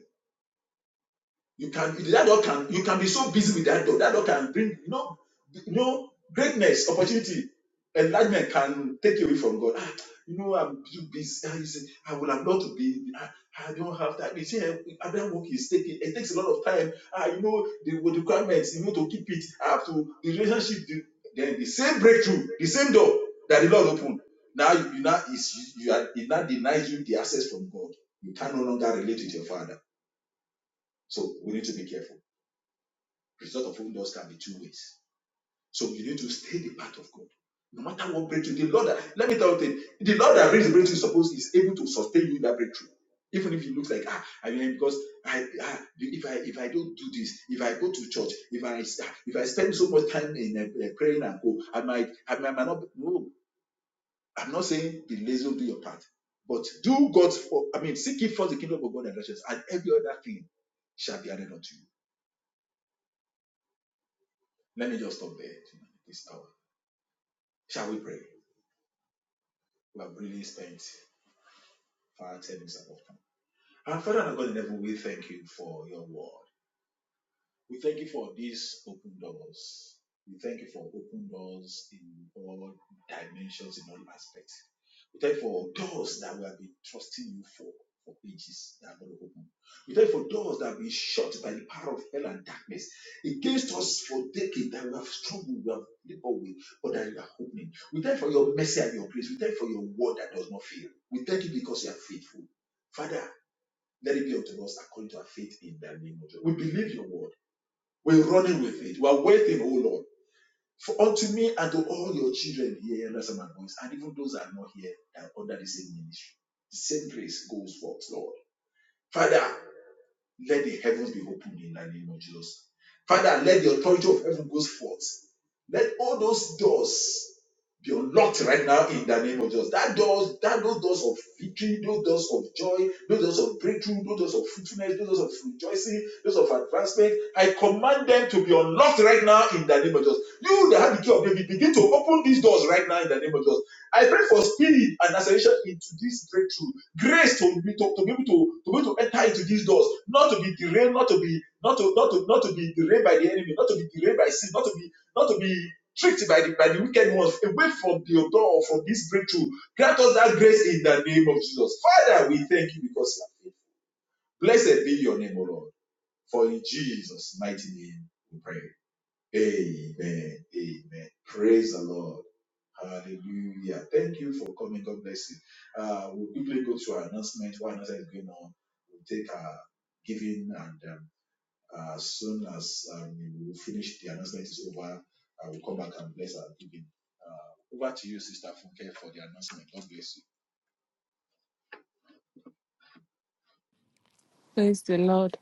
Speaker 4: You can that door can you can be so busy with that door. That door can bring you know you know greatness, opportunity, enlargement can take you away from God. Ah, you know I'm too busy. Ah, you say I would have loved to be. Ah, I don't have time. You see, eh, Abraham work is taking. It takes a lot of time. Ah, you know the, with the requirements. You know to keep it. I have to the relationship. The, then the same breakthrough, the same door that the Lord opened. Now you, you now is you are it now denies you the access from God. You can no longer relate with your Father. So we need to be careful. Result of open doors can be two ways. So you need to stay the path of God. No matter what breakthrough, the Lord, that, let me tell you, thing, the Lord that brings the breakthrough is supposed is able to sustain you in that breakthrough. Even if it looks like ah, I mean, because I, ah, if I if I don't do this, if I go to church, if I ah, if I spend so much time in uh, praying and go, I might I might, I might not. No, I'm not saying be lazy, do your part, but do God's. For, I mean, seek ye first the kingdom of God and righteousness, and every other thing shall be added unto you. Let me just stop there tonight, this hour. Shall we pray? We have really spent far 10 minutes of our time. And Father and God in heaven, we thank you for your word. We thank you for these open doors. We thank you for open doors in all dimensions, in all aspects. We thank you for doors that we have been trusting you for for ages that are going to open. We thank you for doors that have been shut by the power of hell and darkness against us for decades that we have struggled, we have labored with, but that you are opening. We thank you for your mercy and your grace. We thank you for your word that does not fail. We thank you because you are faithful. Father, let it be unto us according to our faith in the name of Jesus. We believe your word. We're running with it. We're waiting, oh Lord. For unto me and to all your children here, understand my voice, and even those that are not here, that are under the same ministry. The same grace goes forth, Lord. Father, let the heavens be opened in the name of Jesus. Father, let the authority of heaven go forth. Let all those doors be unlocked right now in the name of Jesus. That doors, that those doors of victory, those doors of joy, those doors of breakthrough, those doors of fruitfulness, those doors of rejoicing, those of advancement. I command them to be unlocked right now in the name of Jesus. You that have the key of David, begin to open these doors right now in the name of Jesus. I pray for speed and acceleration into this breakthrough. Grace to be to, to be able to, to be able to enter into these doors, not to be derailed, not to be not to not to not to be derailed by the enemy, not to be derailed by sin, not to be not to be tricked by the by the wicked ones, away from your door from this breakthrough. Grant us that grace in the name of Jesus. Father, we thank you because you are faithful. Blessed be your name, O Lord. For in Jesus' mighty name we pray. Amen. Amen. Praise the Lord. Hallelujah. Thank you for coming. God bless you. Uh, we'll quickly go to our announcement. Why announcement is going on? We'll take our giving and um, uh, as soon as um, we finish the announcement is over, I will come back and bless our giving. Uh, over to you, Sister Funke, for the announcement. God bless you.
Speaker 2: Praise the Lord.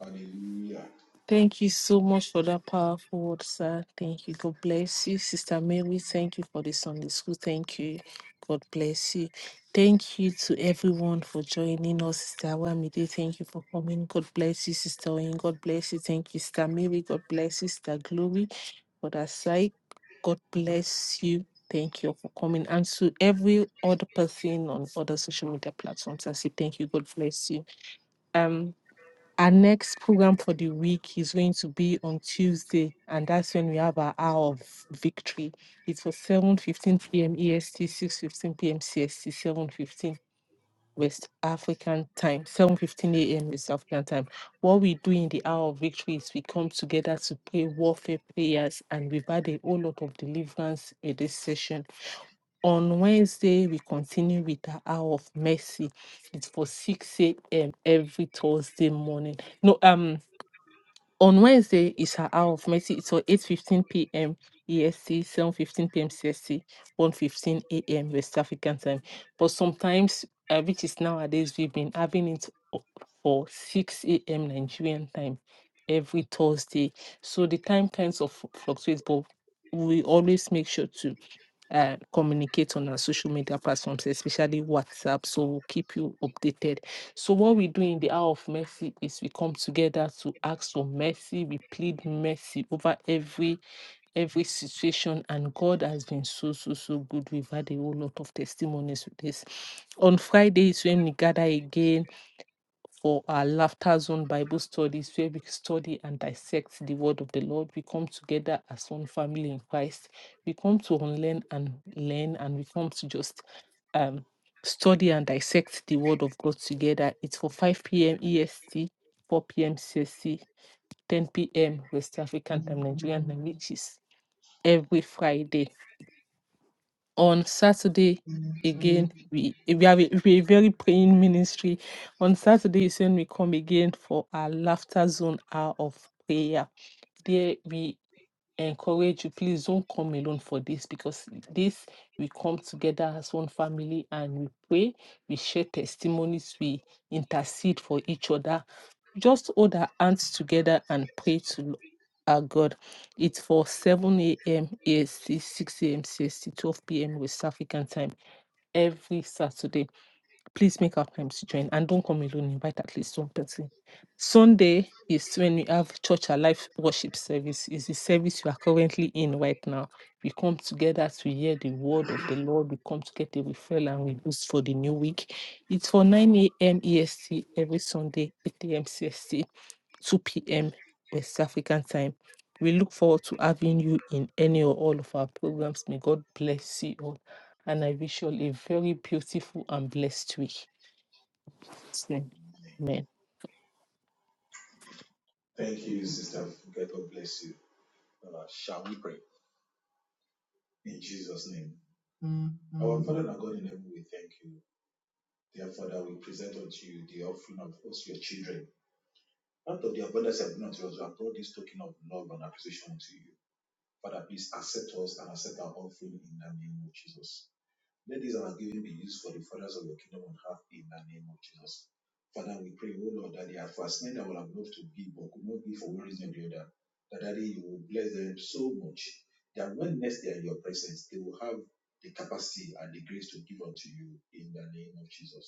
Speaker 4: Hallelujah.
Speaker 2: Thank you so much for that powerful word, sir. Thank you. God bless you. Sister Mary, thank you for the Sunday school. Thank you. God bless you. Thank you to everyone for joining us, Sister Wamide. Thank you for coming. God bless you, Sister Oyin. God bless you. Thank you, Sister Mary. God bless you, Sister Glory, for that side. God bless you. Thank you for coming. And to every other person on other social media platforms, I say thank you. God bless you. Our next program for the week is going to be on Tuesday, and that's when we have our hour of victory. It's for 7:15 p.m. EST, 6:15 p.m. CST, 7:15 West African time, 7:15 a.m. West African time. What we do in the hour of victory is we come together to pray warfare prayers, and we've had a whole lot of deliverance in this session. On Wednesday, we continue with the hour of mercy. It's for 6 a.m. every Thursday morning. No, um. On Wednesday is her hour of mercy. So 8.15 p.m. EST, 7.15 p.m. CST, 1.15 a.m. West African time. But sometimes, uh, which is nowadays, we've been having it o- for 6 a.m. Nigerian time every Thursday. So the time kinds of fluctuates, but we always make sure to uh, communicate on our social media platforms, especially WhatsApp. So we'll keep you updated. So what we do in the hour of mercy is we come together to ask for mercy. We plead mercy over every every situation and god has been so so so good we've had a whole lot of testimonies with this on fridays when we gather again for our Laughter Zone Bible studies, where we study and dissect the word of the Lord. We come together as one family in Christ. We come to unlearn and learn, and we come to just um, study and dissect the word of God together. It's for 5 p.m. EST, 4 p.m. CST, 10 p.m. West African time, Nigerian time, which is every Friday on Saturday again we we have a, we a very praying ministry. On Saturday is when we come again for our laughter zone hour of prayer. There we encourage you please don't come alone for this because this we come together as one family and we pray we share testimonies we intercede for each other just hold our hands together and pray to our god it's for 7 a.m ast 6 a.m cst 12 p.m west african time every saturday Please make our time to join and don't come alone. Invite at least one person. Sunday is when we have church alive worship service. Is the service you are currently in right now. We come together to hear the word of the Lord. We come together, we fell and we boost for the new week. It's for 9 a.m. EST every Sunday, 8 a.m. CST, 2 p.m. West African time. We look forward to having you in any or all of our programs. May God bless you all and I wish you all a very beautiful and blessed week. Amen.
Speaker 4: Thank you, Sister Funke. God bless you. Uh, shall we pray? In Jesus' name. Our Father and our God in heaven, we thank you. Therefore, that we present unto you the offering of us, your children. Out of the abundance of not we have brought this token of love and appreciation unto you. Father, please accept us and accept our offering in the name of Jesus. Let this our giving be used for the furtherance of your kingdom on earth in the name of Jesus. Father, we pray, O Lord, that they are fascinated that will have loved to give but could not give for one reason or the other. That, Daddy, you will bless them so much that when next they are in your presence, they will have the capacity and the grace to give unto you in the name of Jesus.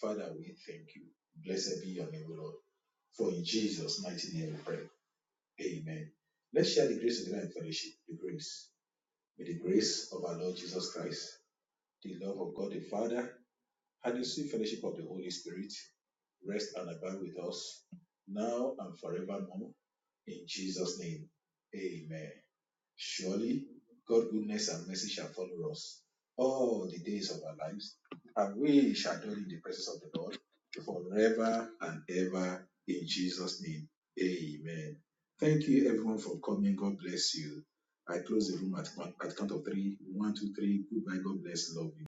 Speaker 4: Father, we thank you. Blessed be your name, O Lord. For in Jesus' mighty name we pray. Amen. Let's share the grace of the Lord in fellowship. The grace. May the grace of our Lord Jesus Christ, the love of God the Father, and the sweet fellowship of the Holy Spirit rest and abide with us now and forevermore. In Jesus' name. Amen. Surely God's goodness and mercy shall follow us all the days of our lives, and we shall dwell in the presence of the Lord forever and ever in Jesus' name. Amen. Thank you everyone for coming. God bless you. I close the room at, one, at count of three. One, two, three. Goodbye. God bless. Love you.